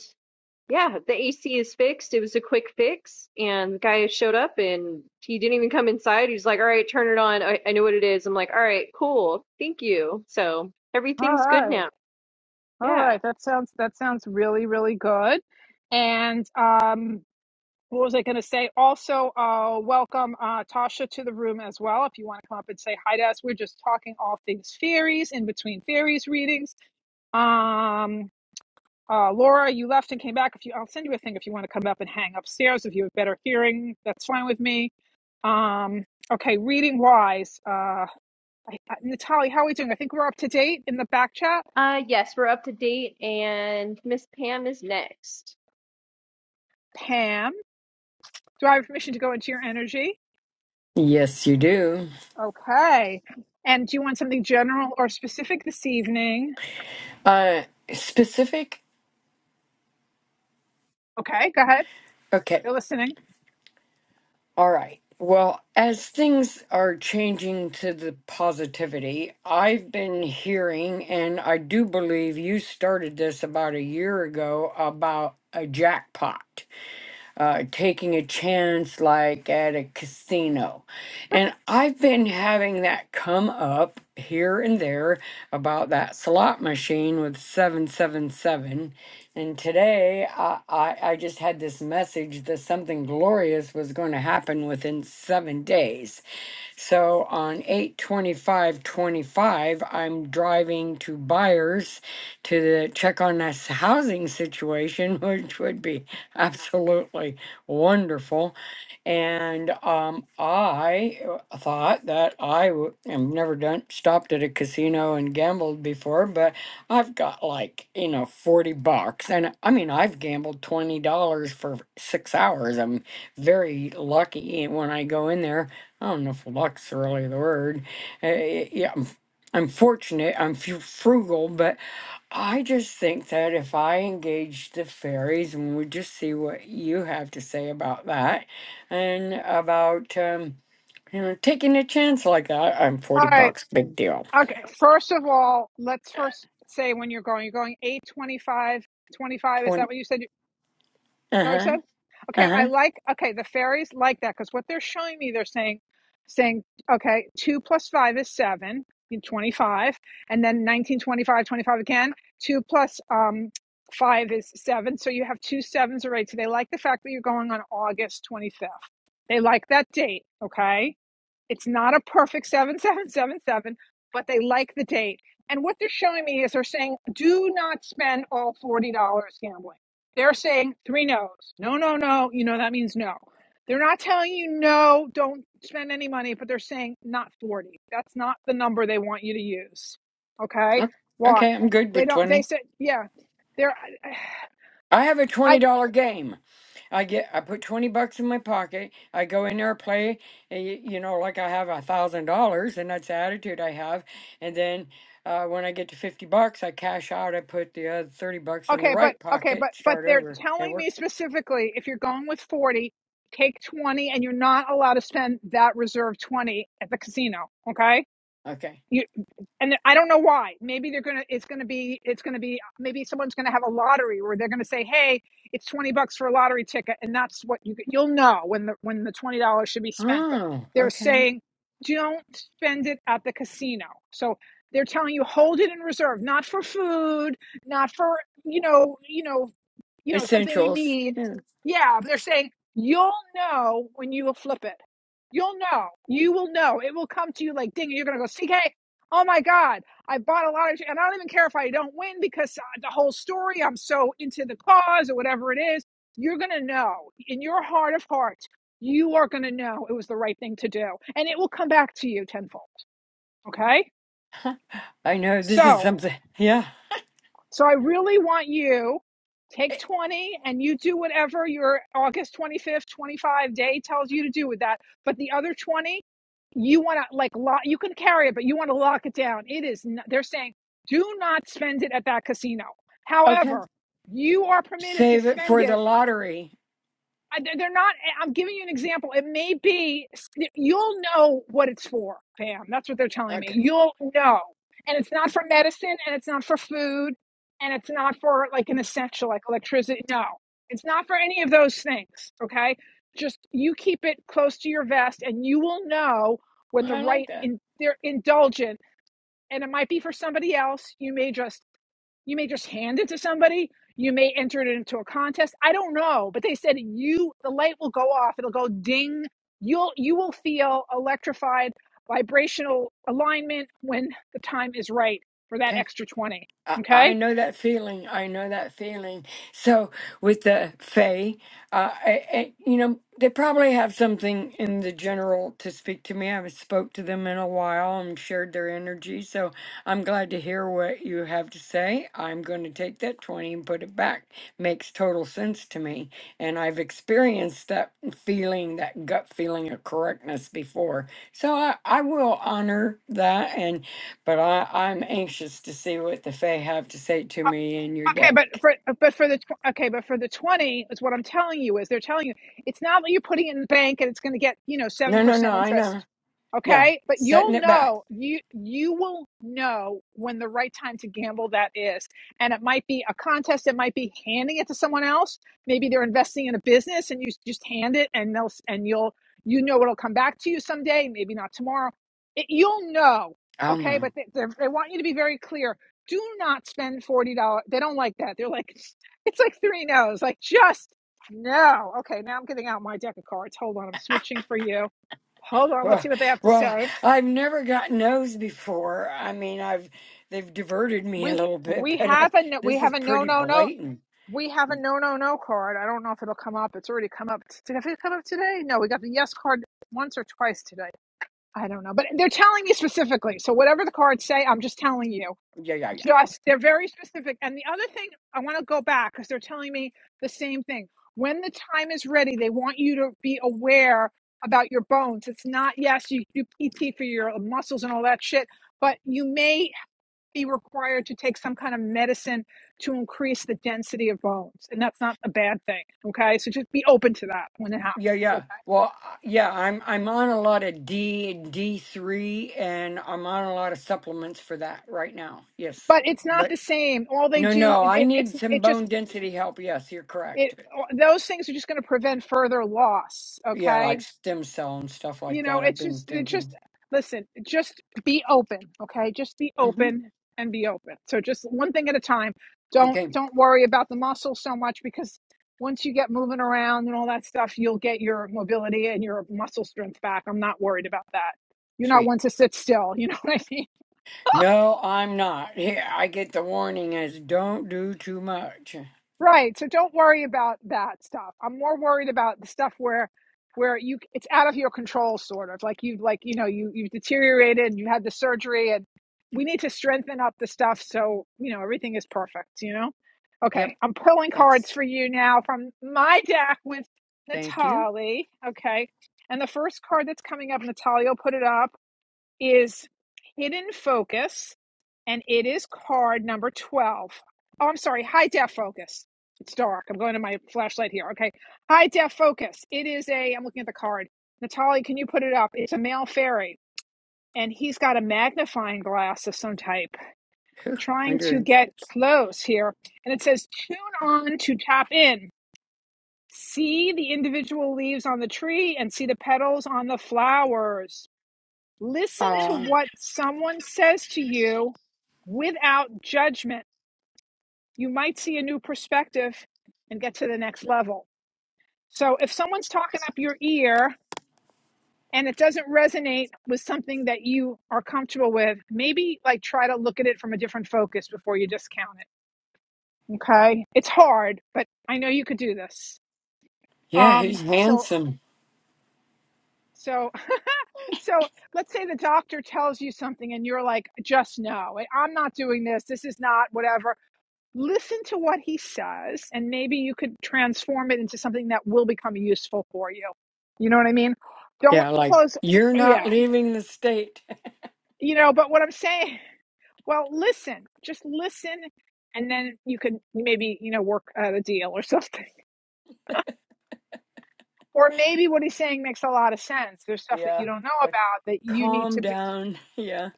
S12: yeah, the AC is fixed. It was a quick fix. And the guy showed up and he didn't even come inside. He's like, all right, turn it on. I, I know what it is. I'm like, all right, cool. Thank you. So
S1: All
S12: everything's good
S1: right.
S12: now.
S1: All
S12: Yeah.
S1: right. That sounds that sounds really really good. And um what was I going to say? Also, uh, welcome uh, Tasha to the room as well. If you want to come up and say hi to us, we're just talking all things fairies in between fairies readings. Um, Uh, Laura, you left and came back. If you, I'll send you a thing if you want to come up and hang upstairs. If you have better hearing, that's fine with me. Um, okay, reading wise, uh, I, I- Natalie, how are we doing? I think we're up to date in the back chat.
S12: Uh, yes, we're up to date, and Miss Pam is next.
S1: Pam, do I have permission to go into your energy?
S9: Yes, you do.
S1: Okay. And do you want something general or specific this evening?
S9: Uh, specific.
S1: Okay, go ahead.
S9: okay,
S1: You're listening.
S9: All right. Well, as things are changing to the positivity, I've been hearing, and I do believe you started this about a year ago about a jackpot uh, taking a chance like at a casino. And I've been having that come up here and there about that slot machine with 777. And today I, I, I just had this message that something glorious was going to happen within seven days. So on eight twenty-five twenty-five, I'm driving to Byers to the, check on this housing situation, which would be absolutely wonderful. And um, I uh, thought that I w- have never done stopped at a casino and gambled before, but I've got like you know forty bucks, and I mean I've gambled twenty dollars for six hours. I'm very lucky when I go in there I don't know if luck's really the word. Uh, yeah, I'm, I'm fortunate. I'm fu- frugal, but I just think that if I engage the fairies, and we just see what you have to say about that, and about um, you know taking a chance like that, I'm
S1: All
S9: forty
S1: right.
S9: bucks, big deal.
S1: Okay. First of all, let's first say when you're going. You're going 825. 25. twenty-five. Is that
S9: Twenty.
S1: what you said?
S9: Uh
S1: that what you
S9: huh.
S1: said? Okay,
S9: Uh huh.
S1: I like okay, the fairies like that because what they're showing me, they're saying saying, okay, two plus five is seven, 25, and then 19 25, 25 again. Two plus um five is seven. So you have two sevens already. So they like the fact that you're going on August 25th. They like that date, okay? It's not a perfect 7777, but they like the date. And what they're showing me is they're saying, do not spend all $40 gambling. They're saying three no's. No, no, no. You know, that means no. They're not telling you no, don't spend any money, but they're saying not 40. That's not the number they want you to use. Okay? Why?
S9: Okay, I'm good
S1: They
S9: with
S1: don't, they
S9: twenty.
S1: said, yeah, they're,
S9: I have a twenty
S1: I,
S9: dollar game. I get I put twenty bucks in my pocket. I go in there, play, and y- you know, like I have a thousand dollars, and that's the attitude I have. And then uh, when I get to fifty bucks, I cash out. I put the other thirty bucks in the
S1: Okay, but
S9: right
S1: okay,
S9: pocket.
S1: but but
S9: Start
S1: they're
S9: over. It
S1: telling me
S9: works.
S1: specifically if you're going with 40, take 20 and you're not allowed to spend that reserve 20 at the casino, okay?
S9: Okay.
S1: you and I don't know why. Maybe they're gonna. It's gonna be. It's gonna be. Maybe someone's gonna have a lottery, where they're gonna say, "Hey, it's twenty bucks for a lottery ticket," and that's what you. You'll know when the when the twenty dollars should be spent. But
S9: Oh,
S1: they're
S9: okay.
S1: saying, don't spend it at the casino. So they're telling you hold it in reserve, not for food, not for you know you know you know, something you
S9: Essentials.
S1: need.
S9: Yeah.
S1: Yeah, they're saying you'll know when you will flip it. You'll know. You will know. It will come to you like ding. You're gonna go, CK. Oh my God, I bought a lot of, and I don't even care if I don't win because uh, the whole story. I'm so into the cause or whatever it is. You're gonna know in your heart of hearts. You are gonna know it was the right thing to do, and it will come back to you tenfold. Okay,
S9: I know this is
S1: so.
S9: something. Yeah.
S1: So I really want you take
S9: Eh,
S1: 20 and you do whatever your August 25th, 25 day tells you to do with that. But the other 20, you want to like lock, you can carry it, but you want to lock it down. It is, n- they're saying do not spend it at that casino.
S9: Okay.
S1: However, you are permitted to
S9: Save it
S1: spend
S9: for
S1: it
S9: the lottery.
S1: they're they're not eh, i'm giving you an example it may be you'll know what it's for pam that's what they're telling me
S9: Okay.
S1: you'll know and it's not for medicine and it's not for food and it's not for like an essential like electricity no it's not for any of those things okay just you keep it close to your vest and you will know when the
S9: I like
S1: right
S9: that.
S1: in they're indulgent and it might be for somebody else you may just you may just hand it to somebody. You may enter it into a contest. I don't know, but they said you the light will go off. It'll go ding. You'll you will feel electrified vibrational alignment when the time is right for
S9: Okay.
S1: that extra 20.
S9: I I
S1: Okay?
S9: know that feeling. I know that feeling. So with the Fae, uh, I, I, you know, they probably have something in the general to speak to me. I haven't spoke to them in a while and shared their energy. So I'm glad to hear what you have to say. I'm going to take that 20 and put it back. Makes total sense to me. And I've experienced that feeling, that gut feeling of correctness before. So I, I will honor that and but I, I'm anxious to see what the Fae have to say to me in your
S1: Okay, but
S9: deck.
S1: for but for the tw- okay, but for the twenty is what I'm telling you is they're telling you it's not that you're putting it in the bank and it's going to get you know seven
S9: No, no, no,
S1: percent
S9: I know.
S1: interest.
S9: Yeah,
S1: Okay, but
S9: setting
S1: you'll
S9: it back.
S1: know you you will know when the right time to gamble that is, and it might be a contest. It might be handing it to someone else. Maybe they're investing in a business and you just hand it and they'll s- and you'll you know it'll come back to you someday. Maybe not tomorrow. It, you'll know.
S9: I'll
S1: Okay,
S9: know.
S1: but they, they're- they want you to be very clear do not spend forty dollars. They don't like that. They're like, it's like three no's. Like just no. Okay, now I'm getting out my deck of cards. Hold on, I'm switching for you. Hold on, let's
S9: Well,
S1: see what they have to
S9: well,
S1: say.
S9: I've never gotten those before. I mean, I've they've diverted me a
S1: We
S9: little bit,
S1: we
S9: but uh,
S1: have a no, we
S9: this is
S1: have a no
S9: pretty
S1: no no.
S9: blatant.
S1: We have a no no no card. I don't know if it'll come up. It's already come up. Did it come up today? No, we got the yes card once or twice today. I don't know, but they're telling me specifically. So whatever the cards say, I'm just telling you
S9: Yeah, yeah, yeah.
S1: Just, they're very specific. And the other thing, I want to go back because they're telling me the same thing. When the time is ready, they want you to be aware about your bones. It's not, yes, you do PT for your muscles and all that shit, but you may be required to take some kind of medicine to increase the density of bones. And that's not a bad thing. Okay. So just be open to that when it
S9: Yeah,
S1: happens. Okay.
S9: yeah. Well, uh, yeah, I'm I'm on a lot of D and D3 and I'm on a lot of supplements for that right now. Yes.
S1: But it's not
S9: But
S1: the same. All they
S9: no,
S1: do,
S9: no,
S1: it,
S9: I
S1: it, it's,
S9: need some
S1: it just,
S9: bone density help. Yes, you're
S1: it,
S9: correct.
S1: those things are just going to prevent further loss.
S9: Yeah,
S1: Okay
S9: like stem cell and stuff
S1: you
S9: like
S1: know
S9: that. I've
S1: it's
S9: been
S1: just it just
S9: thinking.
S1: listen just be open okay just be
S9: hmm
S1: open and be open so just one thing at a time don't
S9: Okay,
S1: don't worry about the muscles so much because once you get moving around and all that stuff you'll get your mobility and your muscle strength back i'm not worried about that you're not
S9: sweet.
S1: one to sit still you know what i mean
S9: No, I'm not. Yeah, I get the warning as don't do too much.
S1: Right. So don't worry about that stuff. I'm more worried about the stuff where where you it's out of your control sort of. Like you've like, you know, you you've deteriorated and you had the surgery and we need to strengthen up the stuff so, you know, everything is perfect, you know?
S9: Yep,
S1: Okay. I'm pulling
S9: thanks.
S1: cards for you now from my deck with
S9: Thank you.
S1: Natalie. Okay. And the first card that's coming up, Natalie will put it up is Hidden Focus, and it is card number 12. Oh, I'm sorry, High Def Focus. It's dark. I'm going to my flashlight here. Okay. High Def Focus. It is a, I'm looking at the card. Natalie, can you put it up? It's a male fairy, and he's got a magnifying glass of some type
S9: Whew,
S1: trying
S9: Hundred
S1: to
S9: and
S1: get
S9: six.
S1: close here. And it says, Tune on to tap in. See the individual leaves on the tree and see the petals on the flowers Listen to
S9: Aw,
S1: what someone says to you without judgment. You might see a new perspective and get to the next level. So if someone's talking up your ear and it doesn't resonate with something that you are comfortable with, maybe like try to look at it from a different focus before you discount it. Okay? It's hard, but I know you could do this.
S9: yeah,
S1: Um
S9: he's
S1: so
S9: handsome.
S1: so so let's say the doctor tells you something and you're like just no I- am not doing this this is not whatever listen to what he says and maybe you could transform it into something that will become useful for you you know what i mean don't
S9: Yeah, like
S1: close
S9: you're not
S1: yeah
S9: leaving the state.
S1: you know but what i'm saying well listen just listen and then you could maybe you know work out a deal or something or maybe what he's saying makes a lot of sense there's stuff that you
S9: yeah,
S1: don't know
S9: like
S1: about that you need
S9: calm
S1: to be
S9: down. Yeah,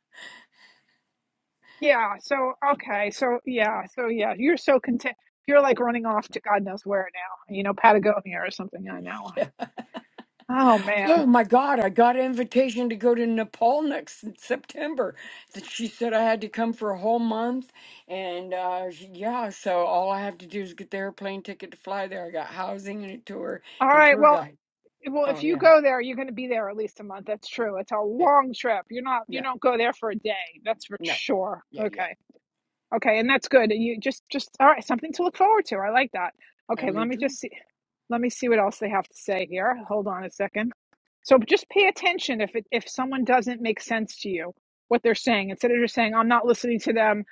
S1: yeah so okay so yeah so yeah you're so content you're like running off to god knows where now you know patagonia or something i know
S9: yeah.
S1: oh man
S9: Oh my God, I got an invitation to go to Nepal next September. Th- She said I had to come for a whole month. And uh, sh- yeah, so all I have to do is get the airplane ticket to fly there. I got housing and a tour
S1: All
S9: and
S1: right.
S9: tour
S1: Well,
S9: guide.
S1: well,
S9: Oh,
S1: if you
S9: yeah.
S1: go there, you're going to be there at least a month. That's true. It's a
S9: Yeah.
S1: long trip. You're not. You
S9: Yeah.
S1: don't go there for a day. That's for
S9: No.
S1: sure.
S9: Yeah. Yeah.
S1: Okay. Okay, and that's good. You just, just all right. Something to look forward to. I like that. Okay.
S9: And me
S1: Let me
S9: too.
S1: just see. Let me see what else they have to say here. Hold on a second. So just pay attention if it, if someone doesn't make sense to you what they're saying instead of just saying I'm not listening to them.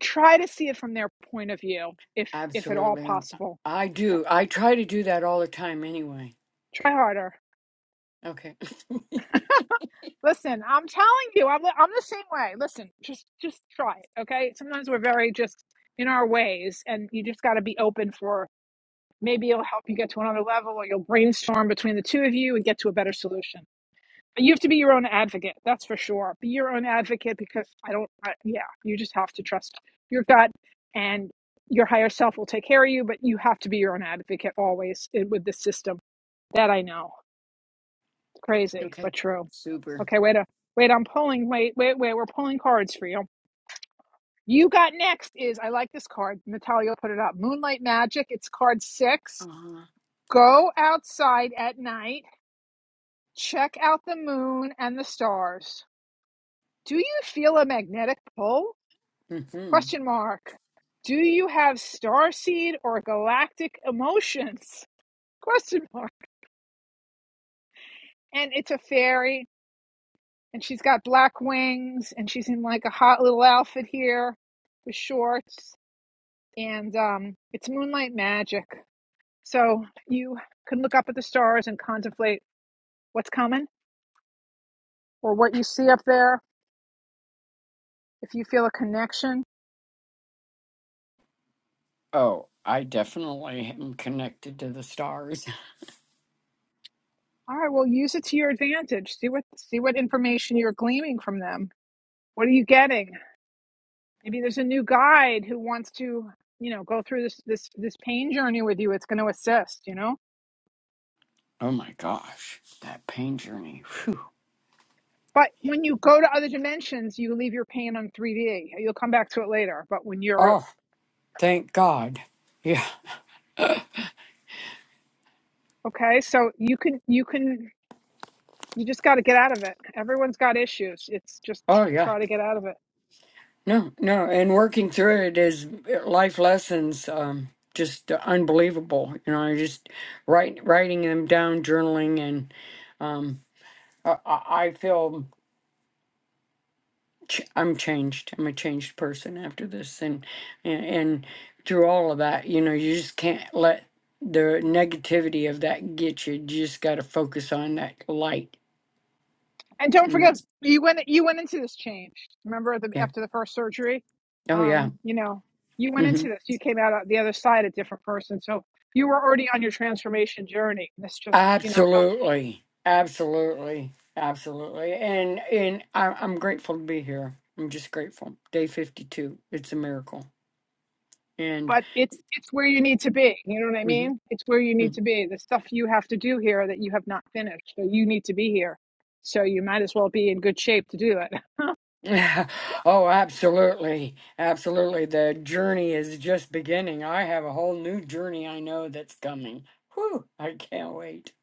S1: Try to see it from their point of view if if at all
S9: Absolutely.
S1: possible.
S9: I do. I try to do that all the time anyway.
S1: Try harder.
S9: Okay.
S1: Listen, I'm telling you, I'm, I'm the same way. Listen, just just try it, okay? Sometimes we're
S9: okay.
S1: very just in our ways, and you just got to be open for maybe it'll help you get to another level, or you'll brainstorm between the two of you and get to a better solution. But you have to be your own advocate, that's for sure. Be your own advocate because I don't, I, yeah, you just have to trust your gut, and your higher self will take care of you. But you have to be your own advocate always eh, with the system. That I know. Crazy,
S9: Okay.
S1: but true.
S9: Super.
S1: Okay, wait a wait. I'm pulling. Wait, wait, wait. We're pulling cards for you. You got next is I like this card. Natalia put it up. Moonlight Magic. It's card
S9: Uh
S1: six. Go outside at night. Check out the moon and the stars. Do you feel a magnetic pull?
S9: huh. hmm
S1: Question mark. Do you have starseed or galactic emotions? Question mark. And it's a fairy and she's got black wings and she's in like a hot little outfit here with shorts and um it's moonlight magic so you can look up at the stars and contemplate what's coming or what you see up there if you feel a connection
S9: Oh, I definitely am connected to the stars.
S1: all right well use it to your advantage see what see what information you're gleaming from them what are you getting maybe there's a new guide who wants to you know go through this this this pain journey with you it's going to assist you know
S9: Oh my gosh, that pain journey. Phew.
S1: But when you go to other dimensions, you leave your pain on 3D. You'll come back to it later. But when you're
S9: Oh, thank God. Yeah.
S1: okay, so you can you can you just got to get out of it. Everyone's got issues. It's just
S9: Oh yeah.
S1: try to get out of it.
S9: No, no, and working through it is uh, life lessons. Um, just unbelievable. You know, I just write writing them down, journaling, and um, I, I I feel ch- I'm changed. I'm a changed person after this, and, and and through all of that, you know, you just can't let the negativity of that get you. You just got to focus on that light.
S1: And don't
S9: And
S1: forget,
S9: that's-
S1: you went you went into this changed. Remember the,
S9: yeah.
S1: after the first surgery,
S9: Oh yeah.
S1: um, you know, you went
S9: hmm
S1: into this. You came out on the other side a different person. So you were already on your transformation journey. This just you know helps.
S9: Absolutely. Absolutely. Absolutely. And and I, I'm grateful to be here. I'm just grateful. Day 52. It's a miracle. And
S1: but it's it's where you need to be you know what i
S9: Mhm.
S1: mean it's where you need
S9: Mm.
S1: to be the stuff you have to do here that you have not finished so you need to be here so you might as well be in good shape to do it and
S9: oh, absolutely. Absolutely. The journey is just beginning. I have a whole new journey I know that's coming. Whew, I can't wait.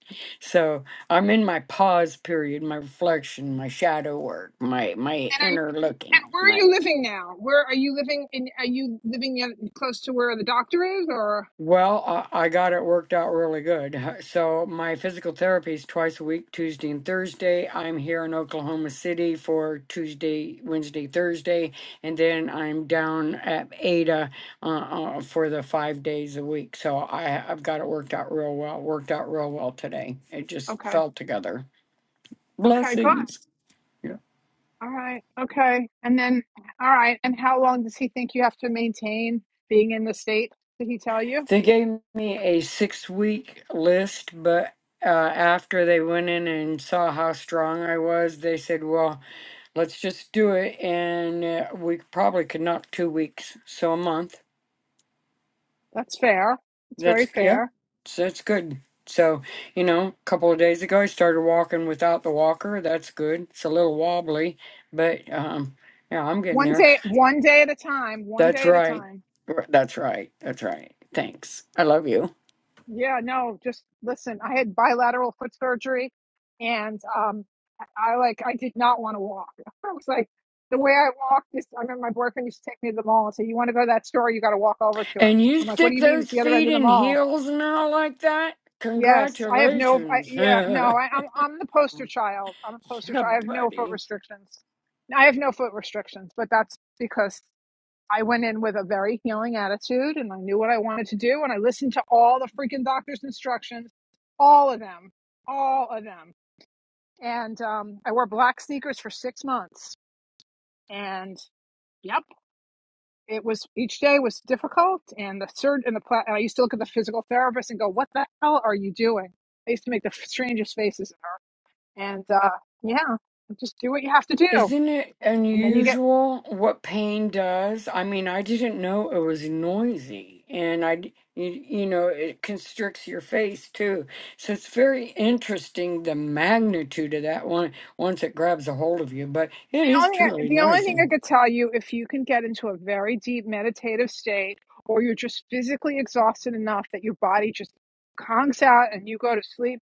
S9: So I'm in my pause period, my reflection, my shadow work, my my
S1: are you,
S9: inner looking,
S1: and where are
S9: my
S1: you living now where are you living in are you living in, close to where the doctor is or
S9: Well, I, I got it worked out really good. So my physical therapy is twice a week, Tuesday and Thursday. I'm here in Oklahoma City for Tuesday, Wednesday, Thursday, and then I'm down at Ada uh, uh, for the five days a week. So I, I've got it worked out real well. Worked out real well today. It just
S1: okay
S9: fell together.
S1: okay good
S9: Blessings. Yeah.
S1: all right okay and then all right and how long does he think you have to maintain being in the state did he tell you
S9: They gave me a six week list, but uh, after they went in and saw how strong I was, they said, "Well." Let's just do it, and uh, we probably could knock two weeks, so a month.
S1: that's fair it's
S9: That's
S1: very
S9: yeah,
S1: fair
S9: so that's good. So you know, a couple of days ago, I started walking without the walker. That's good. It's a little wobbly, but um, yeah, I'm getting
S1: one
S9: there.
S1: day one day at a time one
S9: That's
S1: day at a
S9: right.
S1: time
S9: R- That's right. That's right. Thanks. I love you.
S1: Yeah, no, just listen. I had bilateral foot surgery and um I like I did not want to walk. I was like the way I walked is I remember my boyfriend used to take me to the mall and say, You want to go to that store, you gotta walk over to it.
S9: And you
S1: I'm like, What do
S9: stick
S1: you mean? It's
S9: those
S1: the other end
S9: feet
S1: of the
S9: in
S1: mall.
S9: heels now like that?
S1: Yes. I have no I
S9: Congratulations.
S1: yeah, no,
S9: yeah,
S1: I, I'm I'm the poster child. I'm a poster child. I have no foot
S9: buddy.
S1: restrictions. I have no foot restrictions, but that's because I went in with a very healing attitude and I knew what I wanted to do. And I listened to all the freaking doctor's instructions, all of them, all of them. And um, I wore black sneakers for six months. And yep, it was each day was difficult. And the third, and the pla- and I used to look at the physical therapist and go, What the hell are you doing? I used to make the strangest faces at her. And uh, yeah, just do what you have to do.
S9: Isn't it
S1: And then you get
S9: unusual what pain does? I mean, I didn't know it was noisy, and I, d- you, you know, it constricts your face too. So it's very interesting the magnitude of that one once it grabs a hold of you, but it
S1: the
S9: is
S1: only
S9: truly
S1: the only thing
S9: noisy.
S1: I could tell you if you can get into a very deep meditative state or you're just physically exhausted enough that your body just conks out and you go to sleep,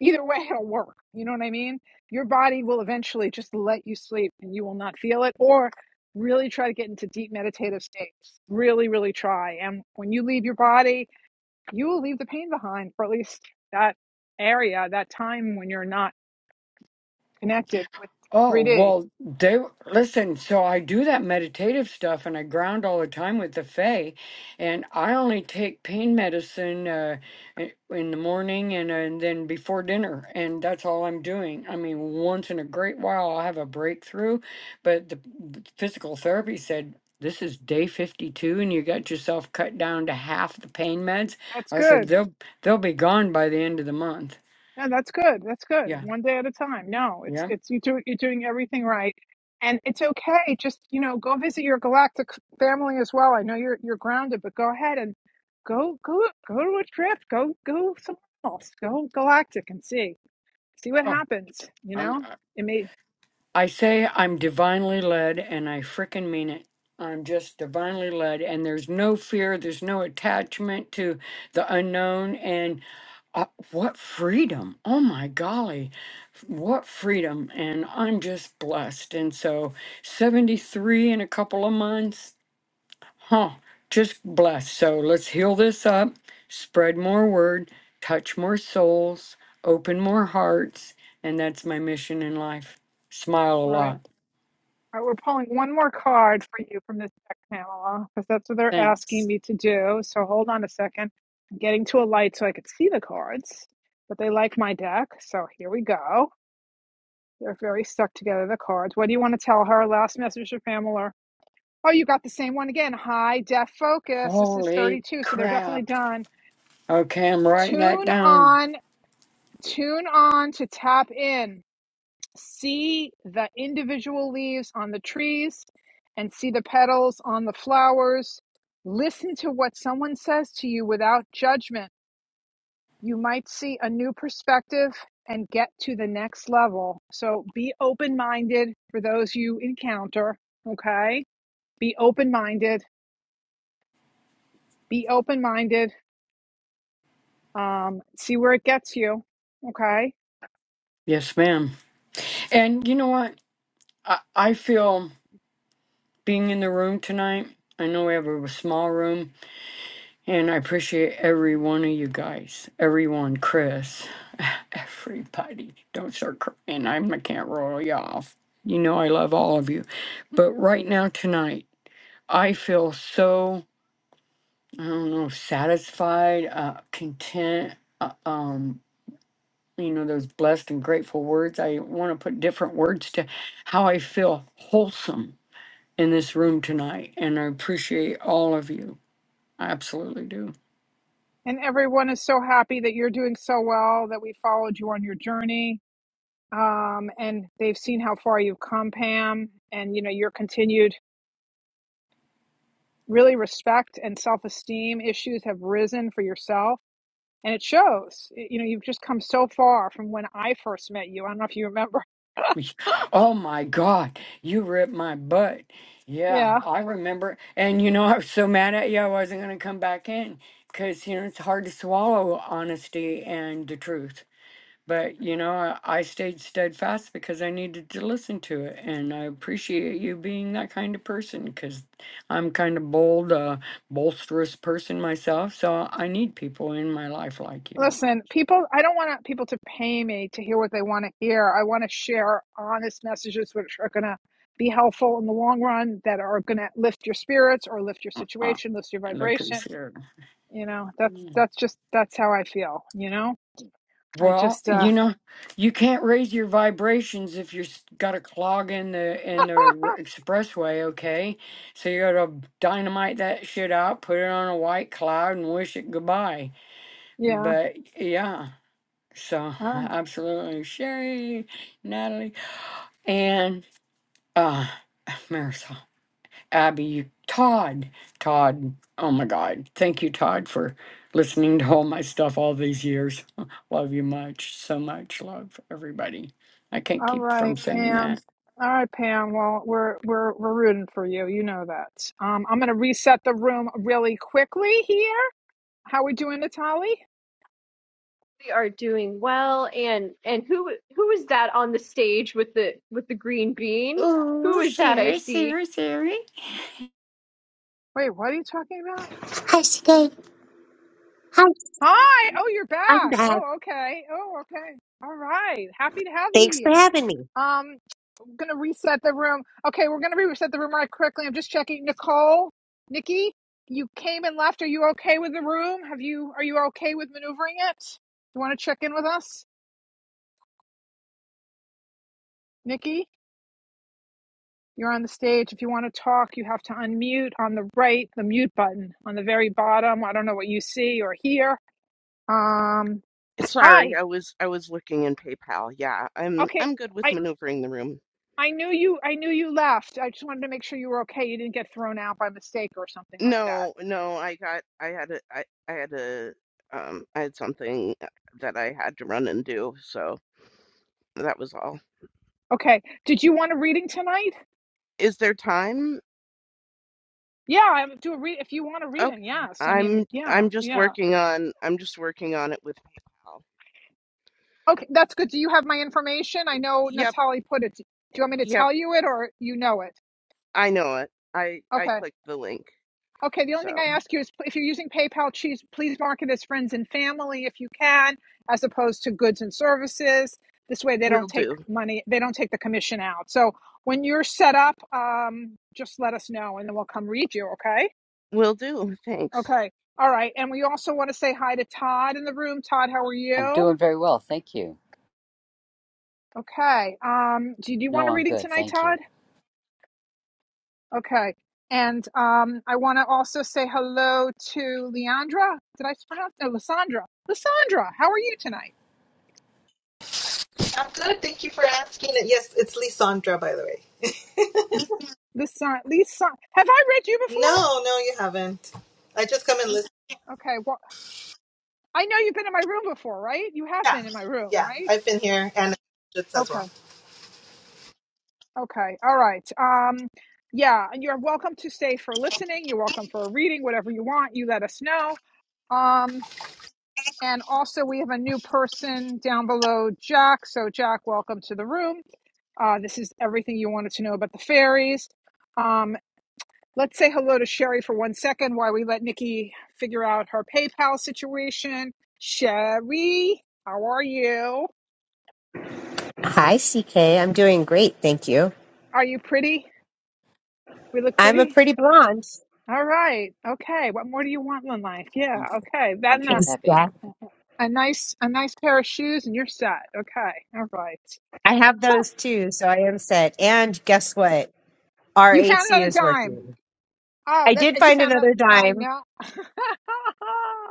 S1: either way it'll work. You know what I mean? Your body will eventually just let you sleep and you will not feel it or really try to get into deep meditative states. Really really try and when you leave your body, you will leave the pain behind for at least that area, that time when you're not connected with
S9: Oh,
S1: 3D.
S9: well, they listen. So I do that meditative stuff and I ground all the time with the Fae. And I only take pain medicine uh, i- in the morning and, uh, and then before dinner. And that's all I'm doing. I mean, once in a great while, I'll have a breakthrough. But the, the physical therapy said, this is day 52 and you got yourself cut down to half the pain meds.
S1: That's
S9: I said,
S1: good.
S9: they'll, they'll be gone by the end of the month.
S1: Yeah, that's good. That's good.
S9: Yeah.
S1: One day at a time. No, it's
S9: Yeah.
S1: it's you do, you're doing everything right, and it's okay. Just you know, go visit your galactic family as well. I know you're you're grounded, but go ahead and go go go to a trip. Go go somewhere else. Go galactic and see see what
S9: Oh,
S1: happens. You
S9: I'm,
S1: know, it may.
S9: I say I'm divinely led, and I frickin' mean it. I'm just divinely led, and there's no fear, there's no attachment to the unknown. And uh, what freedom! Oh my golly, f- what freedom! And I'm just blessed. And so, 73 in a couple of months, huh? Just blessed. So, let's heal this up, spread more word, touch more souls, open more hearts. And that's my mission in life. Smile a
S1: All right.
S9: lot.
S1: All right, we're pulling one more card for you from this deck, Pamela, because that's what they're asking
S9: Thanks.
S1: me to do. So hold on a second. I'm getting to a light so I could see the cards, but they like my deck. So here we go. They're very stuck together, the cards. What do you want to tell her? Last message to Pamela. Oh, you got the same one again. High def focus. This is
S9: Holy
S1: 32, so they're definitely
S9: crap.
S1: done.
S9: Okay, I'm writing that
S1: Tune
S9: down.
S1: on, tune on to tap in. see the individual leaves on the trees and see the petals on the flowers. Listen to what someone says to you without judgment. You might see a new perspective and get to the next level. So be open minded for those you encounter. Okay. Be open minded. Be open minded. Um, see where it gets you. Okay.
S9: Yes, ma'am. And you know what? I, I feel being in the room tonight, I know we have a small room, and I appreciate every one of you guys. Everyone, Chris, everybody. Don't start crying. I'm, I can't roll you off. You know I love all of you. But right now, tonight, I feel so, I don't know, satisfied, uh, content, uh, um, you know those blessed and grateful words i want to put different words to how i feel wholesome in this room tonight and i appreciate all of you i absolutely do
S1: And everyone is so happy that you're doing so well, that we followed you on your journey um, and they've seen how far you've come, Pam, and you know your continued really respect and self-esteem issues have risen for yourself, and it shows. Y- You know, you've just come so far from when I first met you. I don't know if you remember.
S9: oh my god you ripped my butt yeah
S1: Yeah.
S9: i remember and you know i was so mad at you i wasn't going to come back in because you know it's hard to swallow honesty and the truth But you know, I, I stayed steadfast because I needed to listen to it, and I appreciate you being that kind of person because I'm kind of bold, uh, bolsterous person myself. So I need people in my life like you.
S1: Listen, people, I don't want people to pay me to hear what they want to hear. I want to share honest messages which are going to be helpful in the long run that are going to lift your spirits or lift your
S9: Uh,
S1: situation, lift your
S9: like us
S1: vibration.
S9: here.
S1: You know, that's
S9: Mm.
S1: that's just that's how I feel, you know? I
S9: Well,
S1: just uh
S9: you know, you can't raise your vibrations if you've got a clog in the in the r- expressway. Okay, so you got to dynamite that shit out, put it on a white cloud, and wish it goodbye.
S1: yeah.
S9: But yeah. So
S1: Oh,
S9: absolutely Sherry, Natalie, and uh Marisol, Abby, Todd, Todd. Oh my God. Thank you, Todd, for listening to all my stuff all these years. love you much. So much love, everybody. I can't
S1: all
S9: keep from
S1: right,
S9: saying
S1: Pam.
S9: that.
S1: All right, Pam. Well, we're we're we're rooting for you. You know that. Um, I'm gonna reset the room really quickly here. How we doing, Natali?
S12: We are doing well, and and who who is that on the stage with the with the green bean? Who is that I see?
S1: Wait, what are you talking about?
S13: Hi, CK. Hi,
S1: Hi. Oh, you're
S13: I'm
S1: back.
S13: back.
S1: Oh, okay. Oh, okay. All right. Happy to have you
S13: Thanks for
S1: here.
S13: having me.
S1: Um, I'm gonna reset the room. Okay, we're gonna reset the room right quickly. I'm just checking. Nicole, Nikki, you came and left. Are you okay with the room? Have you? Are you okay with maneuvering it? You want to check in with us, Nikki? You're on the stage. If you want to talk, you have to unmute on the right, the mute button on the very bottom. I don't know what you see or hear. Um,
S5: Sorry,
S1: hi.
S5: I was I was looking in PayPal. Yeah, I'm
S1: Okay,
S5: I'm good with
S1: I
S5: maneuvering the room.
S1: I knew you. I knew you left. I just wanted to make sure you were okay. You didn't get thrown out by mistake or something like that.
S5: No, no, I got I had a I I had a um I had something that I had to run and do, so that was all.
S1: Okay. Did you want a reading tonight?
S5: Is there time?
S1: Yeah, I do a read if you want a reading.
S5: Okay.
S1: Yes. I mean,
S5: I'm
S1: yeah,
S5: I'm just
S1: yeah.
S5: working on I'm just working on it with PayPal.
S1: Okay, that's good. Do you have my information? I know
S5: Yep,
S1: Natalie put it. Do you want me to
S5: yep,
S1: tell you it or you know it?
S5: I know it. I I
S1: Okay.
S5: clicked the link.
S1: Okay. The only thing
S5: So,
S1: I ask you is pl- if you're using PayPal, please please mark it as friends and family if you can, as opposed to goods and services. This way, they
S5: will
S1: don't take
S5: do.
S1: money. They don't take the commission out. So when you're set up, um, just let us know, and then we'll come read you. Okay.
S5: Will do. Thanks.
S1: Okay. All right. And we also want to say hi to Todd in the room. Todd, how are
S14: I'm
S1: you?
S14: doing very well, thank you.
S1: Okay. Um, do you, do you
S14: No,
S1: want a
S14: I'm
S1: reading
S14: good,
S1: tonight,
S14: thank you.
S1: Todd? Okay. And um, I want to also say hello to Leandra. Did I pronounce? No, Lissandra. Lissandra, how are you tonight?
S15: I'm good. Thank you for asking. It. Yes, it's Lisandra, by the way.
S1: Lisan, Lisa, have I read you before?
S15: No, no, you haven't. I just come and listen.
S1: Okay. Well, I know you've been in my room before, right? You have
S15: Yeah,
S1: been in my room,
S15: yeah.
S1: right?
S15: I've been here and just as
S1: Okay.
S15: well.
S1: Okay. All right. Um, yeah. And you're welcome to stay for listening. You're welcome for a reading, whatever you want. You let us know Um, and also, we have a new person down below, Jack. So, Jack, welcome to the room. Uh, this is everything you wanted to know about the fairies. Um, let's say hello to Sherry for one second while we let Nikki figure out her PayPal situation. Sherry, how are you?
S13: Hi, CK. I'm doing great. Thank you.
S1: Are you pretty? We look
S13: I'm a
S1: pretty.
S13: pretty blonde.
S1: All right. Okay. What more do you want in life? Yeah.
S14: I'm sure
S1: Okay. That
S14: I'm
S1: and
S14: sure
S1: a,
S14: with happy.
S13: Exactly.
S1: a nice a nice pair of shoes, and you're set. Okay. All right.
S13: I have those too, so I am set. And guess what? Our
S1: You found
S13: AC
S1: another
S13: is
S1: dime.
S13: working.
S1: Oh,
S13: I
S1: that's
S13: did
S1: and you
S13: find
S1: found out.
S13: another
S1: I
S13: dime.
S1: know.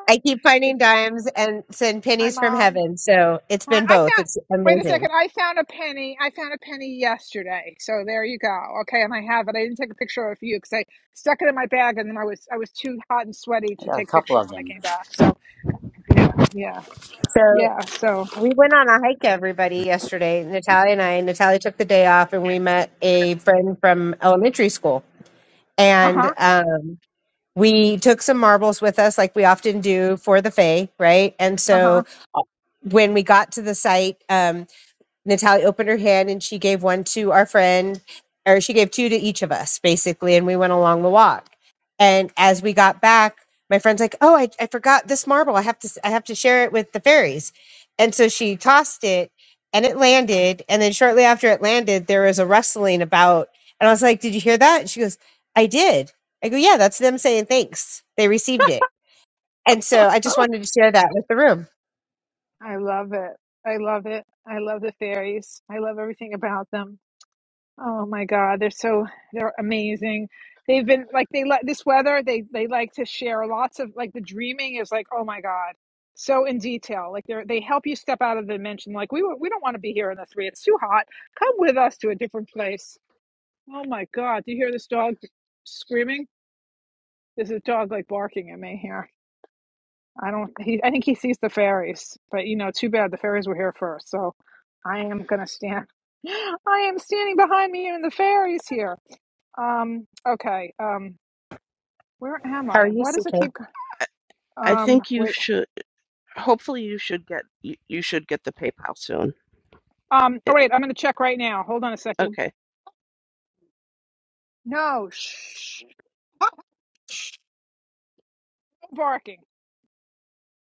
S13: I keep
S1: If-
S13: finding dimes and send
S1: Hi,
S13: pennies from
S1: mom.
S13: heaven. So it's
S1: Hi.
S13: been
S1: I
S13: both.
S1: found.
S13: It's
S1: Wait a
S13: amazing.
S1: second. I found a penny. I found a penny yesterday. So there you go. Okay, and I have it. I didn't take a picture of you because I stuck it in my bag, and then I was I was too hot and sweaty
S14: I
S1: to
S14: got A
S1: take
S14: couple
S1: pictures
S14: of
S1: when I
S14: them,
S1: came back. So yeah,
S13: So
S1: yeah. So
S13: we went on a hike, everybody, yesterday. Natalia and I. Natalia took the day off and we met a friend from elementary school.
S1: uh
S13: And
S1: huh,
S13: um, we took some marbles with us like we often do for the fae right and
S1: uh
S13: so
S1: huh.
S13: when we got to the site um, Natalie opened her hand and she gave one to our friend, or she gave two to each of us, basically. And we went along the walk. And as we got back, my friend's like, "Oh, I, I forgot this marble. I have to s- I have to share it with the fairies." And so she tossed it, and it landed. And then shortly after it landed, there was a rustling about. And I was like, "Did you hear that?" And she goes, "I did." I go, "Yeah, that's them saying thanks. They received it." And so I just wanted to share that with the room.
S1: I love it. I love it. I love the fairies. I love everything about them. Oh my God, they're so they're amazing. They've been like they like this weather. They they like to share lots of like the dreaming is like oh my God, so in detail. Like they they help you step out of the dimension. Like we were- we don't want to be here in the three. It's too hot. Come with us to a different place. Oh my God, do you hear this dog screaming? There's a dog like barking at me here. I don't. He, I think he sees the fairies, but you know, too bad the fairies were here first. So I am gonna stand. I am standing behind me and the fairies here. Um, okay. Um, where am
S13: How are
S1: I?
S13: you,
S1: Why does
S13: CK?
S1: it keep? go-
S5: I
S1: Um,
S5: think you
S1: wait.
S5: should hopefully you should get you, you should get the PayPal soon.
S1: Um, oh
S5: It,
S1: wait, I'm gonna check right now. Hold on a second.
S5: okay.
S1: No, shh, stop barking.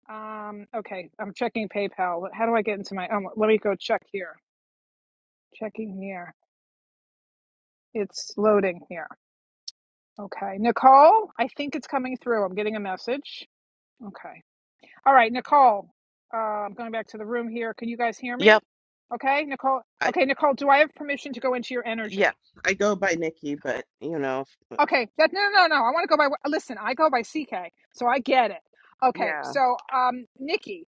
S1: Um, okay, I'm checking PayPal. How do I get into my? Um, let me go check here. Checking here. It's loading here. Okay, Nicole. I think it's coming through. I'm getting a message. Okay. All right, Nicole. Uh, I'm going back to the room here. Can you guys hear
S5: Yep.
S1: me? Okay, Nicole.
S5: I
S1: Okay, Nicole. Do I have permission to go into your energy?
S5: yeah. I go by Nikki, but you know, f-
S1: Okay, that no, no, no. no, I want to go by. Listen, I go by CK, so I get it. Okay,
S5: yeah,
S1: so um, Nikki,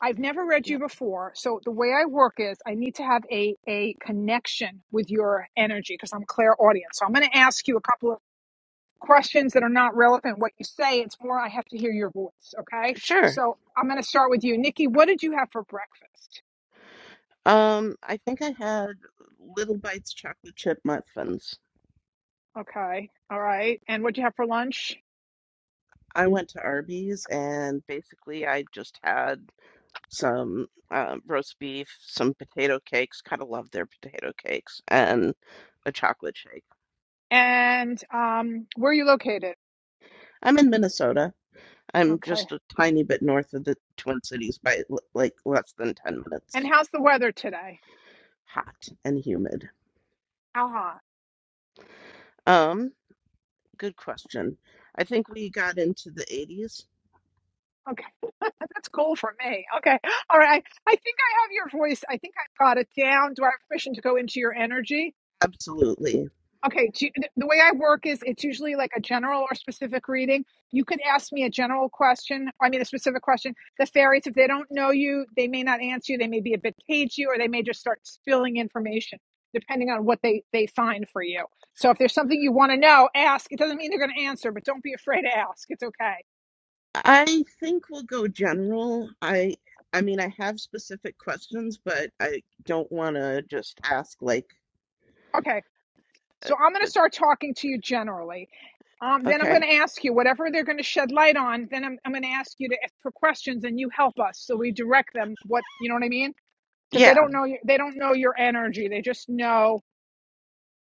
S1: I've never read
S5: yeah,
S1: you before, so the way I work is I need to have a a connection with your energy because I'm clairaudient. So I'm going to ask you a couple of questions that are not relevant what you say. It's more I have to hear your voice. Okay,
S5: sure.
S1: so I'm going to start with you, Nikki. What did you have for breakfast?
S5: Um, I think I had Little Bites chocolate chip muffins.
S1: Okay, all right, and what did you have for lunch?
S5: I went to Arby's and basically I just had some uh, roast beef, some potato cakes. Kind of love their potato cakes and a chocolate shake.
S1: And um, where are you located?
S5: I'm in Minnesota. I'm
S1: Okay,
S5: just a tiny bit north of the Twin Cities by l- like less than 10
S1: and
S5: minutes.
S1: how's the weather today?
S5: Hot and humid.
S1: Uh-huh.
S5: Um. Good question. I think we got into the 80s.
S1: Okay. That's cool for me. Okay. All right. I think I have your voice. I think I've got it down. Do I have permission to go into your energy?
S5: Absolutely.
S1: Okay. Do, the the way I work is it's usually like a general or specific reading. You could ask me a general question. I mean, a specific question. The fairies, if they don't know you, they may not answer you. They may be a bit cagey or they may just start spilling information depending on what they, they find for you. So if there's something you want to know, ask. It doesn't mean they're going to answer, but don't be afraid to ask. It's okay.
S5: I think we'll go general. I I mean, I have specific questions, but I don't want to just ask like
S1: Okay.
S5: uh,
S1: So I'm going
S5: uh,
S1: to start talking to you generally. Um, then I'm
S5: okay.
S1: going to ask you whatever they're going to shed light on. Then I'm, I'm going to ask you to ask for questions, and you help us so we direct them. What you know what I mean? Because they
S5: Yeah.
S1: don't know you. they don't know your energy. They just know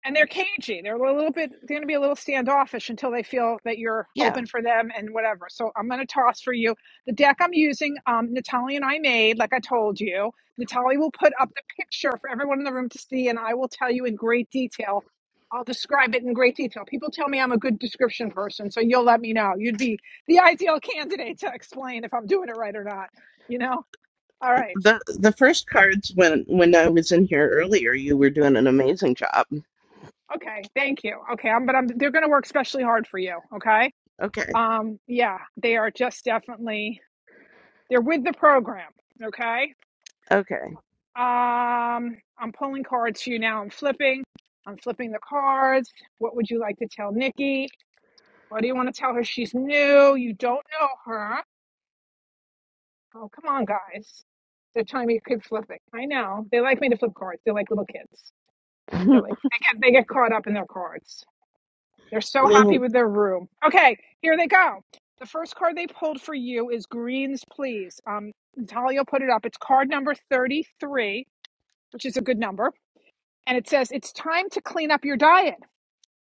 S1: and they're cagey. They're a little bit. They're going to be a little standoffish until they feel that you're
S5: Yeah.
S1: open for them and whatever. So I'm going to toss for you the deck I'm using. Um, Natalie and I made, like I told you. Natalie will put up the picture for everyone in the room to see, and I will tell you in great detail. I'll describe it in great detail. People tell me I'm a good description person, so you'll let me know. You'd be the ideal candidate to explain if I'm doing it right or not. You know. All right.
S5: The the first cards when when I was in here earlier, you were doing an amazing job.
S1: Okay. Thank you. Okay. I'm. But I'm. They're going to work especially hard for you. Okay.
S5: Okay.
S1: Um, yeah, they are just definitely they're with the program. Okay.
S5: Okay.
S1: Um, I'm pulling cards for you now. I'm flipping. I'm flipping the cards. What would you like to tell Nikki? What do you want to tell her? She's new. You don't know her. Oh, come on, guys. They're telling me to keep flipping. I know. They like me to flip cards. They're like little kids. They're like they get they get caught up in their cards. They're so happy
S5: Little.
S1: with their room. Okay, here they go. The first card they pulled for you is Greens Please. Um, Natalia put it up. It's card number 33, which is a good number. And it says, It's time to clean up your diet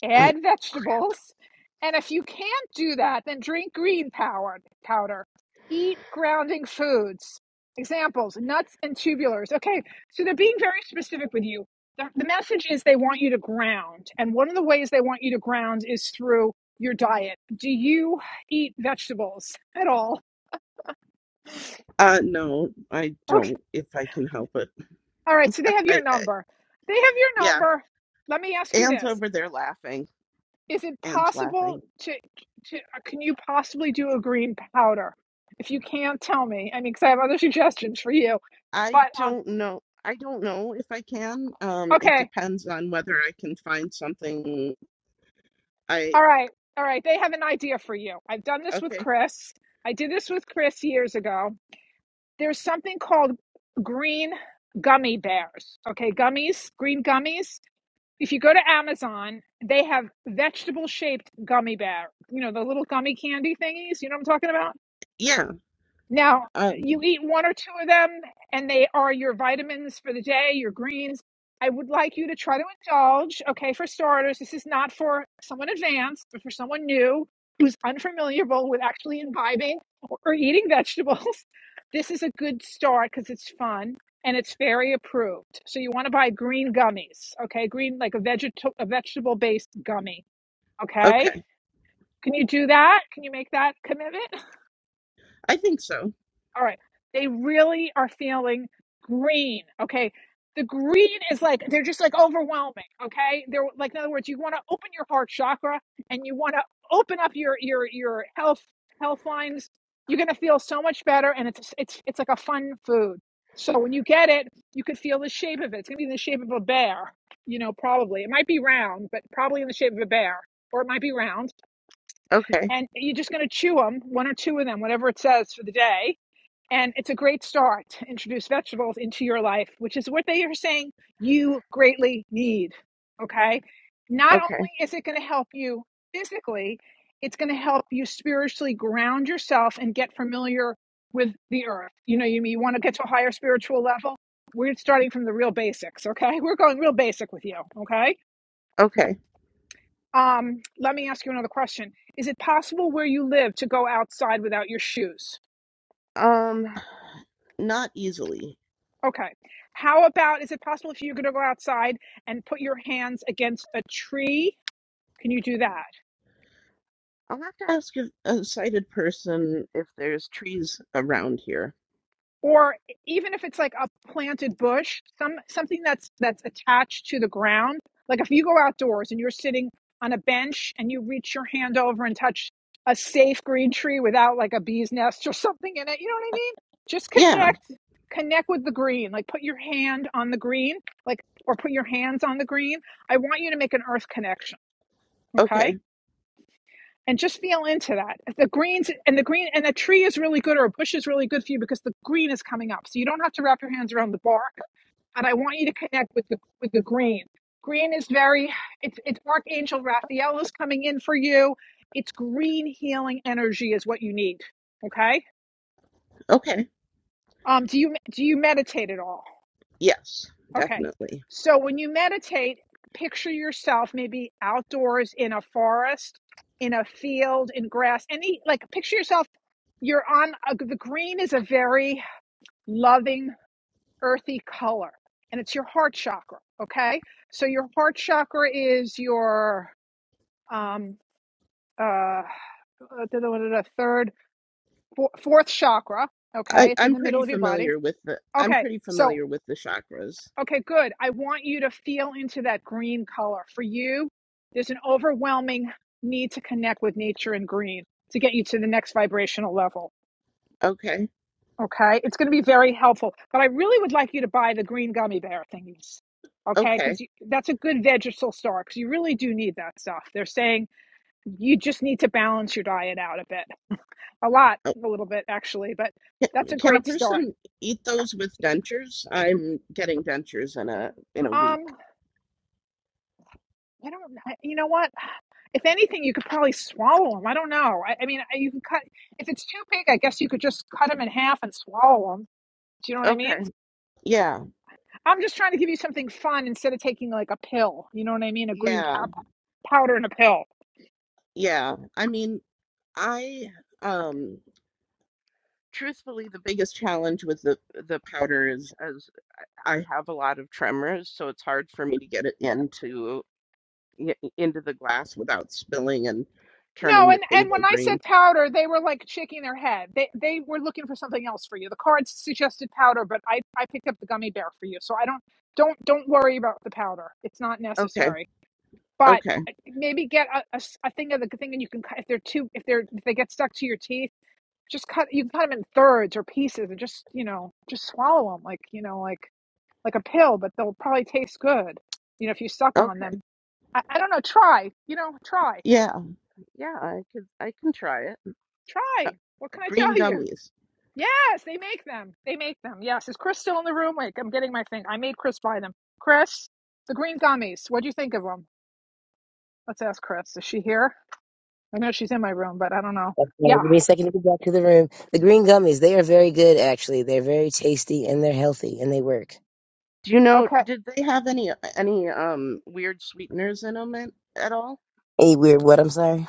S1: add vegetables. And if you can't do that, then drink green power, powder. Eat grounding foods. Examples nuts and tubulars. Okay, so they're being very specific with you. The, the message is they want you to ground. And one of the ways they want you to ground is through your diet. Do you eat vegetables at all?
S5: uh no, I
S1: Okay,
S5: don't if I can help it.
S1: all right, so they have your
S5: I, I
S1: number. They have your
S5: yeah,
S1: number. Let me ask you
S5: Anne's
S1: this
S5: over there laughing.
S1: is it
S5: Anne's laughing.
S1: possible to to uh, can you possibly do a green powder? If you can't tell me, I mean, because I have other suggestions for you.
S5: I
S1: But um,
S5: don't know. I don't know if I can. Um, it
S1: okay,
S5: depends on whether I can find something. I
S1: all right, all right. They have an idea for you. I've done this with
S5: okay.
S1: Chris. I did this with Chris years ago. There's something called green gummy bears. Okay, gummies, green gummies. If you go to Amazon, they have vegetable shaped gummy bear. You know the little gummy candy thingies. You know what I'm talking about?
S5: Yeah.
S1: Now,
S5: Um,
S1: you eat one or two of them, and they are your vitamins for the day, your greens. I would like you to try to indulge, okay, for starters. This is not for someone advanced, but for someone new who's unfamiliar with actually imbibing or eating vegetables. This is a good start because it's fun and it's very approved. So you want to buy green gummies, okay? Green, like a, veget- a vegetable based gummy, okay?
S5: okay.
S1: Can you do that? Can you make that commitment?
S5: I think so.
S1: All right. They really are feeling green. Okay. The green is like, they're just like overwhelming. Okay. They're like, in other words, you want to open your heart chakra and you want to open up your, your, your health, health lines. You're going to feel so much better. And it's, it's, it's like a fun food. So when you get it, you could feel the shape of it. It's going to be in the shape of a bear, you know, probably. It might be round, but probably in the shape of a bear, or it might be round.
S5: Okay.
S1: And you're just going to chew them, one or two of them, whatever it says for the day and it's a great start to introduce vegetables into your life, which is what they are saying you greatly need. Okay. Not only
S5: Okay.
S1: is it going to help you physically, it's going to help you spiritually ground yourself and get familiar with the earth. You know, you, you want to get to a higher spiritual level. We're starting from the real basics. Okay. We're going real basic with you. Okay.
S5: Okay.
S1: Um, let me ask you another question. Is it possible where you live to go outside without your shoes?
S5: Um, not easily.
S1: Okay. How about is it possible if you're going to go outside and put your hands against a tree? Can you do that?
S5: I'll have to ask a, a sighted person if there's trees around here.
S1: Or e, even if it's like a planted bush, some something that's that's attached to the ground. Like if you go outdoors and you're sitting on a bench and you reach your hand over and touch a safe green tree without like a bee's nest or something in it, you know what I mean? Just
S5: Yeah.
S1: connect connect with the green. Like put your hand on the green, like or put your hands on the green. I want you to make an earth connection, okay?
S5: Okay.
S1: and just feel into that. The greens and the green and a tree is really good or a bush is really good for you because the green is coming up. So you don't have to wrap your hands around the bark. And I want you to connect with the with the green. Green is very it's it's Archangel Raphael is coming in for you. It's green healing energy is what you need. Okay.
S5: Okay.
S1: Um, do you do you meditate at all?
S5: Yes,
S1: Okay.
S5: definitely.
S1: So when you meditate, picture yourself maybe outdoors in a forest, in a field, in grass, any like picture yourself, you're on a, the green is a very loving, earthy color, and it's your heart chakra. Okay. So your heart chakra is your, um, uh, the da, third, four, fourth chakra. Okay.
S5: I,
S1: It's in
S5: I'm
S1: the middle
S5: pretty
S1: of your body.
S5: familiar with the I'm
S1: Okay.
S5: pretty
S1: So
S5: familiar with the chakras.
S1: Okay, good. I want you to feel into that green color. For you, there's an overwhelming need to connect with nature and green to get you to the next vibrational level.
S5: Okay.
S1: Okay, it's going to be very helpful. But I really would like you to buy the green gummy bear thingies. Okay,
S5: Okay.
S1: because that's a good vegetable store because you really do need that stuff. They're saying you just need to balance your diet out a bit, a lot, a little bit actually, but
S5: Can,
S1: that's a
S5: can a
S1: great start.
S5: person eat those with dentures? I'm getting dentures in a in a
S1: Um.
S5: week.
S1: I don't. I, you know what? If anything, you could probably swallow them. I don't know. I, I mean, you can cut. If it's too big, I guess you could just cut them in half and swallow them. Do you know what I mean?
S5: Okay. Yeah.
S1: I'm just trying to give you something fun instead of taking like a pill. You know what I mean? A green
S5: Yeah.
S1: powder and a pill.
S5: Yeah. I mean, I um truthfully the biggest challenge with the the powder is as I have a lot of tremors, so it's hard for me to get it into i- into the glass without spilling and
S1: No,
S5: turning the
S1: and and
S5: table
S1: when I
S5: green.
S1: said powder, they were like shaking their head. They they were looking for something else for you. The cards suggested powder, but I I picked up the gummy bear for you. So I don't don't don't worry about the powder. It's not
S5: Okay.
S1: necessary. but
S5: Okay.
S1: maybe get a a a thing of the thing and you can cut if they're too if they're if they get stuck to your teeth just cut you can cut them in thirds or pieces and just you know just swallow them like you know like like a pill but they'll probably taste good you know if you suck on
S5: Okay.
S1: them i, I don't know try you know try
S5: Yeah. Yeah, I could I can try it. Uh,
S1: try what can i
S5: green
S1: tell you
S5: gummies.
S1: yes they make them they make them yes is chris still in the room like i'm getting my thing i made chris buy them chris the green gummies what do you think of them let's ask chris is she here i know she's in my room but i don't know
S4: Okay,
S1: yeah
S4: give me a second to get back to the room. The green gummies, they are very good, actually. They're very tasty and they're healthy and they work.
S5: Do you know,
S1: Okay.
S5: did they have any uh, any um weird sweeteners in them at, at all?
S4: Any weird what? I'm sorry.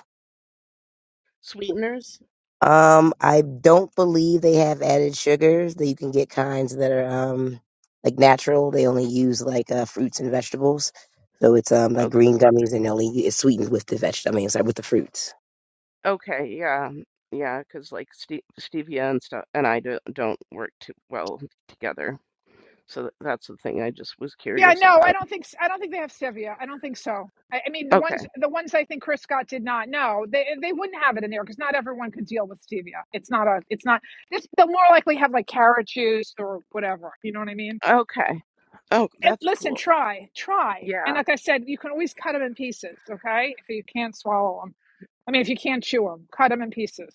S5: Sweeteners?
S4: Um, I don't believe they have added sugars. That you can get kinds that are um like natural. They only use like uh, fruits and vegetables. So it's um like
S5: Okay,
S4: green gummies and only it's sweetened with the vegetables. I mean, sorry, with the fruits.
S5: okay, yeah. Yeah, 'cause like ste stevia and stuff and I do, not don't work too well together. So th- that's the thing I just was
S1: Yeah,
S5: curious
S1: no, I
S5: about.
S1: don't think s- I don't think they have stevia. I don't think so. I, I mean, the
S5: Okay.
S1: ones the ones I think Chris Scott did not. No, they they wouldn't have it in there because not everyone could deal with stevia. It's not a. It's not. This, they'll more likely have like carrot juice or whatever. You know what I mean?
S5: Okay. Oh,
S1: And
S5: that's
S1: listen,
S5: cool.
S1: try, try. And
S5: Yeah.
S1: like I said, you can always cut them in pieces. Okay, if you can't swallow them. I mean, if you can't chew them, cut them in pieces.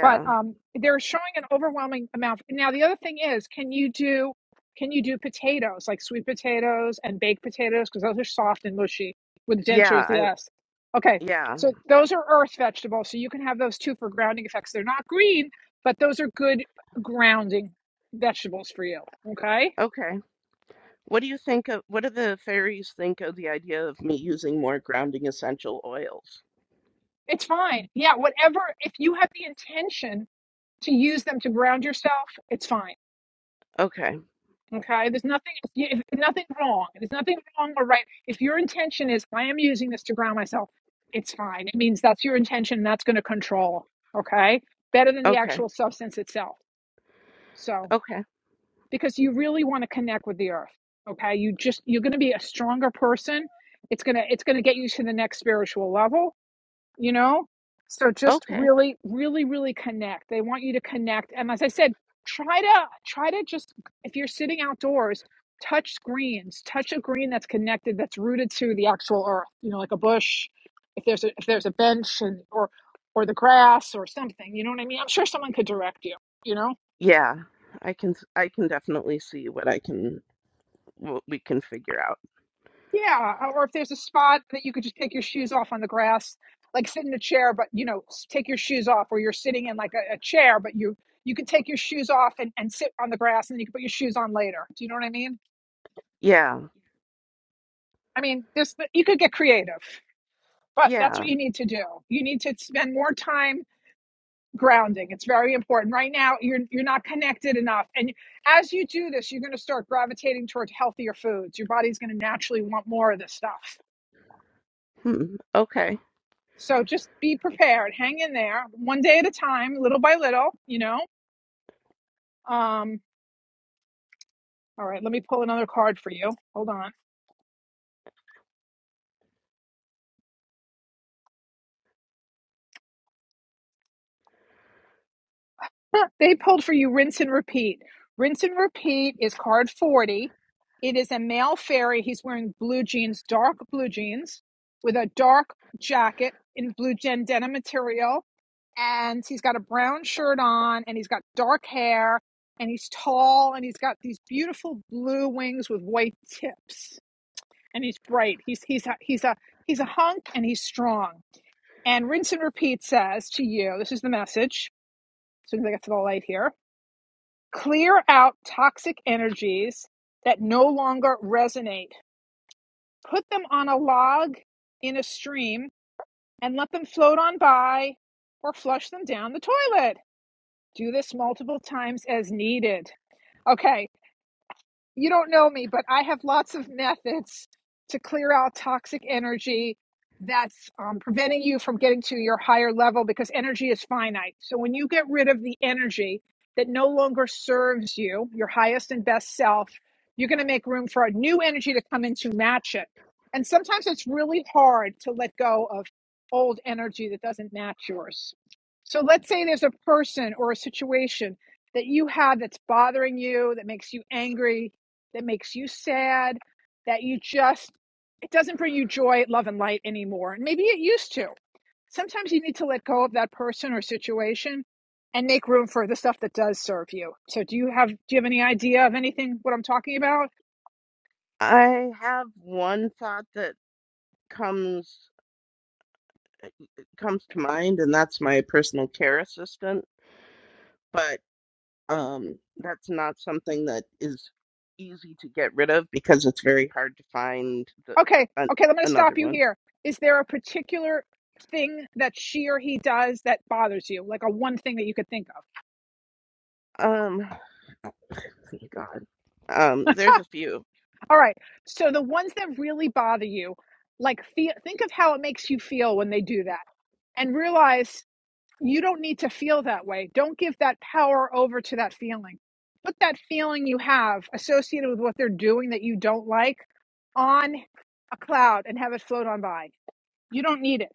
S1: but um, they're showing an overwhelming amount. Now, the other thing is, can you do can you do potatoes like sweet potatoes and baked potatoes because those are soft and mushy with
S5: Yeah,
S1: dentures?
S5: I
S1: Yes. Okay,
S5: yeah.
S1: so those are earth vegetables, so you can have those too for grounding effects. They're not green, but those are good grounding vegetables for you. Okay,
S5: Okay. What do you think of what do the fairies think of the idea of me using more grounding essential oils?
S1: it's fine. Yeah, whatever. If you have the intention to use them to ground yourself, it's fine
S5: Okay.
S1: Okay, there's nothing if- nothing wrong. There's nothing wrong or right. If your intention is I am using this to ground myself, it's fine. It means that's your intention. That's going to control. Okay, better than the
S5: Okay.
S1: actual substance itself. So
S5: Okay.
S1: because you really want to connect with the earth. Okay, you just you're going to be a stronger person. It's gonna it's gonna get you to the next spiritual level you know? So just
S5: Okay.
S1: really, really, really connect. They want you to connect. And as I said, try to try to just if you're sitting outdoors, touch greens, touch a green that's connected, that's rooted to the actual earth, you know, like a bush. If there's a if there's a bench and or or the grass or something, you know what I mean? I'm sure someone could direct you, you know?
S5: Yeah, I can s- I can definitely see what I can what we can figure out.
S1: Yeah, uh, or if there's a spot that you could just take your shoes off on the grass, like sit in a chair, but you know, s- take your shoes off, or you're sitting in like a, a chair, but you you can take your shoes off and, and sit on the grass, and then you can put your shoes on later. Do you know what I mean?
S5: Yeah.
S1: I mean, there's but you could get creative, but that's
S5: Yeah.
S1: what you need to do. You need to spend more time grounding. It's very important. Right now, you're you're not connected enough, and as you do this, you're going to start gravitating toward healthier foods. Your body's going to naturally want more of this stuff
S5: Hmm. Okay.
S1: So just be prepared. Hang in there, one day at a time, little by little. You know. Um, all right, let me pull another card for you. Hold on. they pulled for you. Rinse and repeat. Rinse and repeat is card forty. It is a male fairy. He's wearing blue jeans, dark blue jeans, with a dark jacket in blue gen denim material, and he's got a brown shirt on, and he's got dark hair, and he's tall, and he's got these beautiful blue wings with white tips and he's bright. He's he's a, he's a he's a hunk and he's strong. And rinse and repeat says to you, this is the message. As soon as I get to the light here, clear out toxic energies that no longer resonate. Put them on a log in a stream and let them float on by or flush them down the toilet. Do this multiple times as needed. Okay, you don't know me, but I have lots of methods to clear out toxic energy that's um, preventing you from getting to your higher level because energy is finite. So when you get rid of the energy that no longer serves you, your highest and best self, you're going to make room for a new energy to come in to match it. And sometimes it's really hard to let go of old energy that doesn't match yours. So let's say there's a person or a situation that you have that's bothering you, that makes you angry, that makes you sad, that you just, it doesn't bring you joy, love, and light anymore. And maybe it used to. Sometimes you need to let go of that person or situation and make room for the stuff that does serve you. So do you have do you have any idea of anything what I'm talking about?
S5: I have one thought that comes eh, eh, comes to mind and that's my personal care assistant, but um that's not something that is easy to get rid of because it's very hard to find the
S1: Okay,
S5: an,
S1: okay, I'm going to
S5: another
S1: stop you
S5: one.
S1: here. Is there a particular thing that she or he does that bothers you? Like a one thing that you could think of.
S5: Um oh, thank God. Um there's a few.
S1: All right. So the ones that really bother you, like feel, think of how it makes you feel when they do that and realize You don't need to feel that way. Don't give that power over to that feeling. Put that feeling you have associated with what they're doing that you don't like on a cloud and have it float on by. You don't need it.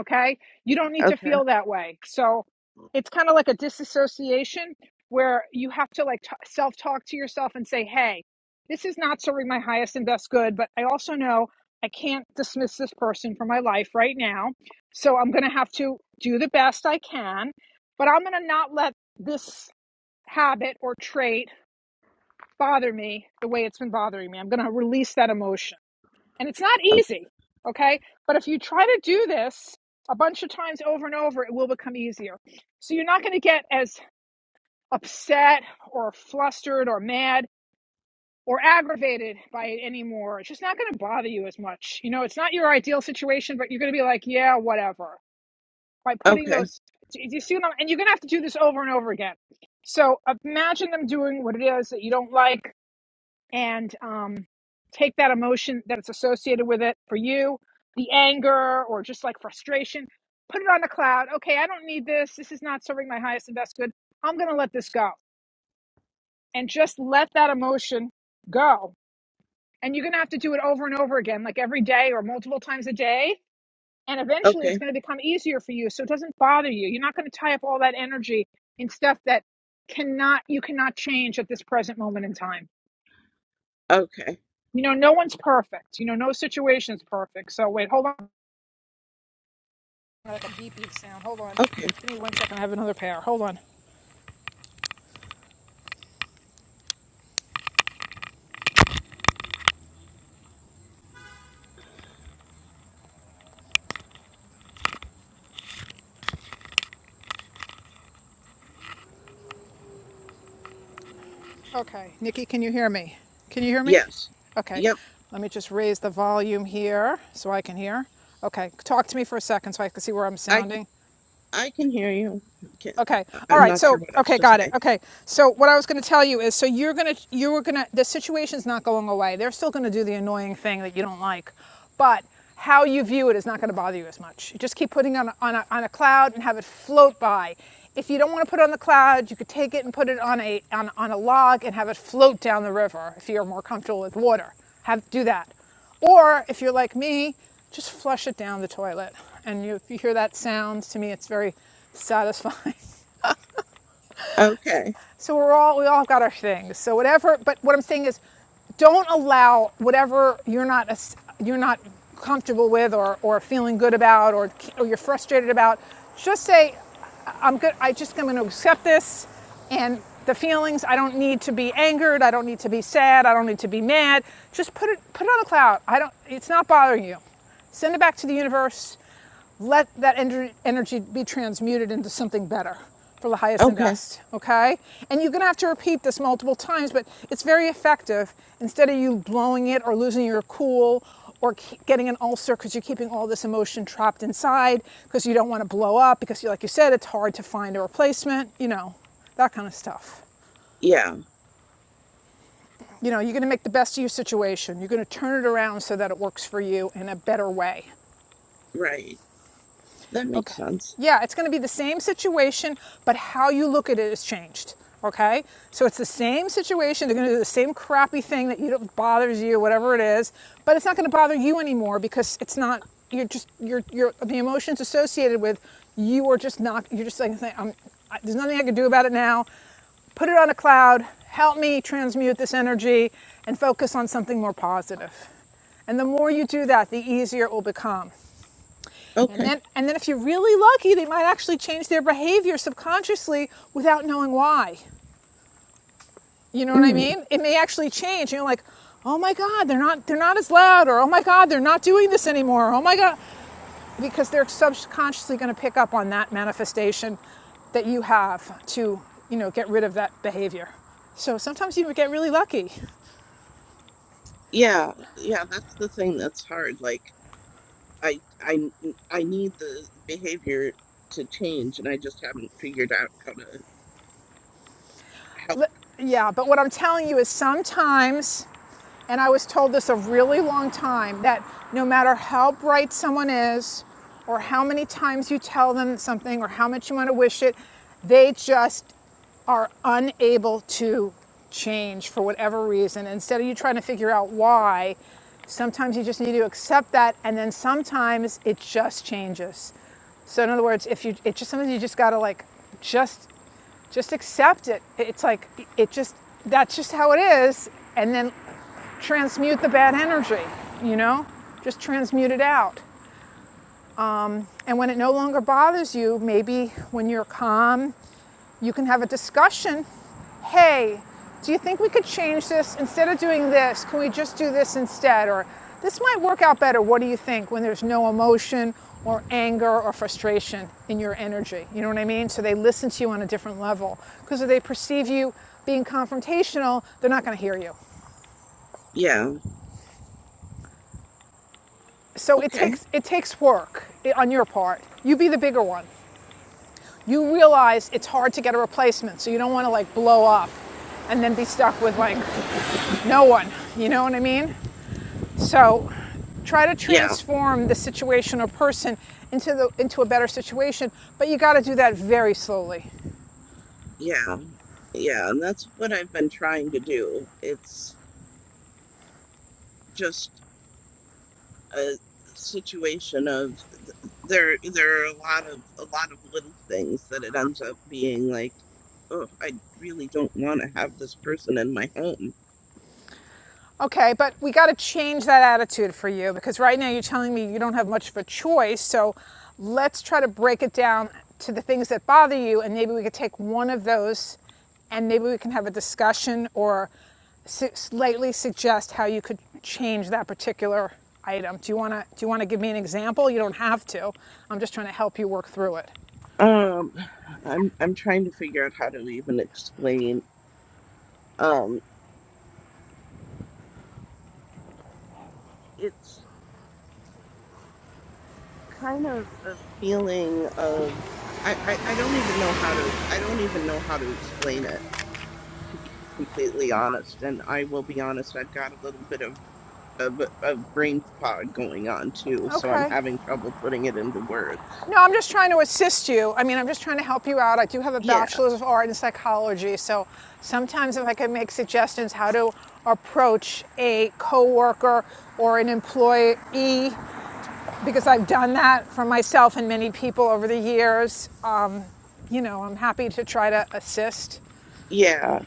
S1: Okay. You don't need to
S5: Okay.
S1: feel that way. So it's kind of like a disassociation where you have to like t- self talk to yourself and say, hey, this is not serving my highest and best good, but I also know I can't dismiss this person from my life right now. So I'm going to have to do the best I can, but I'm going to not let this habit or trait bother me the way it's been bothering me. I'm going to release that emotion. And it's not easy, okay? But if you try to do this a bunch of times over and over, it will become easier. So you're not going to get as upset or flustered or mad or aggravated by it anymore. It's just not going to bother you as much. You know, it's not your ideal situation, but you're going to be like, yeah, whatever. By putting
S5: Okay.
S1: those, do you see what I'm, and you're going to have to do this over and over again. So imagine them doing what it is that you don't like and um, take that emotion that's associated with it for you, the anger or just like frustration, put it on the cloud. Okay, I don't need this. This is not serving my highest and best good. I'm going to let this go. And just let that emotion go. And you're going to have to do it over and over again, like every day or multiple times a day. And eventually it's
S5: Okay.
S1: going to become easier for you. So it doesn't bother you. You're not going to tie up all that energy in stuff that cannot, you cannot change at this present moment in time.
S5: Okay.
S1: You know, no one's perfect. You know, no situation is perfect. So wait, hold on. Like a beep beep sound. Hold on.
S5: Okay.
S1: Give me one second. I have another pair. Hold on. Okay, Nikki, can you hear me? Can you hear me?
S5: Yes.
S1: Okay.
S5: Yep.
S1: Let me just raise the volume here so I can hear. Okay, talk to me for a second so I can see where I'm
S5: I can,
S1: sounding.
S5: I can hear you. Can, I,
S1: Okay.
S5: I-
S1: All
S5: I'm
S1: right.
S5: not sure
S1: So,
S5: what else
S1: okay,
S5: to
S1: got it.
S5: say.
S1: Okay. So, what I was going to tell you is so you're going to you were going to the situation's not going away. They're still going to do the annoying thing that you don't like. But how you view it is not going to bother you as much. You just keep putting it on a, on a, on a cloud and have it float by. If you don't want to put it on the cloud, you could take it and put it on a on, on a log and have it float down the river if you're more comfortable with water. Have do that. Or if you're like me, just flush it down the toilet. And you, if you hear that sound, to me, it's very satisfying.
S5: Okay.
S1: So we're all we all got our things. So whatever. But what I'm saying is, don't allow whatever you're not as- you're not comfortable with or, or feeling good about or, or you're frustrated about. Just say, I'm good. I just I'm going to accept this, and the feelings. I don't need to be angered. I don't need to be sad. I don't need to be mad. Just put it put it on the cloud. I don't. It's not bothering you. Send it back to the universe let that energy be transmuted into something better for the highest and
S5: Okay.
S1: best, okay? And you're gonna have to repeat this multiple times, but it's very effective. Instead of you blowing it or losing your cool or getting an ulcer because you're keeping all this emotion trapped inside because you don't wanna blow up because, you, like you said, it's hard to find a replacement, you know, that kind of stuff.
S5: Yeah.
S1: You know, you're gonna make the best of your situation. You're gonna turn it around so that it works for you in a better way.
S5: Right. That makes
S1: Okay.
S5: sense.
S1: Yeah, it's going to be the same situation, but how you look at it has changed. Okay? So it's the same situation. They're going to do the same crappy thing that you don't bothers you, whatever it is, but it's not going to bother you anymore because it's not you're just you're you're the emotions associated with you are just not you're just like I'm I, there's nothing I can do about it now. Put it on a cloud. Help me transmute this energy and focus on something more positive. And the more you do that, the easier it will become. And
S5: Okay.
S1: then, and then if you're really lucky, they might actually change their behavior subconsciously without knowing why. You know what I
S5: Mm.
S1: mean? It may actually change. You're like, oh my God, they're not, they're not as loud, or oh my God, they're not doing this anymore. Oh my God, because they're subconsciously going to pick up on that manifestation that you have to, you know, get rid of that behavior. So sometimes you would get really lucky.
S5: Yeah. Yeah. That's the thing that's hard. Like I I n- I need the behavior to change, and I just haven't figured out how to help.
S1: Yeah, but what I'm telling you is sometimes, and I was told this a really long time, that no matter how bright someone is, or how many times you tell them something, or how much you want to wish it, they just are unable to change for whatever reason. Instead of you trying to figure out why, sometimes you just need to accept that, and then sometimes it just changes. So in other words, if you, it just sometimes you just gotta like, just just accept it. It's like, it just, that's just how it is. And then transmute the bad energy, you know? Just transmute it out. And when it no longer bothers you, maybe when you're calm, you can have a discussion. Hey, do you think we could change this? Instead of doing this, can we just do this instead? Or this might work out better. What do you think when there's no emotion or anger or frustration in your energy? You know what I mean? So they listen to you on a different level. Because if they perceive you being confrontational, they're not going to hear you.
S5: Yeah.
S1: So it
S5: Okay.
S1: takes, it takes work eh, on your part. You be the bigger one. you realize it's hard to get a replacement, so you don't want to like blow up and then be stuck with like no one. You know what I mean? So try to
S5: Yeah.
S1: transform the situation or person into the into a better situation, but you got to do that very slowly.
S5: Yeah. Yeah. And that's what I've been trying to do. It's just. a situation of th- there there are a lot of a lot of little things that it ends up being like oh i really don't want to have this person in my home
S1: Okay, but we got to change that attitude for you because right now you're telling me you don't have much of a choice. So let's try to break it down to the things that bother you, and maybe we could take one of those and maybe we can have a discussion or slightly suggest how you could change that particular item. Do you want to do you want to give me an example? You don't have to. I'm just trying to help you work through it.
S5: um i'm i'm trying to figure out how to even explain um it's kind of a feeling of I, I I don't even know how to I don't even know how to explain it to be completely honest and I will be honest I've got a little bit of of, of brain fog going on too so I'm
S1: Okay.
S5: having trouble putting it into words
S1: No, I'm just trying to assist you. I mean, I'm just trying to help you out. I do have a
S5: yeah
S1: bachelor's of art in psychology, so sometimes if I could make suggestions how to approach a coworker or an employee, because I've done that for myself and many people over the years, uh, you know, I'm happy to try to assist.
S5: yeah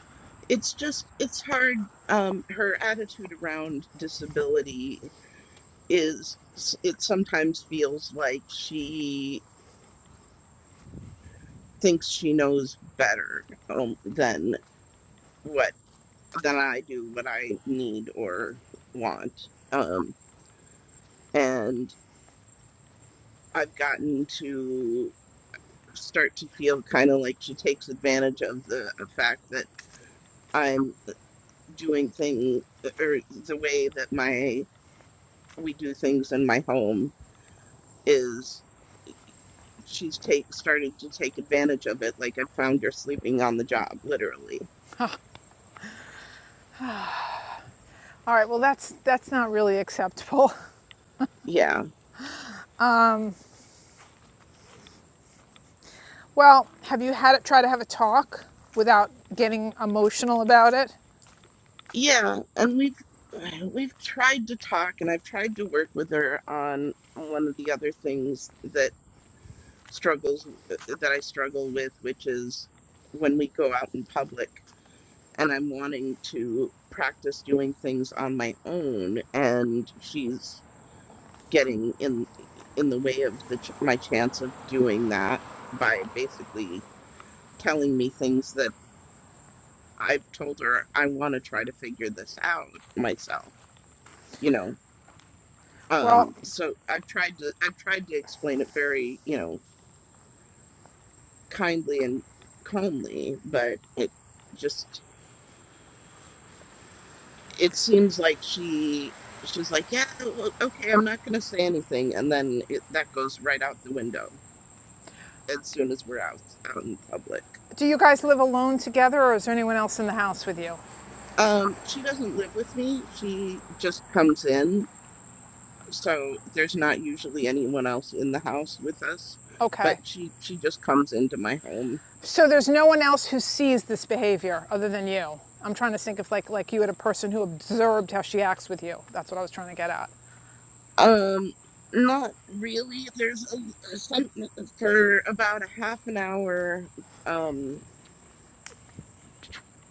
S5: it's just it's hard um her attitude around disability is s- it sometimes feels like she thinks she knows better um, than what that I do what I need or want. Um, and I've gotten to start to feel kind of like she takes advantage of the fact that I'm uh, doing thing uh, or the way that my we do things in my home is she's take started to take advantage of it. Like I found you're sleeping on the job, literally.
S1: All right, well, that's that's not really acceptable.
S5: Yeah.
S1: Well, have you had it try to have a talk without getting emotional about it?
S5: Yeah, and we've we've tried to talk, and I've tried to work with her on on one of the other things that struggles uh, that I struggle with, which is when we go out in public and I'm wanting to practice doing things on my own, and she's getting in in the way of the ch- my chance of doing that by basically telling me things that I've told her I want to try to figure this out myself, you know
S1: Well,
S5: um so i've tried to i've tried to explain it very you know kindly and calmly but it just it seems like she she's like yeah o- okay i'm not going to say anything and then it, that goes right out the window as soon as we're out out in public
S1: Do you guys live alone together or is there anyone else in the house with you?
S5: um she doesn't live with me she just comes in so there's not usually anyone else in the house with us but
S1: Okay.
S5: she she just comes into my home
S1: So there's no one else who sees this behavior other than you. I'm trying to think if like like you had a person who observed how she acts with you. That's what I was trying to get at.
S5: Um, not really. There's a, some for about a half an hour, um,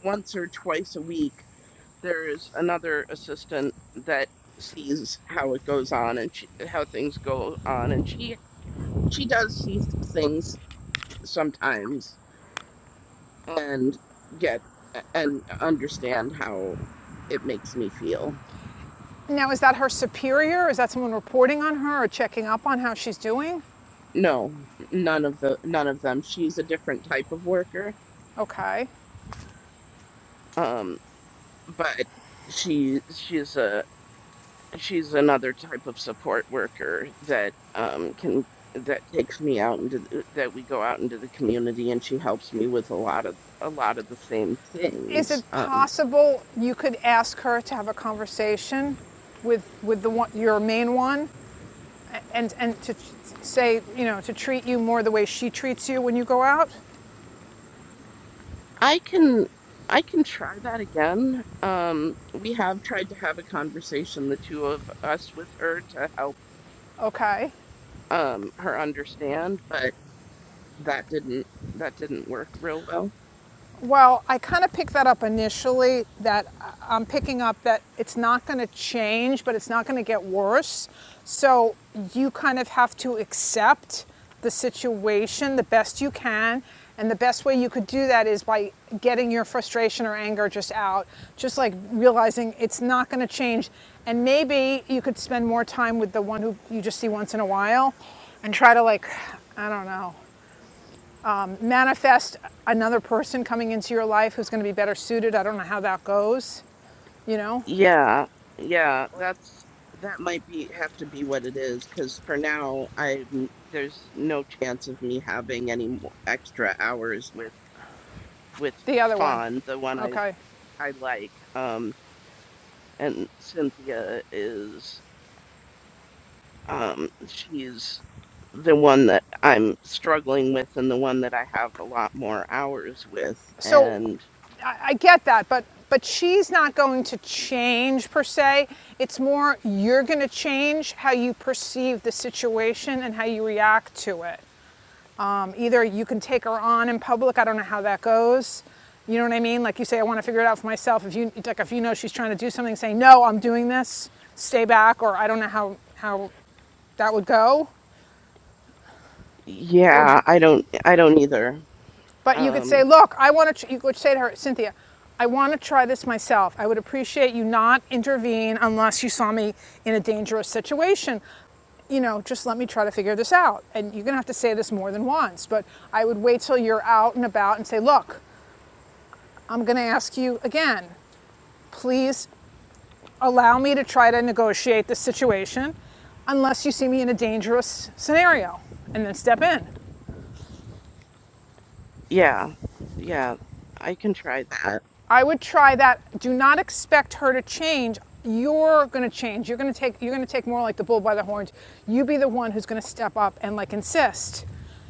S5: once or twice a week. There's another assistant that sees how it goes on and she, how things go on, and she she does see things sometimes and get and understand how it makes me feel.
S1: Now is that her superior? Is that someone reporting on her or checking up on how she's doing?
S5: No, none of the none of them. She's a different type of worker.
S1: Okay.
S5: Um. but she she's a she's another type of support worker that um can that takes me out into the, that we go out into the community and she helps me with a lot of a lot of the same
S1: Is it
S5: things um
S1: possible you could ask her to have a conversation with with the one your main one and and to say, you know, to treat you more the way she treats you when you go out?
S5: i can i can try that again um we have tried to have a conversation the two of us with her to help
S1: Okay.
S5: um her understand but that didn't that didn't work real well
S1: Well, I kind of picked that up initially that I- am picking up that it's not going to change, but it's not going to get worse. So you kind of have to accept the situation the best you can. And the best way you could do that is by getting your frustration or anger just out, just like realizing it's not going to change. And maybe you could spend more time with the one who you just see once in a while and try to, like, I don't know, manifest another person coming into your life who's going to be better suited. I don't know how that goes, you know?
S5: Yeah, yeah, that's that might be have to be what it is because for now I there's no chance of me having any mo- extra hours with with
S1: The other one.
S5: Fawn, the one I
S1: Okay.
S5: I like. Um, and Cynthia is um she's the one that I'm struggling with and the one that I have a lot more hours with.
S1: So
S5: And
S1: I, I get that, but but she's not going to change per se. It's more you're going to change how you perceive the situation and how you react to it. Um, either you can take her on in public. I don't know how that goes. You know what I mean? Like you say, I want to figure it out for myself. If you like, if you know she's trying to do something, say no, I'm doing this. Stay back, or I don't know how how that would go. Or,
S5: yeah, I don't I don't either.
S1: but you could say,
S5: Um,
S1: look, I want to, you could say to her, Cynthia, I want to try this myself. I would appreciate you not intervene unless you saw me in a dangerous situation. You know, just let me try to figure this out. And you're going to have to say this more than once, but I would wait till you're out and about and say, look, I'm going to ask you again. Please allow me to try to negotiate this situation unless you see me in a dangerous scenario and then step in.
S5: yeah. Yeah, I can try that.
S1: I would try that. Do not expect her to change. You're going to change. You're going to take you're going to take more like the bull by the horns. You be the one who's going to step up and like insist.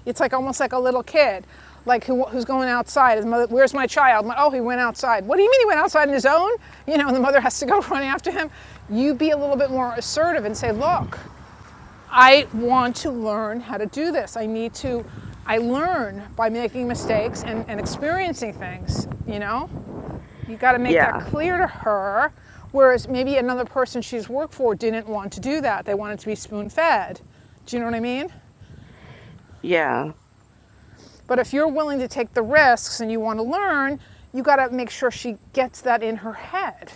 S1: It's like almost like a little kid, like who, who's going outside. His mother, where's my child? My- oh, he went outside. What do you mean he went outside on his own? You know, and the mother has to go run after him. You be a little bit more assertive and say, look, I want to learn how to do this. I need to. I learn by making mistakes and, and experiencing things. You know. You got to make that
S5: Yeah,
S1: clear to her. Whereas maybe another person she's worked for didn't want to do that. They wanted to be spoon fed. Do you know what I mean?
S5: yeah.
S1: But if you're willing to take the risks and you want to learn, you got to make sure she gets that in her head.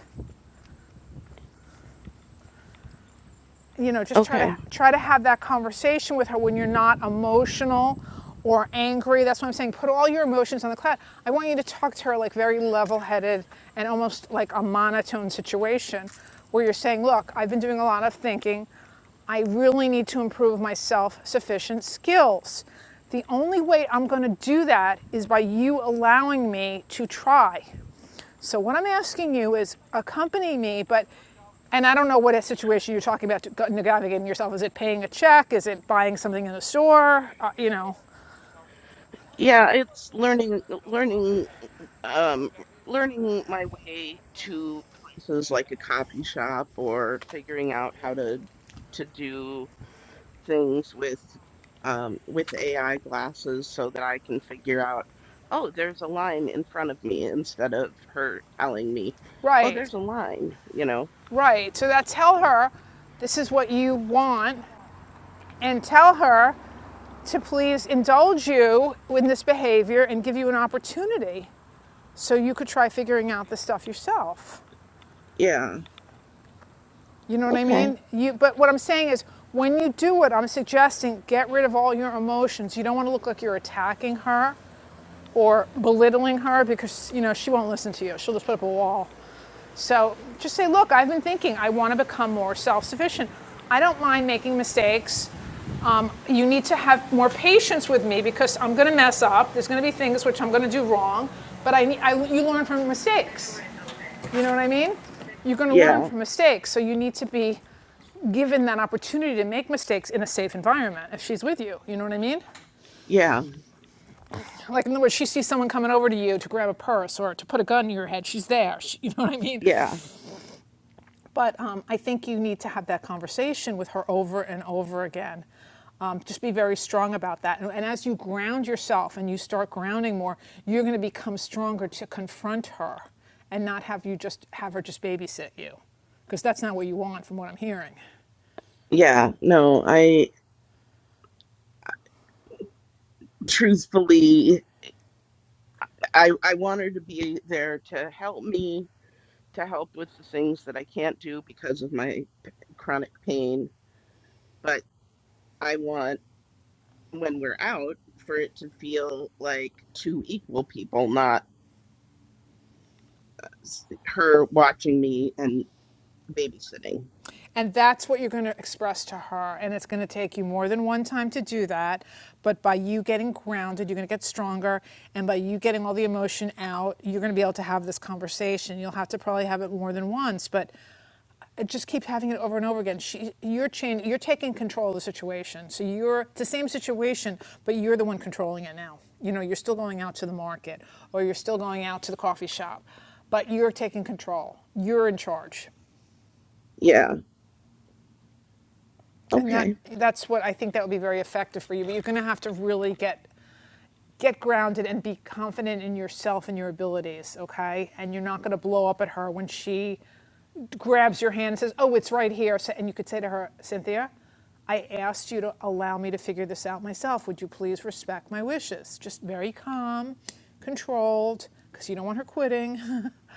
S1: you know, just try
S5: Okay.
S1: to try to have that conversation with her when you're not emotional or angry. That's what I'm saying. Put all your emotions on the cloud. I want you to talk to her like very level-headed and almost like a monotone situation where you're saying, "Look, I've been doing a lot of thinking. I really need to improve my self-sufficient skills. The only way I'm going to do that is by you allowing me to try. So what I'm asking you is accompany me, but and I don't know what situation you're talking about navigating yourself. Is it paying a check? Is it buying something in a store? Uh, you know,
S5: Yeah, it's learning learning um learning my way to places like a coffee shop or figuring out how to to do things with um with AI glasses so that I can figure out, oh, there's a line in front of me instead of her telling me, oh,
S1: right,
S5: there's a line, you know.
S1: right. So that tell her this is what you want, and tell her to please indulge you in this behavior and give you an opportunity so you could try figuring out the stuff yourself.
S5: Yeah.
S1: You know what I
S5: Okay.
S1: mean? You, but what I'm saying is, when you do it, I'm suggesting get rid of all your emotions. You don't want to look like you're attacking her or belittling her because you know she won't listen to you. She'll just put up a wall. So just say, look, I've been thinking. I want to become more self-sufficient. I don't mind making mistakes. Um, you need to have more patience with me because I'm going to mess up. There's going to be things which I'm going to do wrong, but I, I you learn from mistakes. You know what I mean? You're going to learn
S5: Yeah.
S1: from mistakes, so you need to be given that opportunity to make mistakes in a safe environment if she's with you. You know what I mean?
S5: Yeah.
S1: Like, in other words, she sees someone coming over to you to grab a purse or to put a gun to your head. She's there. She, you know what I mean?
S5: Yeah.
S1: But um, I think you need to have that conversation with her over and over again. Um, just be very strong about that. And, and as you ground yourself and you start grounding more, you're going to become stronger to confront her and not have you just have her just babysit you because that's not what you want from what I'm hearing.
S5: Yeah. No, I truthfully. I I want her to be there to help me to help with the things that I can't do because of my p- chronic pain, but I want when we're out for it to feel like two equal people, not s- her watching me and babysitting.
S1: And that's what you're going to express to her. And it's going to take you more than one time to do that. But by you getting grounded, you're going to get stronger. And by you getting all the emotion out, you're going to be able to have this conversation. You'll have to probably have it more than once, but just keep having it over and over again. She, you're change, you're taking control of the situation. So you're it's the same situation, but you're the one controlling it now. You know, you're still going out to the market or you're still going out to the coffee shop, but you're taking control. You're in charge.
S5: Yeah.
S1: And that
S5: Okay.
S1: that's what I think that would be very effective for you. But you're going to have to really get get grounded and be confident in yourself and your abilities, okay? And you're not going to blow up at her when she grabs your hand and says, "Oh, it's right here." So- And you could say to her, "Cynthia, I asked you to allow me to figure this out myself. Would you please respect my wishes?" Just very calm, controlled, because you don't want her quitting.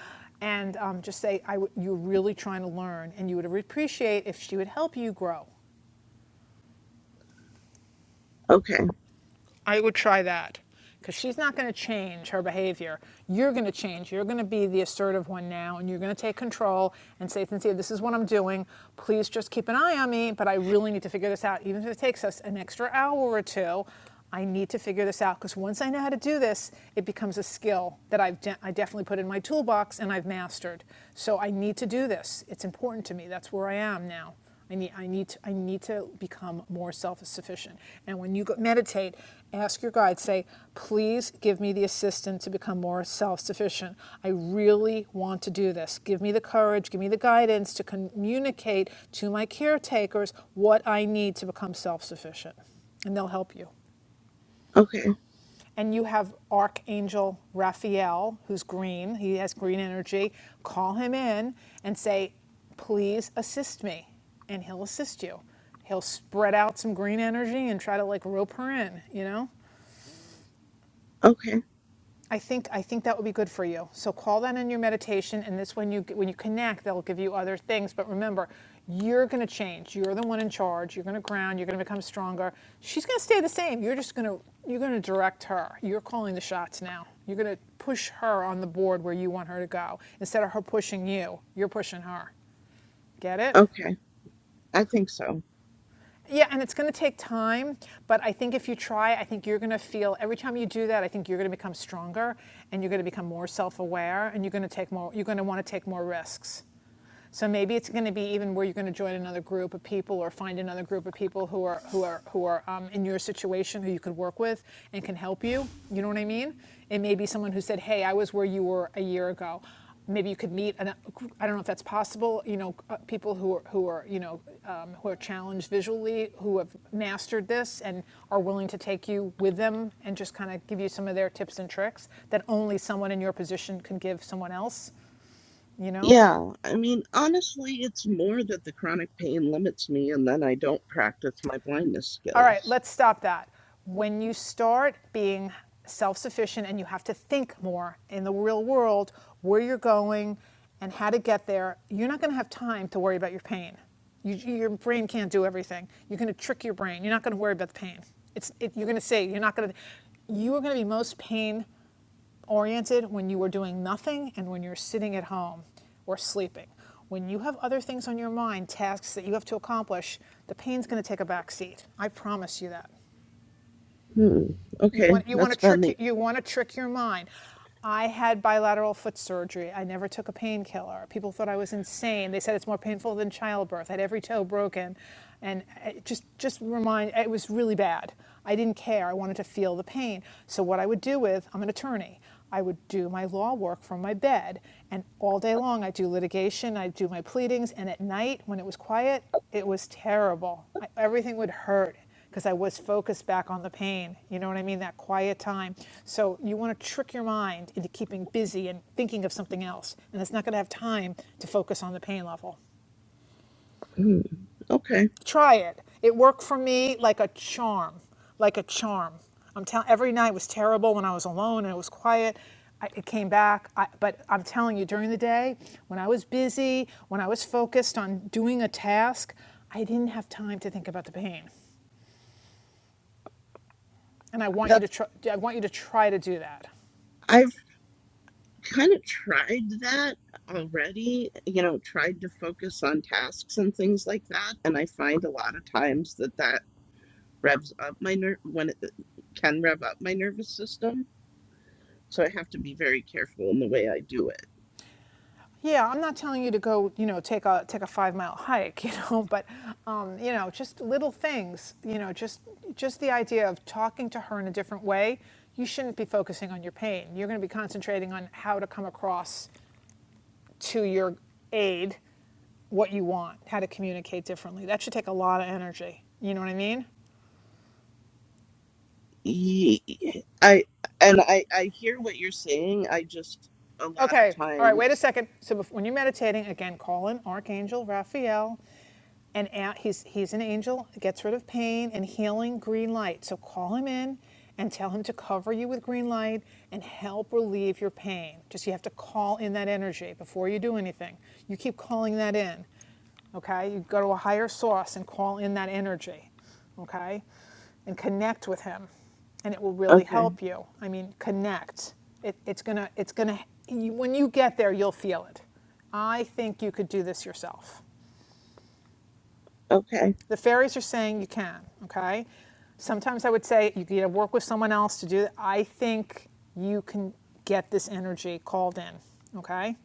S1: and um, just say, I w- "You're really trying to learn, and you would appreciate if she would help you grow."
S5: Okay.
S1: I would try that because she's not going to change her behavior. You're going to change. You're going to be the assertive one now, and you're going to take control and say, Cynthia, this is what I'm doing. Please just keep an eye on me, but I really need to figure this out. Even if it takes us an extra hour or two, I need to figure this out because once I know how to do this, it becomes a skill that I've de- I definitely put in my toolbox and I've mastered. So I need to do this. It's important to me. That's where I am now. I need, I need, to, I need to become more self-sufficient. And when you go meditate, ask your guide, say, please give me the assistance to become more self-sufficient. I really want to do this. Give me the courage, give me the guidance to communicate to my caretakers what I need to become self-sufficient. And they'll help you
S5: Okay.
S1: and you have Archangel Raphael, who's green, he has green energy, call him in and say, please assist me. And he'll assist you. He'll spread out some green energy and try to like rope her in, you know?
S5: Okay.
S1: I think, I think that would be good for you. So call that in your meditation, and this, when you, when you connect, they'll give you other things. But remember, you're going to change. You're the one in charge. You're going to ground. You're going to become stronger. She's going to stay the same. You're just going to, you're going to direct her. You're calling the shots now. You're going to push her on the board where you want her to go. Instead of her pushing you, you're pushing her. Get it?
S5: Okay. I think so.
S1: Yeah, and it's going to take time, but I think if you try, I think you're going to feel every time you do that, I think you're going to become stronger and you're going to become more self-aware and you're going to take more you're going to want to take more risks. So maybe it's going to be even where you're going to join another group of people or find another group of people who are who are who are um, in your situation who you could work with and can help you. You know what I mean? It may be someone who said, "Hey, I was where you were a year ago." Maybe you could meet. An, I don't know if that's possible. You know, uh, people who are who are you know um, who are challenged visually, who have mastered this and are willing to take you with them and just kind of give you some of their tips and tricks that only someone in your position can give someone else. You know?
S5: Yeah, I mean, honestly, it's more that the chronic pain limits me and then I don't practice my blindness
S1: All right,
S5: skills.
S1: let's stop that. When you start being self sufficient and you have to think more in the real world where you're going and how to get there, you're not going to have time to worry about your pain. You, your brain can't do everything. You're going to trick your brain. You're not going to worry about the pain. It's, it, you're going to say, you're not going to, you are going to be most pain oriented when you are doing nothing and when you're sitting at home or sleeping. When you have other things on your mind, tasks that you have to accomplish, the pain's going to take a back seat. I promise you that.
S5: Hmm.
S1: You
S5: Okay,
S1: want you
S5: that's
S1: want to
S5: been the.
S1: trick you want to trick your mind. I had bilateral foot surgery. I never took a painkiller. People thought I was insane. They said it's more painful than childbirth. I had every toe broken, and it just just remind it was really bad. I didn't care. I wanted to feel the pain. So what I would do with I'm an attorney. I would do my law work from my bed, and all day long I do litigation. I do my pleadings, and at night when it was quiet, it was terrible. I, everything would hurt because I was focused back on the pain. You know what I mean? That quiet time. So you want to trick your mind into keeping busy and thinking of something else, and it's not going to have time to focus on the pain level.
S5: Hmm. Okay,
S1: Try it. It worked for me like a charm, like a charm. I'm telling. Every night was terrible when I was alone and it was quiet. I, it came back, I, but I'm telling you, during the day, when I was busy, when I was focused on doing a task, I didn't have time to think about the pain. and I want you to
S5: that's.
S1: try, I want you to try to do that.
S5: I've kind of tried that already. You know, tried to focus on tasks and things like that, and I find a lot of times that that revs up my nerve when it can rev up my nervous system So I have to be very careful in the way I do it.
S1: Yeah, I'm not telling you to go, you know, take a take a five mile hike, you know, but um, you know, just little things, you know, just just the idea of talking to her in a different way. You shouldn't be focusing on your pain. You're going to be concentrating on how to come across to your aid what you want, how to communicate differently. That should take a lot of energy. You know what I mean?
S5: Ye- I and I I hear what you're saying. I just a lot of
S1: Okay. All right. Wait a
S5: times.
S1: second. So bef- when you're meditating, again, call in Archangel Raphael and he's he's an angel gets rid of pain and healing green light so call him in and tell him to cover you with green light and help relieve your pain just you have to call in that energy before you do anything you keep calling that in okay you go to a higher source and call in that energy okay and connect with him and it will really
S5: Okay.
S1: help you i mean connect it, it's gonna it's gonna you, when you get there you'll feel it i think you could do this yourself
S5: Okay.
S1: the fairies are saying you can, okay? Sometimes I would say you got to work with someone else to do that. I think you can get this energy called in, okay?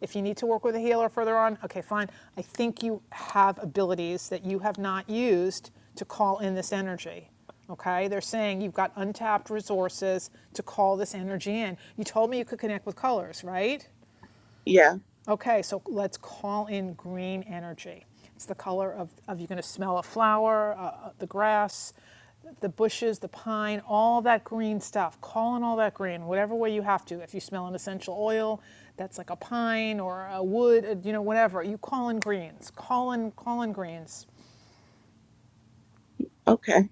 S1: If you need to work with a healer further on, okay, fine. I think you have abilities that you have not used to call in this energy. Okay, they're saying you've got untapped resources to call this energy in. You told me you could connect with colors, right?
S5: Yeah.
S1: Okay, so let's call in green energy. It's the color of, of you're going to smell a flower, uh, uh, the grass, the bushes, the pine, all that green stuff. Call in all that green, whatever way you have to. If you smell an essential oil, that's like a pine or a wood, uh, you know, whatever. You call in greens. Call in, call in greens.
S5: Okay.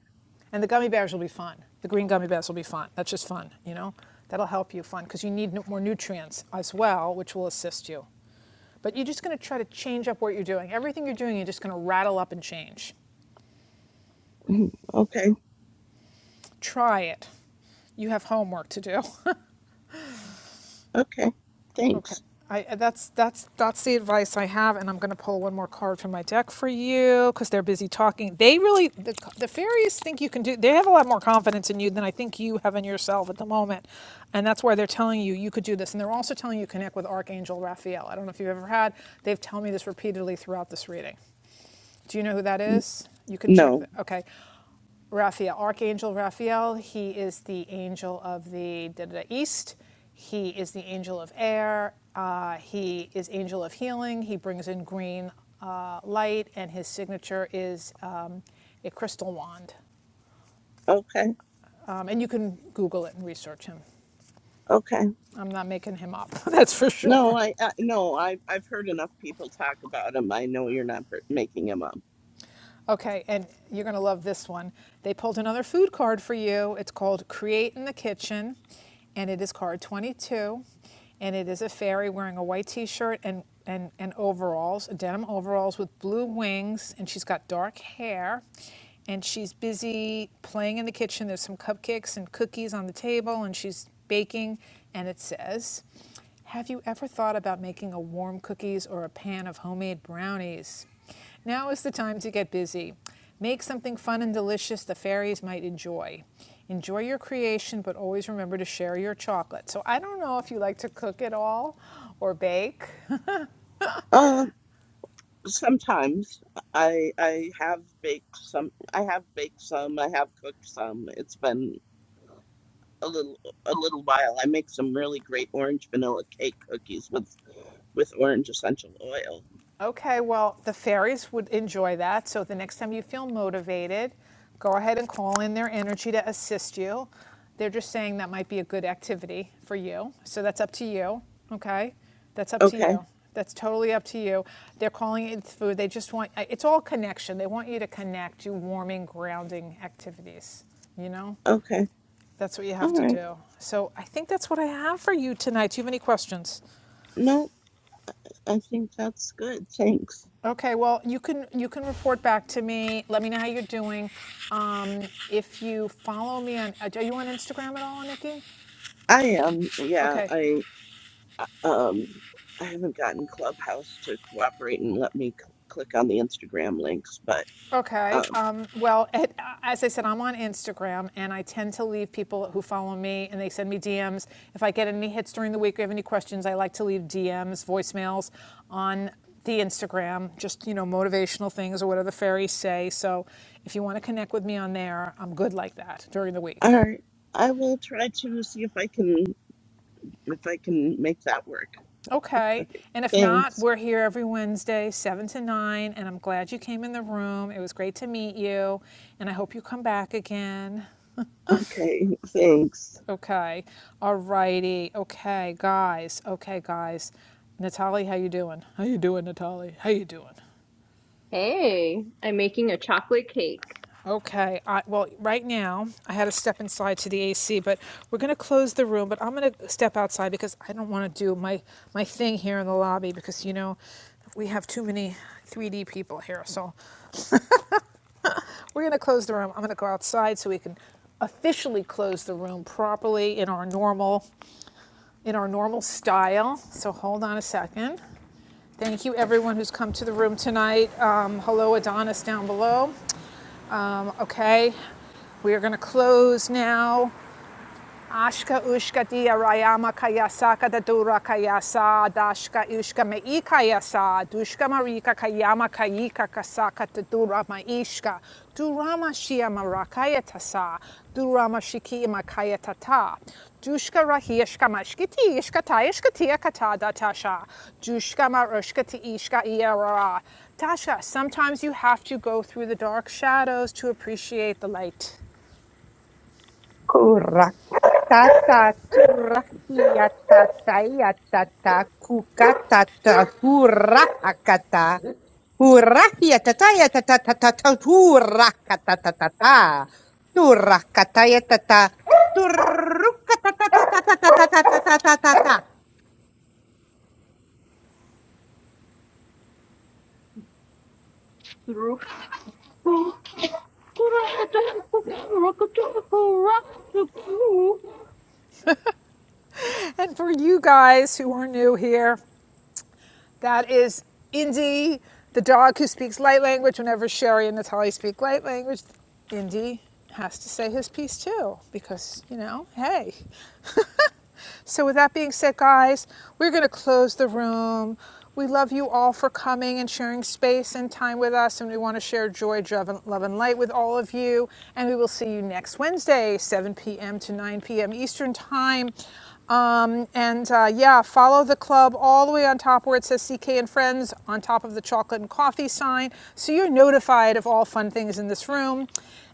S1: And the gummy bears will be fun. The green gummy bears will be fun. That's just fun, you know? That'll help you fun because you need more nutrients as well, which will assist you. But you're just going to try to change up what you're doing. Everything you're doing, you're just going to rattle up and change.
S5: mm, Okay.
S1: Try it. You have homework to do.
S5: Okay.
S1: Okay,
S5: Thanks.
S1: I, uh, that's, that's, that's the advice I have, and I'm gonna pull one more card from my deck for you, because they're busy talking. They really, the, the fairies think you can do, they have a lot more confidence in you than I think you have in yourself at the moment. And that's why they're telling you, you could do this. And they're also telling you, connect with Archangel Raphael. I don't know if you've ever had, they've told me this repeatedly throughout this reading. Do you know who that
S5: N-
S1: is? You can check.
S5: No.
S1: The, okay. Raphael, Archangel Raphael. He is the angel of the da, da, da, East. He is the angel of air. Uh, he is angel of healing. He brings in green uh, light, and his signature is um, a crystal wand.
S5: Okay.
S1: Um, and you can Google it and research him.
S5: Okay.
S1: I'm not making him up. That's for
S5: No,
S1: sure.
S5: I, I no, I I've heard enough people talk about him. I know you're not br- making him up.
S1: Okay, and you're going to love this one. They pulled another food card for you. It's called Create in the Kitchen, and it is card 22. And it is a fairy wearing a white t shirt and, and, and overalls, denim overalls with blue wings, and she's got dark hair. And she's busy playing in the kitchen. There's some cupcakes and cookies on the table, and she's baking. And it says, Have you ever thought about making a warm cookies or a pan of homemade brownies? Now is the time to get busy. Make something fun and delicious the fairies might enjoy. Enjoy your creation, but always remember to share your chocolate. So I don't know if you like to cook at all or bake,
S5: Uh, sometimes I I have baked some. I have baked some. I have cooked some. It's been a little a little while. I make some really great orange vanilla cake cookies with with orange essential oil.
S1: Okay, well, the fairies would enjoy that. So the next time you feel motivated, go ahead and call in their energy to assist you. They're just saying that might be a good activity for you. So that's up to you. Okay? That's up to
S5: Okay.
S1: you. That's totally up to you. They're calling it food. They just want it's all connection. They want you to connect, do warming, grounding activities. You know?
S5: Okay.
S1: That's what you
S5: All
S1: have to
S5: right.
S1: do. So I think that's what I have for you tonight. Do you have any questions?
S5: No, I think that's good. Thanks.
S1: Okay, well, you can you can report back to me. Let me know how you're doing. Um, if you follow me on, uh, are you on Instagram at all, Nikki?
S5: I um, Yeah,
S1: Okay,
S5: I uh, um I haven't gotten Clubhouse to cooperate and let me cl- click on the Instagram links, but
S1: okay.
S5: um
S1: Um, well, it, uh, as I said, I'm on Instagram, and I tend to leave people who follow me, and they send me DMs. If I get any hits during the week or have any questions, I like to leave DMs, voicemails on the Instagram, just you know, motivational things or whatever the fairies say. So, if you want to connect with me on there, I'm good like that during the week.
S5: all right. I will try to see if I can if I can make that work.
S1: Okay. And if not,
S5: Thanks.
S1: we're here every Wednesday, 7 to 9. And I'm glad you came in the room. It was great to meet you. And I hope you come back again.
S5: Okay, thanks.
S1: Okay. All righty. Okay, guys. Okay, guys. Natalie, how you doing? How you doing, Natalie? How you doing?
S12: Hey, I'm making a chocolate cake.
S1: Okay. I, well, right now, I had to step inside to the AC, but we're going to close the room. But I'm going to step outside because I don't want to do my, my thing here in the lobby because, you know, we have too many 3D people here. So We're going to close the room. I'm going to go outside so we can officially close the room properly in our normal in our normal style. So hold on a second. Thank you everyone who's come to the room tonight. Um, hello Adonis down below. Um, okay, we are going to close now. Ashka ushka dia rayama kayasaka da dura kayasa dashka ushka me ikayasa dushka marika kayama kayika kasaka da dura maishka durama shia marakaya tasa durama shiki imakaya tata dushka rahiashka mashkiti ishka taishka tia katada tasha dushka marushka ti ishka iara Tasha, sometimes you have to go through the dark shadows to appreciate the light.
S13: Kura tata turahia tata ia tata kukata tahura hakata. Hurahia tata ia tata tata tahura kata tata ta. Turah kata ia tata turruka tata tata tata tata tata tata.
S1: And for you guys who are new here, That is Indy, the dog who speaks light language. Whenever Sherry and Natalie speak light language, Indy has to say his piece too, because, you know, hey. So, with that being said, guys, we're going to close the room. We love you all for coming and sharing space and time with us, and we want to share joy, love, and light with all of you. And we will see you next Wednesday, 7 p.m. to 9 p.m. Eastern Time. Um, and uh, yeah, follow the club all the way on top where it says CK and Friends on top of the chocolate and coffee sign so you're notified of all fun things in this room.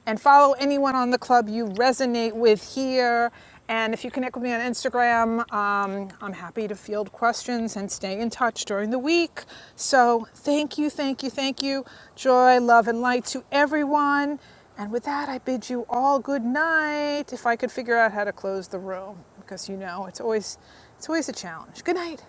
S1: And follow anyone on the club you resonate with here. And if you connect with me on Instagram, um, I'm happy to field questions and stay in touch during the week. So thank you, thank you, thank you. Joy, love, and light to everyone. And with that, I bid you all good night. If I could figure out how to close the room, because you know it's always it's always a challenge. Good night.